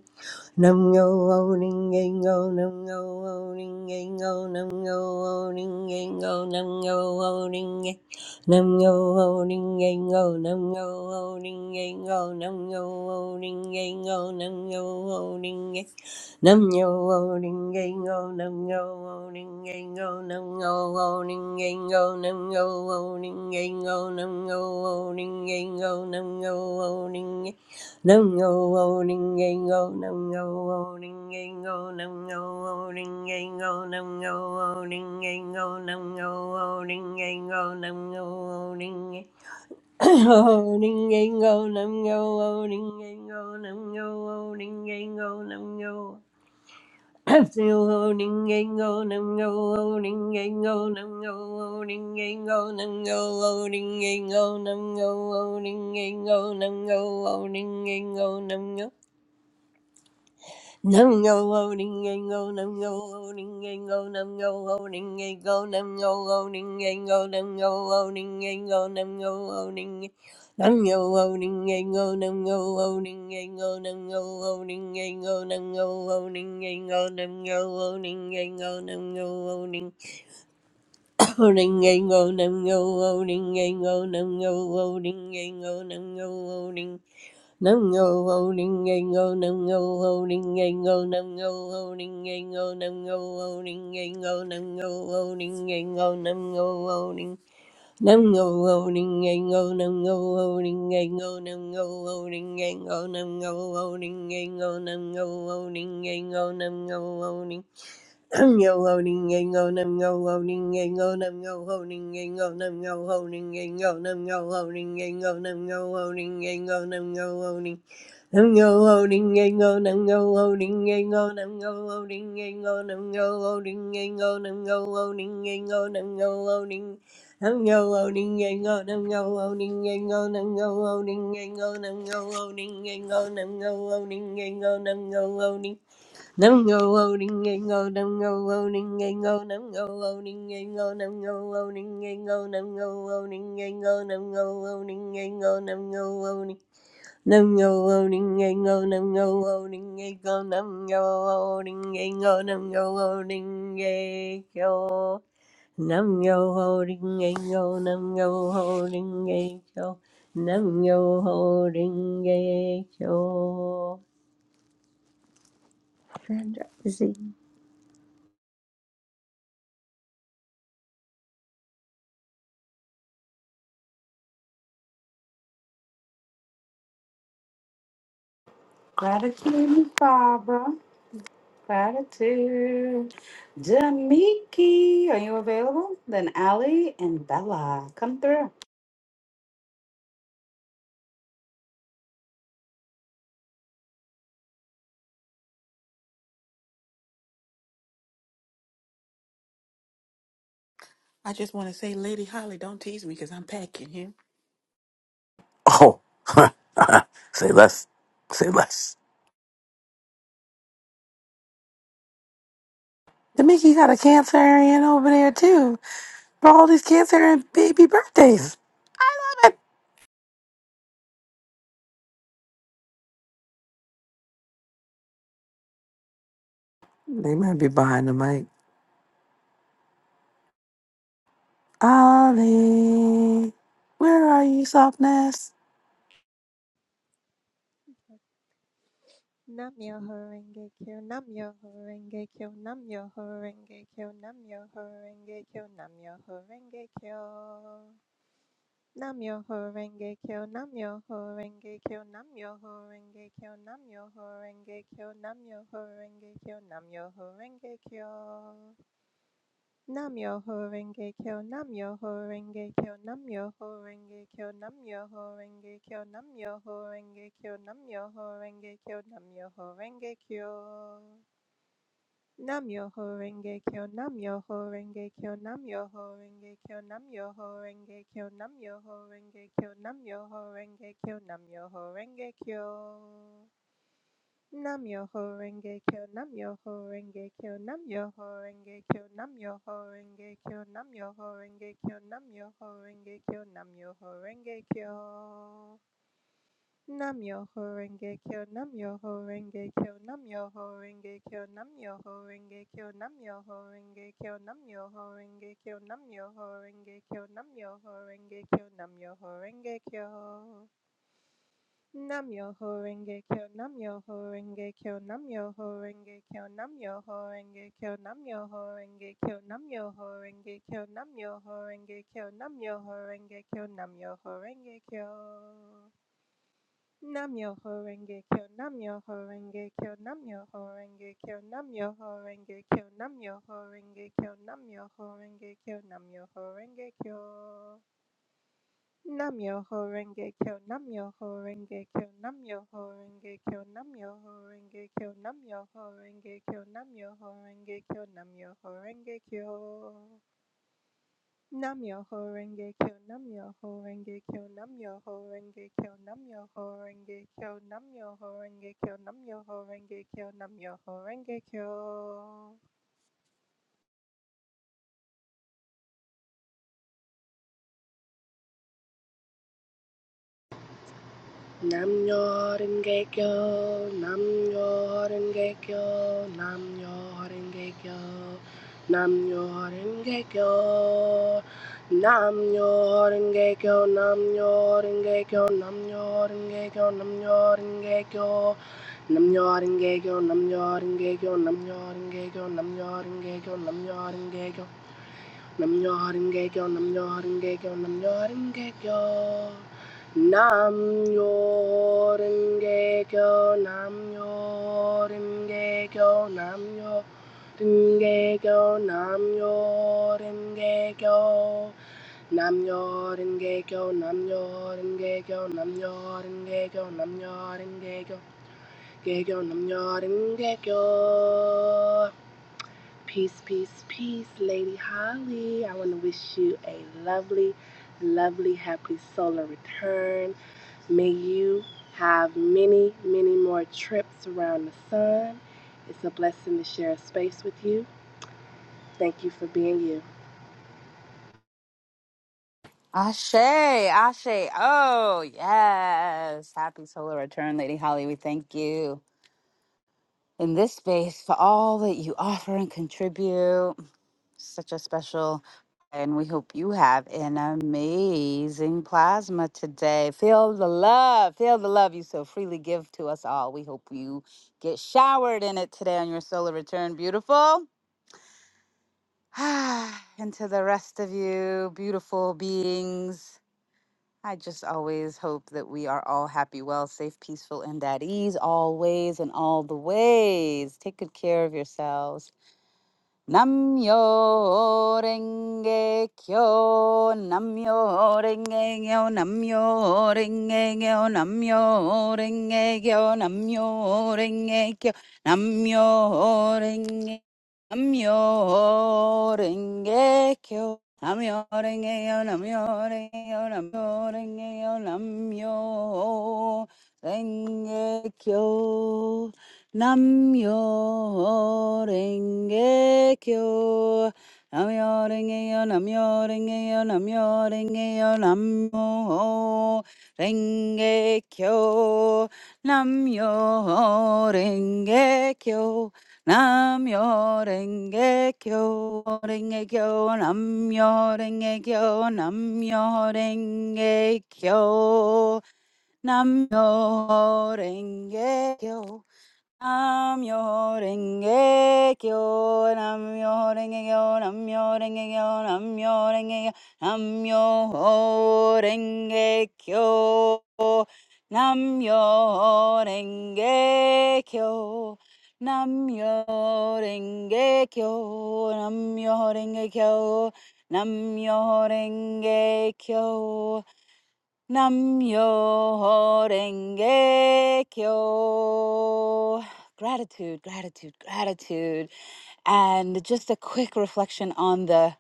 Nam yo o ning ing go nam yo o ning ing go nam yo o ning ing go nam yo o ning ing nam yo o ning ing go nam yo o ning ing go nam yo o ning ing go nam yo o ning ing nam yo o ning ing go nam yo o ning ing go nam yo o ning ing go nam yo o ning ing go nam yo o ning ing go nam yo o ning Nam yo o ning yang go, nam yo o ning yang go, nam yo o ning yang go, nam yo o ning yang go, nam yo o ning yang go, nam yo o ning o ning yang go, nam yo o ning yang go, nam yo o ning yang go, nam yo o ning yang go, nam yo o ning yang go, nam yo o ning yang go, nam yo o ning yang go, nam yo o ning yang go, nam yo o ning yang go, Nam yo loading and go, nam yo loading and go, nam yo loading and go, nam yo loading and go, nam yo loading and go, nam yo loading. Nam yo loading and go, nam yo loading and go, nam yo loading and go, nam yo loading and go, nam yo loading and go, nam yo loading. Loading and go, nam yo loading and go, nam yo loading and go, nam yo loading. Nam yo ho ning ngay ngô nam yo ho ning ngay ngô nam yo ho ning ngay ngô nam yo ho ning ngay ngô nam yo ho ning ngay ngô nam yo ho ning nam yo ho ning ngay ngô nam yo ho ning ngay ngô nam yo ho ning ngay ngô nam yo ho ning ngay ngô nam yo ho ning ngay ngô nam yo ho ning yo ho ning ngay ngô nam yo ho ning ngay ngô nam yo ho ning ngay ngô nam yo ho ning ngay ngô nam yo ho ning ngay ngô nam yo ho ning ngay ngô nam yo ho ning Nam go ding, and go, nam go ding, and go, nam go ding, and go, nam go ding, and go, nam go ding, and go, nam go ding, Nam go ding, and go, nam go ding, and go, nam go ding, and go, nam go ding, and go, nam go ding, and go, nam go ding, Nam go loading and go, nam go loading and go, nam go loading and go, nam go loading and go, nam go loading and go, nam go loading and go, nam go loading. Nam yo loading a go, nam yo loading a go, nam yo loading a go, nam yo loading a go. Nam yo loading a go, nam yo loading and go, nam yo loading and go. Sandra, is it
Gratitude, Miss Barbara. Gratitude. Jamiki, are you available? Then Ali and Bella, come through.
I just want to say, Lady Holly, don't tease me because I'm packing here.
Oh, say less, say less. The Mickey got a Cancerian over there too for all these Cancerian baby birthdays. Stop it. They might be behind the mic. Ollie, where are you, softness?
Nam Myoho Renge Kyo, Nam Myoho Renge Kyo, Nam Myoho Renge Kyo, Nam Myoho Renge Kyo, Nam Myoho Renge Kyo. Namyoho Renge Kyo, Namyoho Renge Kyo, Namyoho Renge Kyo, Namyoho Renge Kyo, Namyoho Renge Kyo, Namyoho Renge Kyo. Namyoho Renge Kyo, Namyoho Renge Kyo, Namyoho Renge Kyo, Namyoho Renge Kyo, Namyoho Renge Kyo, Namyoho Renge Kyo, Namyoho Renge Kyo. Nam Yoho Renge Kyo, Nam Yoho Renge Kyo, Nam Yoho Renge Kyo, Nam Yoho Renge Kyo, Nam Yoho Renge Kyo, Nam Yoho Renge Kyo, Nam Yoho Renge Kyo. Nam Yoho Renge Kyo, Nam Yoho Renge Kyo, Nam Yoho Renge Kyo, Nam Yoho Renge Kyo, Nam Yoho Renge Kyo, Nam Yoho Renge Kyo, Nam Yoho Renge Kyo. Nam Yoho Renge Kyo, Nam Yoho Renge Kyo, Nam Yoho Renge Kyo, Nam Yoho Renge Kyo, Nam Yoho Renge Kyo, Nam Yoho Renge Kyo, Nam Yoho Renge Kyo, Nam Yoho Renge Kyo, Nam Yoho Renge Kyo. Nam Yoho Renge Kyo, Nam Yoho Renge Kyo, Nam Yoho Renge Kyo, Nam Yoho Renge Kyo, Nam Yoho Renge Kyo, Nam Yoho Renge Kyo, Nam Yoho Renge Kyo, Nam Yoho Renge Kyo, Nam Yoho Renge Kyo. Namyoho Renge Kyo, Namyoho Renge Kyo, Namyoho Renge Kyo, Namyoho Renge Kyo, Namyoho Renge Kyo, Namyoho Renge Kyo, Namyoho Renge Kyo. Namyoho Renge Kyo, Namyoho Renge Kyo, Namyoho Renge Kyo, Namyoho Renge Kyo, Namyoho Renge Kyo, Namyoho Renge Kyo, Namyoho Renge Kyo. Nam Namyoho Renge Kyo, Namyoho Renge Kyo, Namyoho Renge Kyo, Namyoho Renge Kyo, Namyoho Renge Kyo, Namyoho Renge Kyo, Namyoho Renge Kyo.
Nam Yoren Gekyo, Nam Yoren Gekyo, Nam Yoren Gekyo, Nam Yoren Gekyo, Nam Yoren Gekyo, Nam Yoren Gekyo, Nam Yoren Gekyo, Nam Yoren Gekyo, Nam Yoren Gekyo, Nam Yoren Gekyo, Nam Yoren Gekyo, Nam Yoren Gekyo, Nam Yoren Gekyo, Namjoringekyo, Namjoringekyo, Namjoringekyo. Namjoringekyo, Namjoringekyo, Namjoringekyo, Namjoringekyo. Namjoringekyo, Namjoringekyo, Namjoringekyo, Namjoringekyo. Gekyo, Namjoringekyo. Peace, peace, peace, Lady Holly. I want to wish you a lovely, lovely, happy solar return. May you have many, many more trips around the sun. It's a blessing to share a space with you. Thank you for being you.
Ashe, Ashe. Oh, yes. Happy solar return, Lady Holly. We thank you in this space for all that you offer and contribute. Such a special. And we hope you have an amazing plasma today. Feel the love. Feel the love you so freely give to us all. We hope you get showered in it today on your solar return. Beautiful. and to the rest of you, beautiful beings. I just always hope that we are all happy, well, safe, peaceful, and at ease always and all the ways. Take good care of yourselves. Namyo renge kyo, namyo renge kyo, namyo renge kyo, namyo renge kyo, namyo renge kyo, namyo renge Namyo renge kyo, namyo renge kyo, namyo renge kyo, namyo renge kyo, namyo renge kyo. Namyo renge kyo. Namyo renge yo, namyo renge yo, namyo renge yo, namyo renge kyo. Namyo renge kyo. Namyo renge kyo. Renge kyo, namyo renge kyo, namyo renge kyo. Namyo renge kyo. Namyo Renge Kyo, Namyo Renge Kyo, Namyo Renge Kyo, Namyo Renge Kyo, Namyo Renge Kyo, Namyo Renge Kyo, Namyo Renge Kyo, Namyo Renge Kyo, Namyo Renge Kyo. Namyo Renge Kyo. Gratitude, gratitude, gratitude. And just a quick reflection on the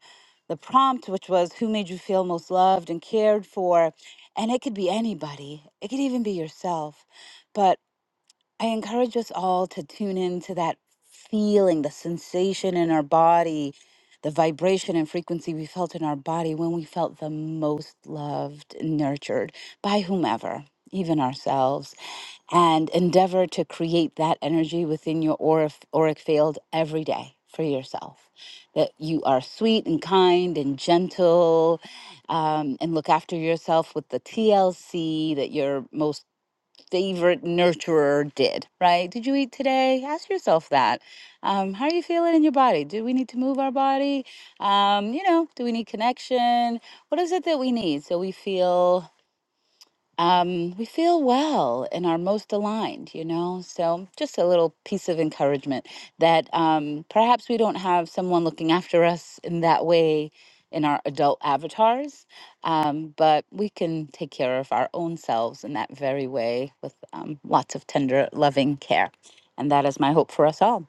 the prompt, which was who made you feel most loved and cared for. And it could be anybody. It could even be yourself. but. I encourage us all to tune into that feeling, the sensation in our body, the vibration and frequency we felt in our body when we felt the most loved and nurtured by whomever, even ourselves, and endeavor to create that energy within your aurif- auric field every day for yourself. That you are sweet and kind and gentle, um, and look after yourself with the TLC that you're most favorite nurturer did, right? Did you eat today? Ask yourself that. Um, how are you feeling in your body? Do we need to move our body? Um, you know, do we need connection? What is it that we need so we feel? um, we feel well and are most aligned, you know? So, just a little piece of encouragement that um, perhaps we don't have someone looking after us in that way in our adult avatars, um, but we can take care of our own selves in that very way with um, lots of tender, loving care. And that is my hope for us all.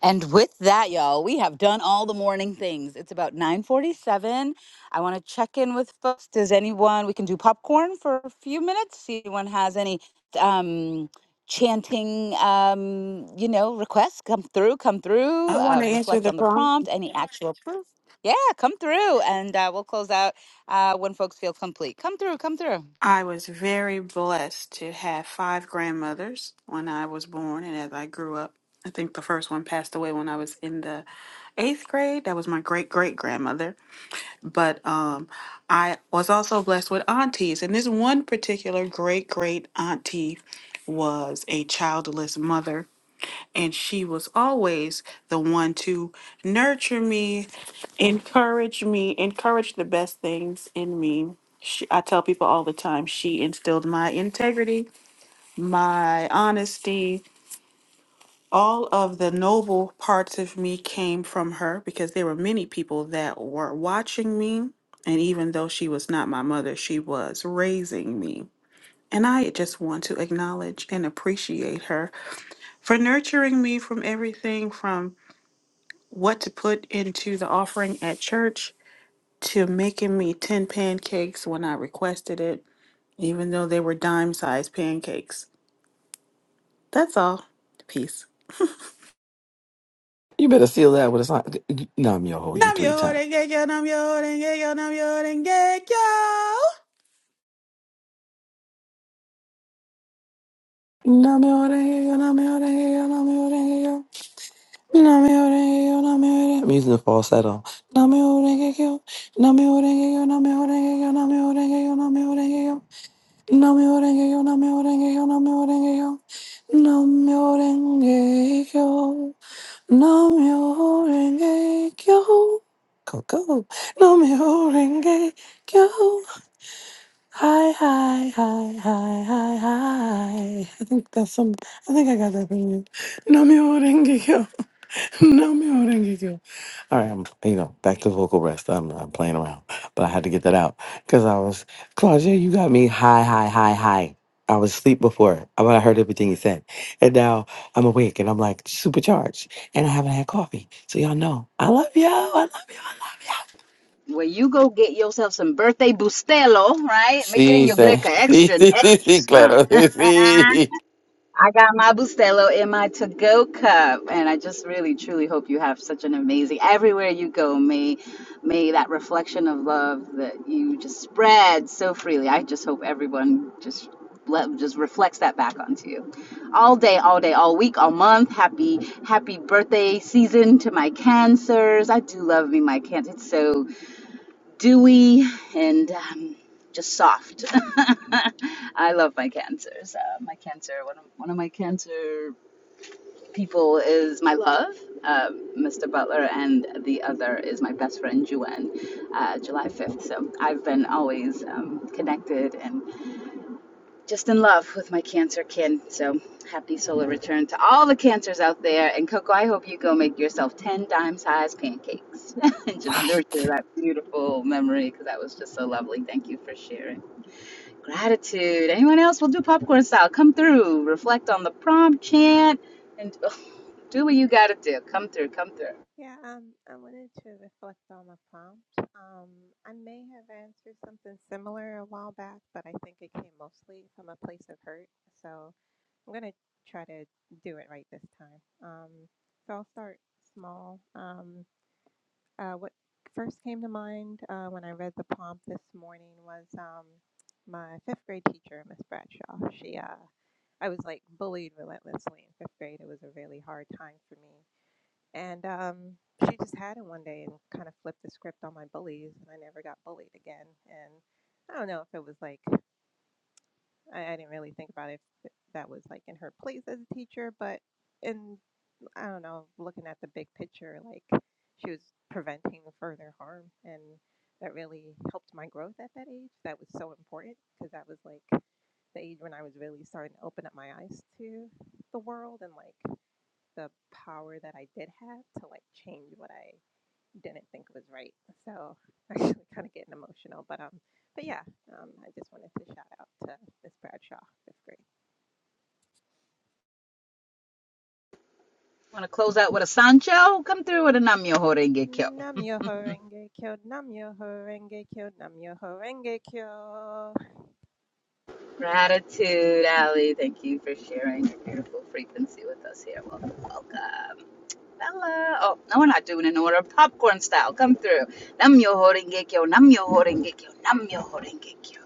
And with that, y'all, we have done all the morning things. It's about 9:47. I want to check in with folks. Does anyone we can do popcorn for a few minutes? See if anyone has any um chanting um you know requests come through come through
I want
uh
to answer
reflect
the
on the
phone.
prompt any actual proof yeah come through and uh we'll close out uh when folks feel complete come through come through
I was very blessed to have five grandmothers when I was born and as I grew up. I think the first one passed away when I was in the eighth grade. That was my great great grandmother. but um, I was also blessed with aunties. And this one particular great great auntie was a childless mother. And she was always the one to nurture me, encourage me, encourage the best things in me. She, I tell people all the time, she instilled my integrity, my honesty, all of the noble parts of me came from her because there were many people that were watching me. And even though she was not my mother, she was raising me. And I just want to acknowledge and appreciate her for nurturing me from everything from what to put into the offering at church to making me 10 pancakes when I requested it, even though they were dime sized pancakes. That's all. Peace.
You better seal that with a song. No, I'm your hold you
Nam
three
yo
times.
denge kyo, nam yo denge kyo, nam yo denge kyo.
I'm using the falsetto. Go, go. Hi, hi, hi, hi, hi, hi. I think that's some. I think I got that from you. Namyo Rengekyo. Namyo Rengekyo. All right, I'm, you know, back to vocal rest. I'm, I'm playing around, but I had to get that out because I was, Claudia, you got me high, high, high, high. I was asleep before, but I heard everything you said. And now I'm awake and I'm like supercharged and I haven't had coffee. So y'all know, I love y'all. I love y'all. I love y'all.
Well, you go get yourself some birthday bustelo, right? Make it
Sí,
in your
sí,
greca
sí,
extra,
sí, sí,
extra
sí,
strong.
claro, sí.
I got my Bustelo in my to-go cup, and I just really, truly hope you have such an amazing. Everywhere you go, may may that reflection of love that you just spread so freely. I just hope everyone just let, just reflects that back onto you, all day, all day, all week, all month. Happy, happy birthday season to my cancers. I do love me my cancer. It's so dewy and um, just soft. I love my cancers. Uh, my cancer, one of, one of my cancer people is my love, uh, Mr. Butler, and the other is my best friend, Juan, uh, July 5th. So I've been always um, connected and just in love with my cancer kin. So happy solar return to all the cancers out there. And Coco, I hope you go make yourself 10 dime dime-sized pancakes and just
Right.
nurture that beautiful memory because that was just so lovely. Thank you for sharing. Gratitude. Anyone else? We'll do popcorn style. Come through, reflect on the prompt, chant, and oh, do what you gotta do. Come through, come through.
Yeah, um, I wanted to reflect on the prompt. Um, I may have answered something similar a while back, but I think it came mostly from a place of hurt. So I'm gonna try to do it right this time. Um, so I'll start small. Um, Uh, what first came to mind uh, when I read the prompt this morning was um, my fifth grade teacher, Miss Bradshaw. She, uh, I was like bullied relentlessly in fifth grade. It was a really hard time for me, and um, she just had it one day and kind of flipped the script on my bullies, and I never got bullied again. And I don't know if it was like I, I didn't really think about if that was like in her place as a teacher, but in I don't know, looking at the big picture, like she was preventing further harm. And that really helped my growth at that age. That was so important because that was like the age when I was really starting to open up my eyes to the world and like the power that I did have to like change what I didn't think was right. So actually kind of getting emotional, but um, but yeah, um, I just wanted to shout out to Miss Bradshaw, fifth grade.
Want to close out with a Sancho? Come through with a Namyo Horenge
Namyoho Renge Kyo, Namyoho Renge Kyo, Namyoho Renge Kyo.
Gratitude, Ali. Thank you for sharing your beautiful frequency with us here. Welcome, welcome. Bella. Oh, no, we're not doing an order. Popcorn style. Come through. Nam yo horengekyo, nam yo horengekyo, nam yo horengekyo.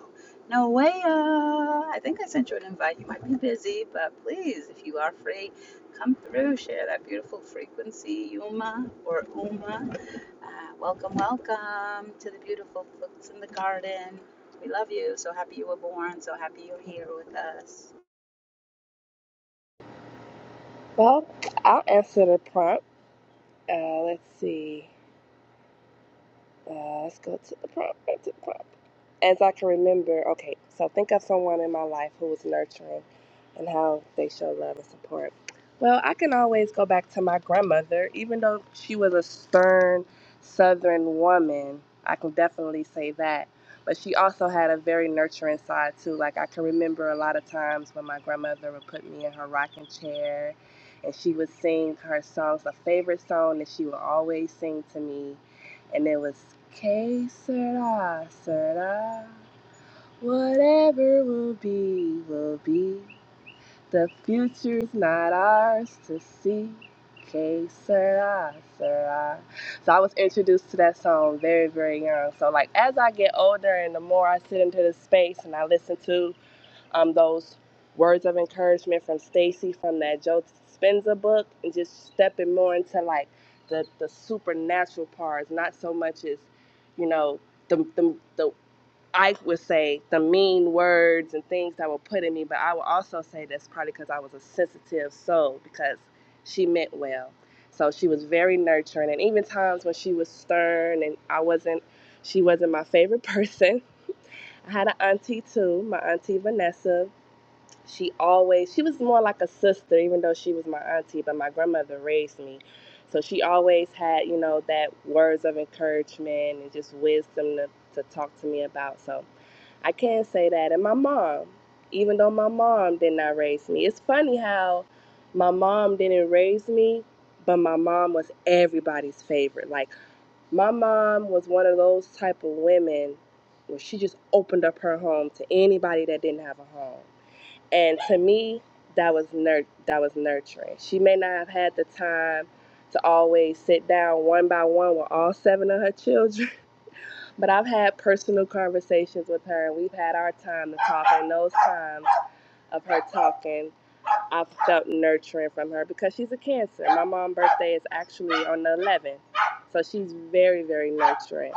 No way. Uh, I think I sent you an invite. You might be busy, but please, if you are free, come through. Share that beautiful frequency, Yuma or Uma. Uh, welcome, welcome to the beautiful folks in the garden. We love you. So happy you were born. So happy you're here with us.
Well, I'll answer the prompt. Uh, let's see. Uh, let's go to the prompt. to the prompt. As I can remember, okay, so think of someone in my life who was nurturing and how they show love and support. Well, I can always go back to my grandmother, even though she was a stern southern woman. I can definitely say that. But she also had a very nurturing side, too. Like, I can remember a lot of times when my grandmother would put me in her rocking chair and she would sing her songs, a favorite song that she would always sing to me and it was K Serta, Serta. Whatever will be, will be. The future's not ours to see. K Serta, Serta. So I was introduced to that song very, very young. So like as I get older and the more I sit into the space and I listen to um, those words of encouragement from Stacy from that Joe Dispenza book, and just stepping more into like the the supernatural parts, not so much as you know the the the I would say the mean words and things that were put in me, but I would also say that's probably because I was a sensitive soul because she meant well. So she was very nurturing, and even times when she was stern and I wasn't, she wasn't my favorite person. I had an auntie too, my auntie Vanessa, she always she was more like a sister even though she was my auntie but my grandmother raised me so she always had you know that words of encouragement and just wisdom to, to talk to me about so i can say that and my mom even though my mom did not raise me it's funny how my mom didn't raise me but my mom was everybody's favorite like my mom was one of those type of women where she just opened up her home to anybody that didn't have a home and to me that was nur- that was nurturing she may not have had the time to always sit down one by one with all seven of her children but i've had personal conversations with her and we've had our time to talk and those times of her talking I felt nurturing from her because she's a cancer. My mom's birthday is actually on the 11th. So she's very, very nurturing.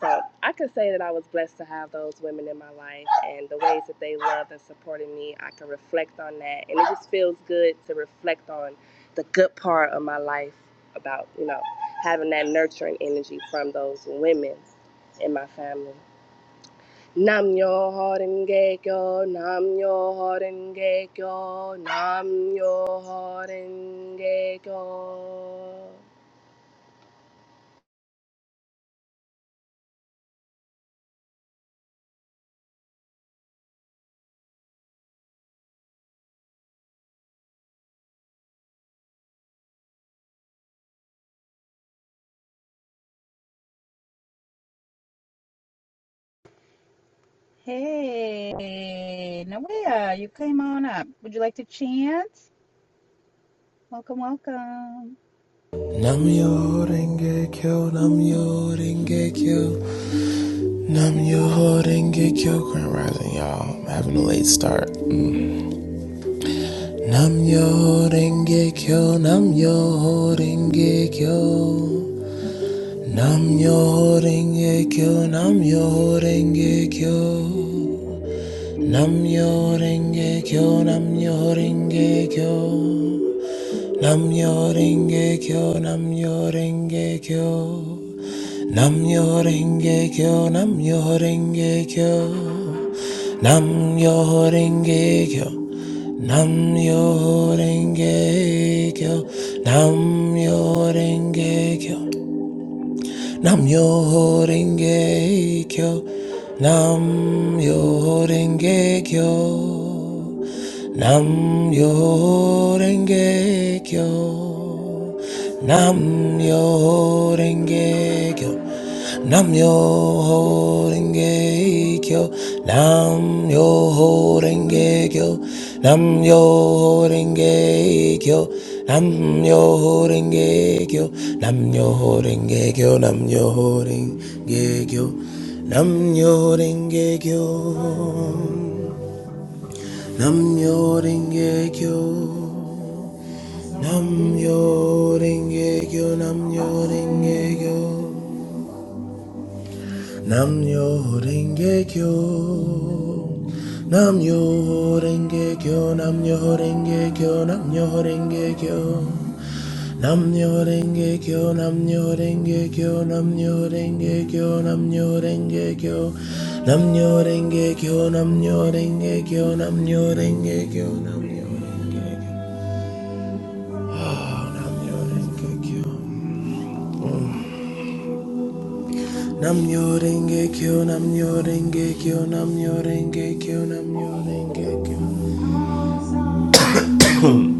So I can say that I was blessed to have those women in my life and the ways that they loved and supported me. I can reflect on that. And it just feels good to reflect on the good part of my life about, you know, having that nurturing energy from those women in my family. Nam yo horen gekyo, nam yo horen gekyo, nam yo horen gekyo.
Hey, Nawea, you came on up. Would you like to chant? Welcome, welcome.
Namyo Renge Kyo, Namyo Renge Kyo, Namyo Renge Kyo, Grand Rising, y'all. I'm having a late start. Mm. Namyo Renge Kyo, Namyo Renge Kyo, Namyo Renge Kyo, Namyo Renge Kyo. Nam yo renge kyo, nam yo renge kyo. Nam yo renge kyo, nam yo renge kyo. Namyo Renge Kyo, Namyo Renge Kyo, Namyo Renge Kyo, Namyo Renge Kyo, Namyo Renge Kyo, Namyo Renge Kyo, Namyo Renge Kyo, Namyo Renge Kyo, Namyo Renge Kyo. Nam yo ho renge kyo, nam yo ho renge kyo, nam yo ho renge kyo, nam yo ho renge kyo, nam yo ho renge kyo, nam yo renge kyo, nam yo renge kyo, nam yo renge kyo, nam yo renge kyo, nam yo renge kyo. Nam yo ring a go. Nam yo ring a go. Nam yo ring a go. Nam yo ring a go. Nam yo ring a go. Nam yo ring a go. Nam yo ring a go. Nam yo ring a go. Nam yo ring a go. Nam yo ring a go. Nam yo ring a go. Namyo Renge Kyo, Namyo Renge Kyo, Namyo Renge Kyo, Namyo Renge Kyo.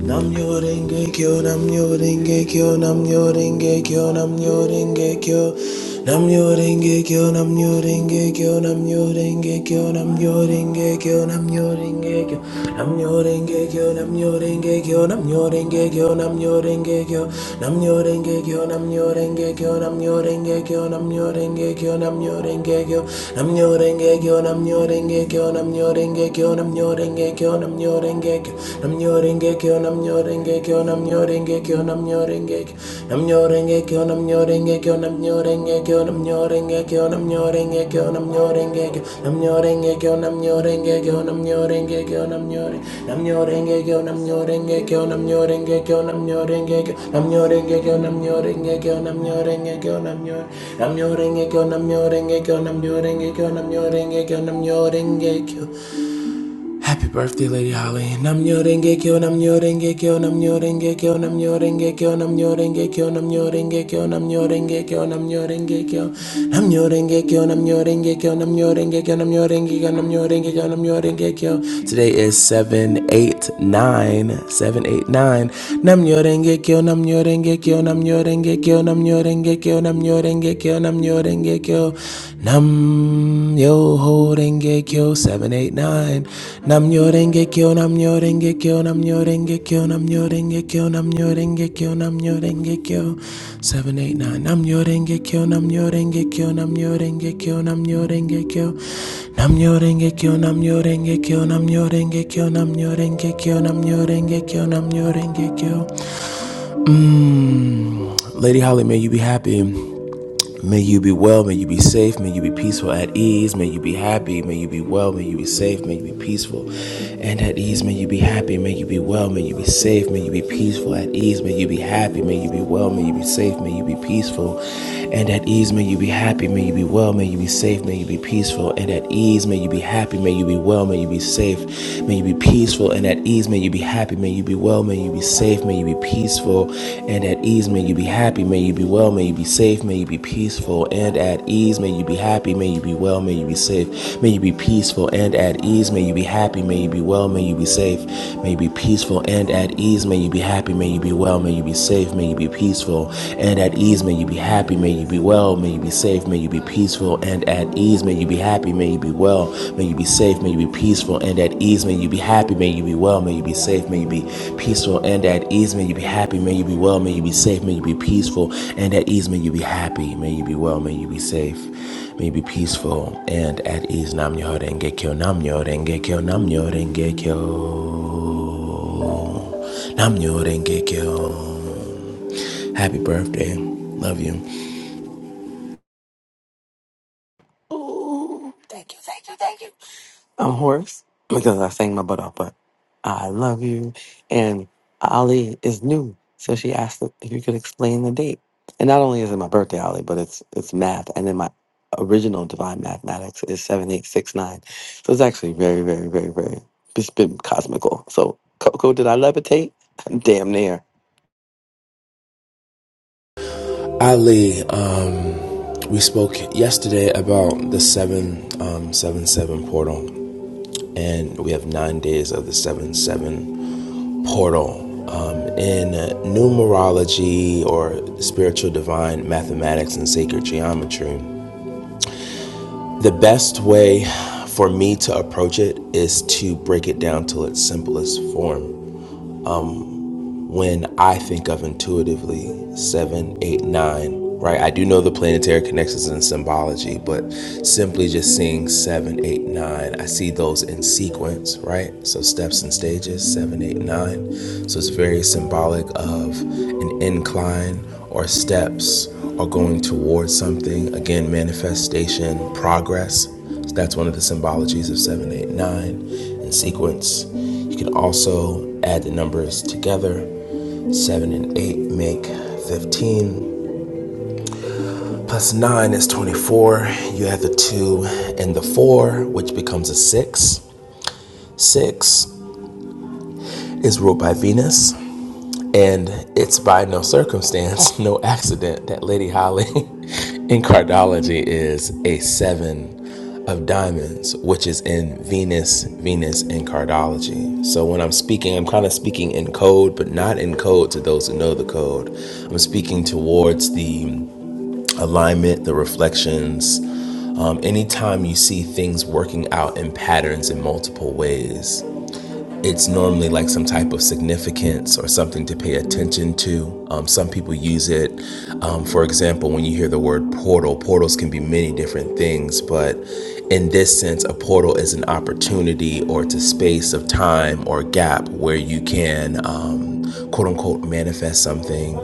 Nam yo renge kyo, nam yo renge kyo, nam yo renge kyo, nam yo renge kyo. Nam yo renge kyo, nam yo renge kyo, nam yo renge kyo, nam yo renge kyo, nam yo renge kyo. Nam yo renge kyo, nam yo renge kyo, nam yo renge kyo, nam yo renge kyo. Nam yo renge kyo, nam yo renge kyo, nam yo renge kyo, nam yo renge kyo, nam yo renge kyo. Nam yo renge kyo, nam yo renge kyo, nam yo renge kyo, nam yo renge kyo, nam yo renge kyo, nam yo Happy birthday, Lady Holly. Namyo renge kyo, namyo renge kyo, namyo renge kyo, namyo renge kyo, namyo renge kyo, namyo renge kyo, namyo renge kyo, namyo renge kyo, namyo renge kyo, namyo renge kyo, namyo renge kyo, namyo renge kyo, namyo renge kyo, namyo renge kyo. Today is seven eight nine, seven eight nine. Namyo renge kyo, namyo renge kyo, namyo renge kyo, namyo renge kyo, namyo renge kyo, namyo renge kyo, Kyo. Nam yo ho renge kyo 789 Nam yo renge kyo nam yo renge kyo nam yo renge kyo nam yo renge kyo nam yo renge kyo nam yo renge kyo 789 Nam yo renge kyo nam yo renge kyo nam yo renge kyo nam yo renge kyo Nam yo renge kyo nam yo renge kyo nam yo renge kyo nam yo renge kyo nam yo renge kyo nam yo renge kyo Mmm Lady Holly may you be happy May you be well, may you be safe, may you be peaceful at ease, may you be happy, may you be well, may you be safe, may you be peaceful and at ease, may you be happy, may you be well, may you be safe, may you be peaceful at ease, may you be happy, may you be well, may you be safe, may you be peaceful and at ease, may you be happy, may you be well, may you be safe, may you be peaceful and at ease, may you be happy, may you be well, may you be safe, may you be peaceful and at ease, may you be happy, may you be well, may you be be safe. May you be peaceful and at ease. May you be happy. May you be well. May you be safe. May you be peaceful and at ease. May you be happy. May you be well. May you be safe. May you be peaceful and at ease. May you be happy. May you be well. May you be safe. May you be peaceful and at ease. May you be happy. May you be well. May you be safe. May you be peaceful and at ease. May you be happy. May you be well. May you be safe. May you be peaceful and at ease. May you be happy. May you be well. may May you be safe. May you be peaceful and at ease. May you be happy. May you be well. May you be safe. May you be peaceful and at ease. May you be happy. May you be well. May you be safe. May you be peaceful and at ease. May you be happy. May you be well. May you be safe. May you be peaceful and at ease. Nam Namyo Rengekyo. Namyo Rengekyo. Namyo Rengekyo. Namyo Rengekyo. Happy birthday. Love you.
Ooh, thank you, thank you, thank you. I'm hoarse because I sang my butt off, but I love you. And Ali is new, so she asked if you could explain the date. And not only is it my birthday, Ali, but it's it's math, and then my original divine mathematics is seven eight six nine. So it's actually very, very, very, very. It's been cosmical. So Coco, did I levitate? Damn near.
Ali, um, we spoke yesterday about the seven, um, seven, seven portal, and we have nine days of the seven seven portal. Um, in numerology or spiritual divine mathematics and sacred geometry, the best way for me to approach it is to break it down to its simplest form. when I think of intuitively seven, eight, nine, right? I do know the planetary connections and symbology, but simply just seeing seven, eight, nine, I see those in sequence, right? So steps and stages, seven, eight, nine. So it's very symbolic of an incline or steps or going towards something. Again, manifestation, progress. So that's one of the symbologies of seven, eight, nine in sequence. You can also add the numbers together Seven and eight make 15. Plus nine is 24. You have the two and the four, which becomes a six. Six is ruled by Venus, and it's by no circumstance, no accident that Lady Holly in cardology is a seven of diamonds, which is in Venus, Venus in cardology. So when I'm speaking, I'm kind of speaking in code, but not in code to those who know the code. I'm speaking towards the alignment, the reflections. Um, anytime you see things working out in patterns in multiple ways, it's normally like some type of significance or something to pay attention to. Um, some people use it, um, for example, when you hear the word portal, portals can be many different things, but in this sense, a portal is an opportunity or it's a space of time or gap where you can. Um, quote unquote manifest something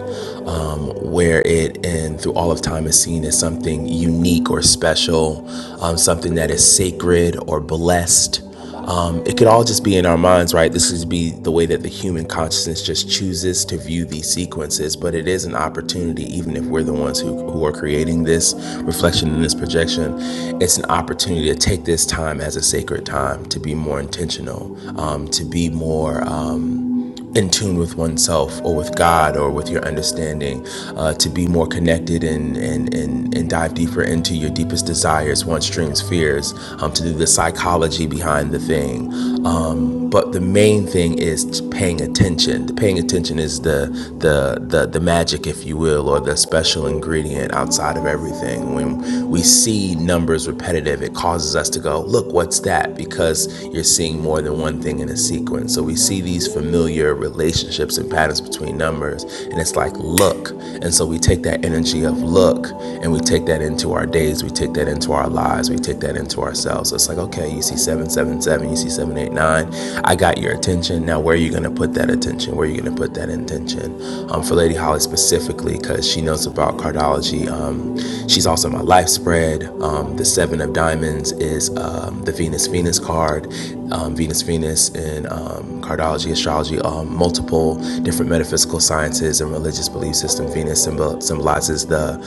um, where it and through all of time is seen as something unique or special um, something that is sacred or blessed um, it could all just be in our minds, right? This could be the way that the human consciousness just chooses to view these sequences, but it is an opportunity, even if we're the ones who, who are creating this reflection and this projection, it's an opportunity to take this time as a sacred time, to be more intentional, um, to be more. Um, in tune with oneself or with God or with your understanding, uh, to be more connected and, and, and, and dive deeper into your deepest desires, wants, dreams, fears, um, to do the psychology behind the thing. Um, but the main thing is paying attention. The paying attention is the, the, the, the magic, if you will, or the special ingredient outside of everything. When we see numbers repetitive, it causes us to go, look, what's that? Because you're seeing more than one than one thing in a sequence. So we see these familiar relationships and patterns between numbers, and it's like, look. And so we take that energy of look and we take that into our days, we take that into our lives, we take that into ourselves. So it's like, okay, you see 777, you see 789, I got your attention. Now, where are you going to put that attention? Where are you going to put that intention? Um, for Lady Holly specifically, because she knows about cardology, um, she's also my life spread. Um, the Seven of Diamonds is. Uh, um, the Venus Venus card, um, Venus Venus in um, cardology, astrology, um, multiple different metaphysical sciences and religious belief system. Venus symbol- symbolizes the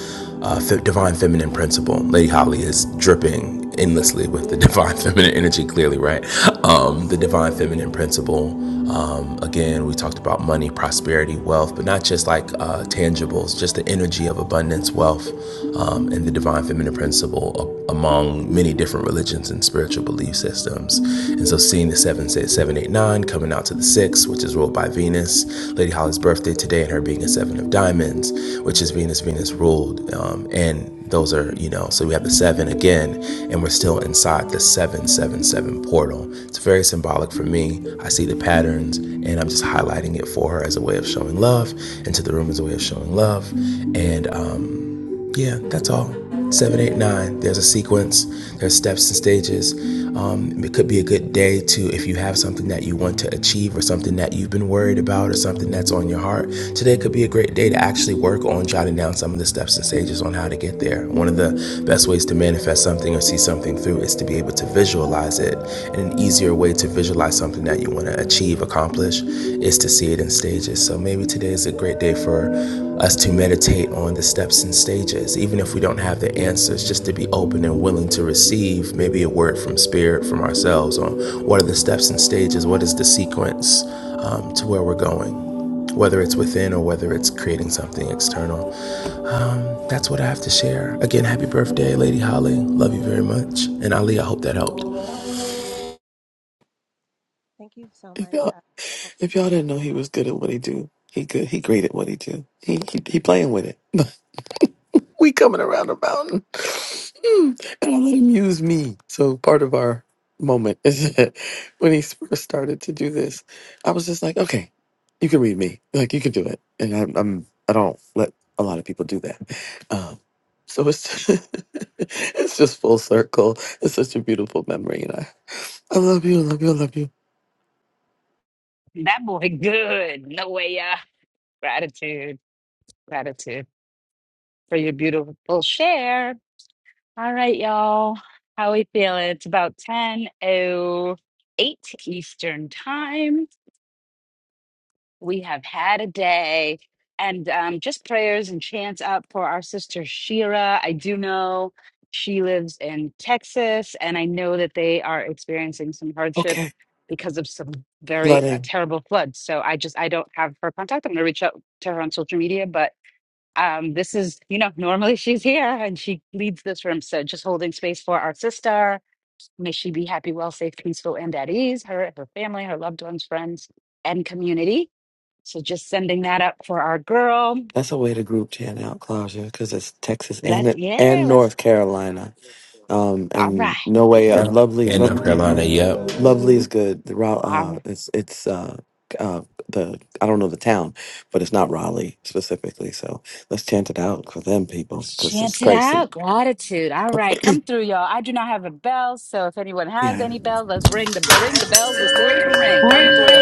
uh, fe- divine feminine principle. Lady Holly is dripping endlessly with the divine feminine energy, clearly, right? Um, the divine feminine principle. Um, again, we talked about money, prosperity, wealth, but not just like uh, tangibles, just the energy of abundance, wealth, um, and the divine feminine principle recognizable among many different religions and spiritual belief systems. And so seeing the seven, seven, eight, nine coming out to the 6, which is ruled by Venus, Lady Holly's birthday today, and her being a 7 of diamonds, which is Venus, Venus ruled. Um, and those are, you know, so we have the 7 again, and we're still inside the 777 portal. It's very symbolic for me. I see the patterns, and I'm just highlighting it for her as a way of showing love, and to the room as a way of showing love. And, um, yeah, that's all. Seven, eight, nine. There's a sequence. There's steps and stages. Um, it could be a good day to, if you have something that you want to achieve or something that you've been worried about or something that's on your heart. Today could be a great day to actually work on jotting down some of the steps and stages on how to get there. One of the best ways to manifest something or see something through is to be able to visualize it. And an easier way to visualize something that you want to achieve, accomplish, is to see it in stages. So maybe today is a great day for us to meditate on the steps and stages, even if we don't have the answers, just to be open and willing to receive maybe a word from spirit, from ourselves, on what are the steps and stages, what is the sequence um, to where we're going, whether it's within or whether it's creating something external. That's what I have to share. Again, happy birthday, Lady Holly. Love you very much. And Ali, I hope that helped.
Thank you so
If
much.
y'all, if y'all didn't know he was good at what he do, he good. He great at what he do. He he, he playing with it. we coming around the mountain. Mm, And I let him use me. So part of our moment is that when he first started to do this, I was just like, okay, you can read me. Like you can do it. And I'm, I'm I don't let a lot of people do that. Um, so it's it's just full circle. It's such a beautiful memory, and I I love you, I love you, I love you.
That boy, good. No yeah. Gratitude, gratitude for your beautiful share. All right, y'all. How we feeling? It's about ten oh eight Eastern time. We have had a day and um, just prayers and chants up for our sister Shira. I do know she lives in Texas, and I know that they are experiencing some hardship
Okay,
because of some very uh,
flooding.
terrible floods. So I just I don't have her contact. I'm going to reach out to her on social media, but um, this is you know normally she's here and she leads this room. So just holding space for our sister. May she be happy, well, safe, peaceful, and at ease. Her, her family, her loved ones, friends, and community. So just sending that up for our girl.
That's a way to group chant out, Claudia, because it's Texas and
Let's,
it
yeah,
and
let's,
North Carolina. Um,
all
and
right,
no way, uh,
Yeah.
lovely,
In
lov
North Carolina, yep.
lovely is good. The Raleigh,
all
uh,
right.
it's it's uh, uh, the I don't know the town, but it's not Raleigh specifically. So let's chant it out for them people
Let's
because it's
chant it
crazy.
out. Gratitude. All right, come through, y'all. I do not have a bell, so if anyone has
Yeah.
any bell, let's ring the ring the bells that still can ring. Come through.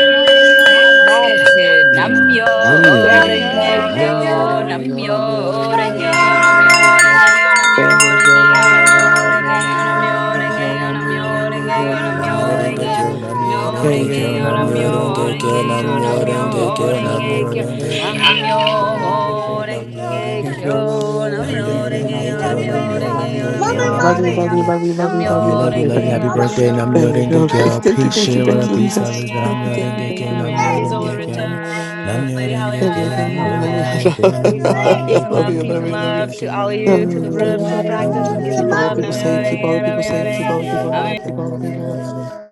Gratitude. Namyo
Mm, Namyo
Nam yo
renge
renge
yo,
Gekyo,
denge
kyo,
kyo,
nam
namyo
yo
renge yo,
namyo
namyo
horen
renge
nam
renge
yo,
yo
yo,
gekyo,
namyo
Namyoho
nam
namyo
renge
Renge
yo,
renge
yo
Kyo,
yo,
denge
namyo
renge
horen
Namyoho
renge
yo,
yo,
Renge
namyo
namyo
Kyo,
renge
gekyo,
yo,
nam
renge yo,
Namyoho
kyo,
namyo
yo
nam
namyo
renge
renge
yo,
horen
yo,
namyo
namyo
gekyo,
renge
renge
yo,
yo,
Renge
nam
yo denge kyo, nam
yo horen gekyo, nam
yo
namyo
yo
Kyo,
namyo renge
denge
renge
yo,
yo,
Namyoho
kyo,
namyo
Renge
Renge
renge
Kyo,
kyo
yo, namyo
namyo,
horen gekyo,
renge
renge yo,
kyo
Namyoho
namyo,
namyo
nam yo
renge
Renge
kyo
horen
renge
Kyo,
namyo,
kyo,
Yeah.
gekyo,
renge
nam
kyo
nam
namyo
yo
namyo,
Namyoho
renge
yo
Renge
kyo-
Kyo,
Love you,
kyo.
renge
love
renge
Namyoho
kyo,
kyo namyo,
Renge Kyo,
namyo
renge kyo
renge yo,
namyo,
Love you,
namyo
renge
Lady
kyo
renge yo,
namyo,
Holly.
renge
namyo
Nam
kyo-
yo
renge
Mommy,
yo,
Love
denge
you, love you, love you, love
kyo.
you,
Happy
love
you,
you,
solar
love
Namyoho
love you. Happy
you.
Renge
birthday, Nam
Kyo,
Thank you,
Yoringe
girl. Thank you,
Kyo.
mommy.
thank you,
Nam
Peace,
thank
yo
you,
Namyoho
thank
Shira.
you,
Renge
Peace,
man.
others.
Kyo,
Thank
Nam
you, thank
love
you,
Yoringe
you,
thank
Kyo,
you,
Nam
namyo, renge
Yoringe
Namyoho
kyo
kyo.
Kyo.
namyo,
Renge
renge
Kyo,
kyo.
Nam
return, Lady Holly.
Namyoho,
Yoringe
Thank
Now
Kyo,
you, thank you,
your
Nam
namyo,
heart
namyo.
Namyo-renge-kyo.
Yoringe
and
Kyo,
get
Nam
Peace and
Namyoho
love,
I
peace
Yoringe
and
yo.
Love
Kyo,
love,
you,
peace
love
and
Nam
you, love you.
love
Yoringe
to
Kyo,
all
Nam
of
Nam
you,
yo
to
ho
the
Yoringe Kyo.
room,
renge
to
Now
the
kyo.
your
Nam
practice.
heart
Nam
Peace
and
yo
Keep
and
all
Yoringe Kyo, Nam Yoringe
ho
the
love.
get
Kyo,
people
Nam
yo.
safe,
renge
keep all the people safe, keep
Namyo
Now
all the
your
people
namyo
heart
loved,
Yoringe
keep
Kyo,
all the
and
Nam
people
get
loved.
Yoringe
kyo.
yo.
Mommy.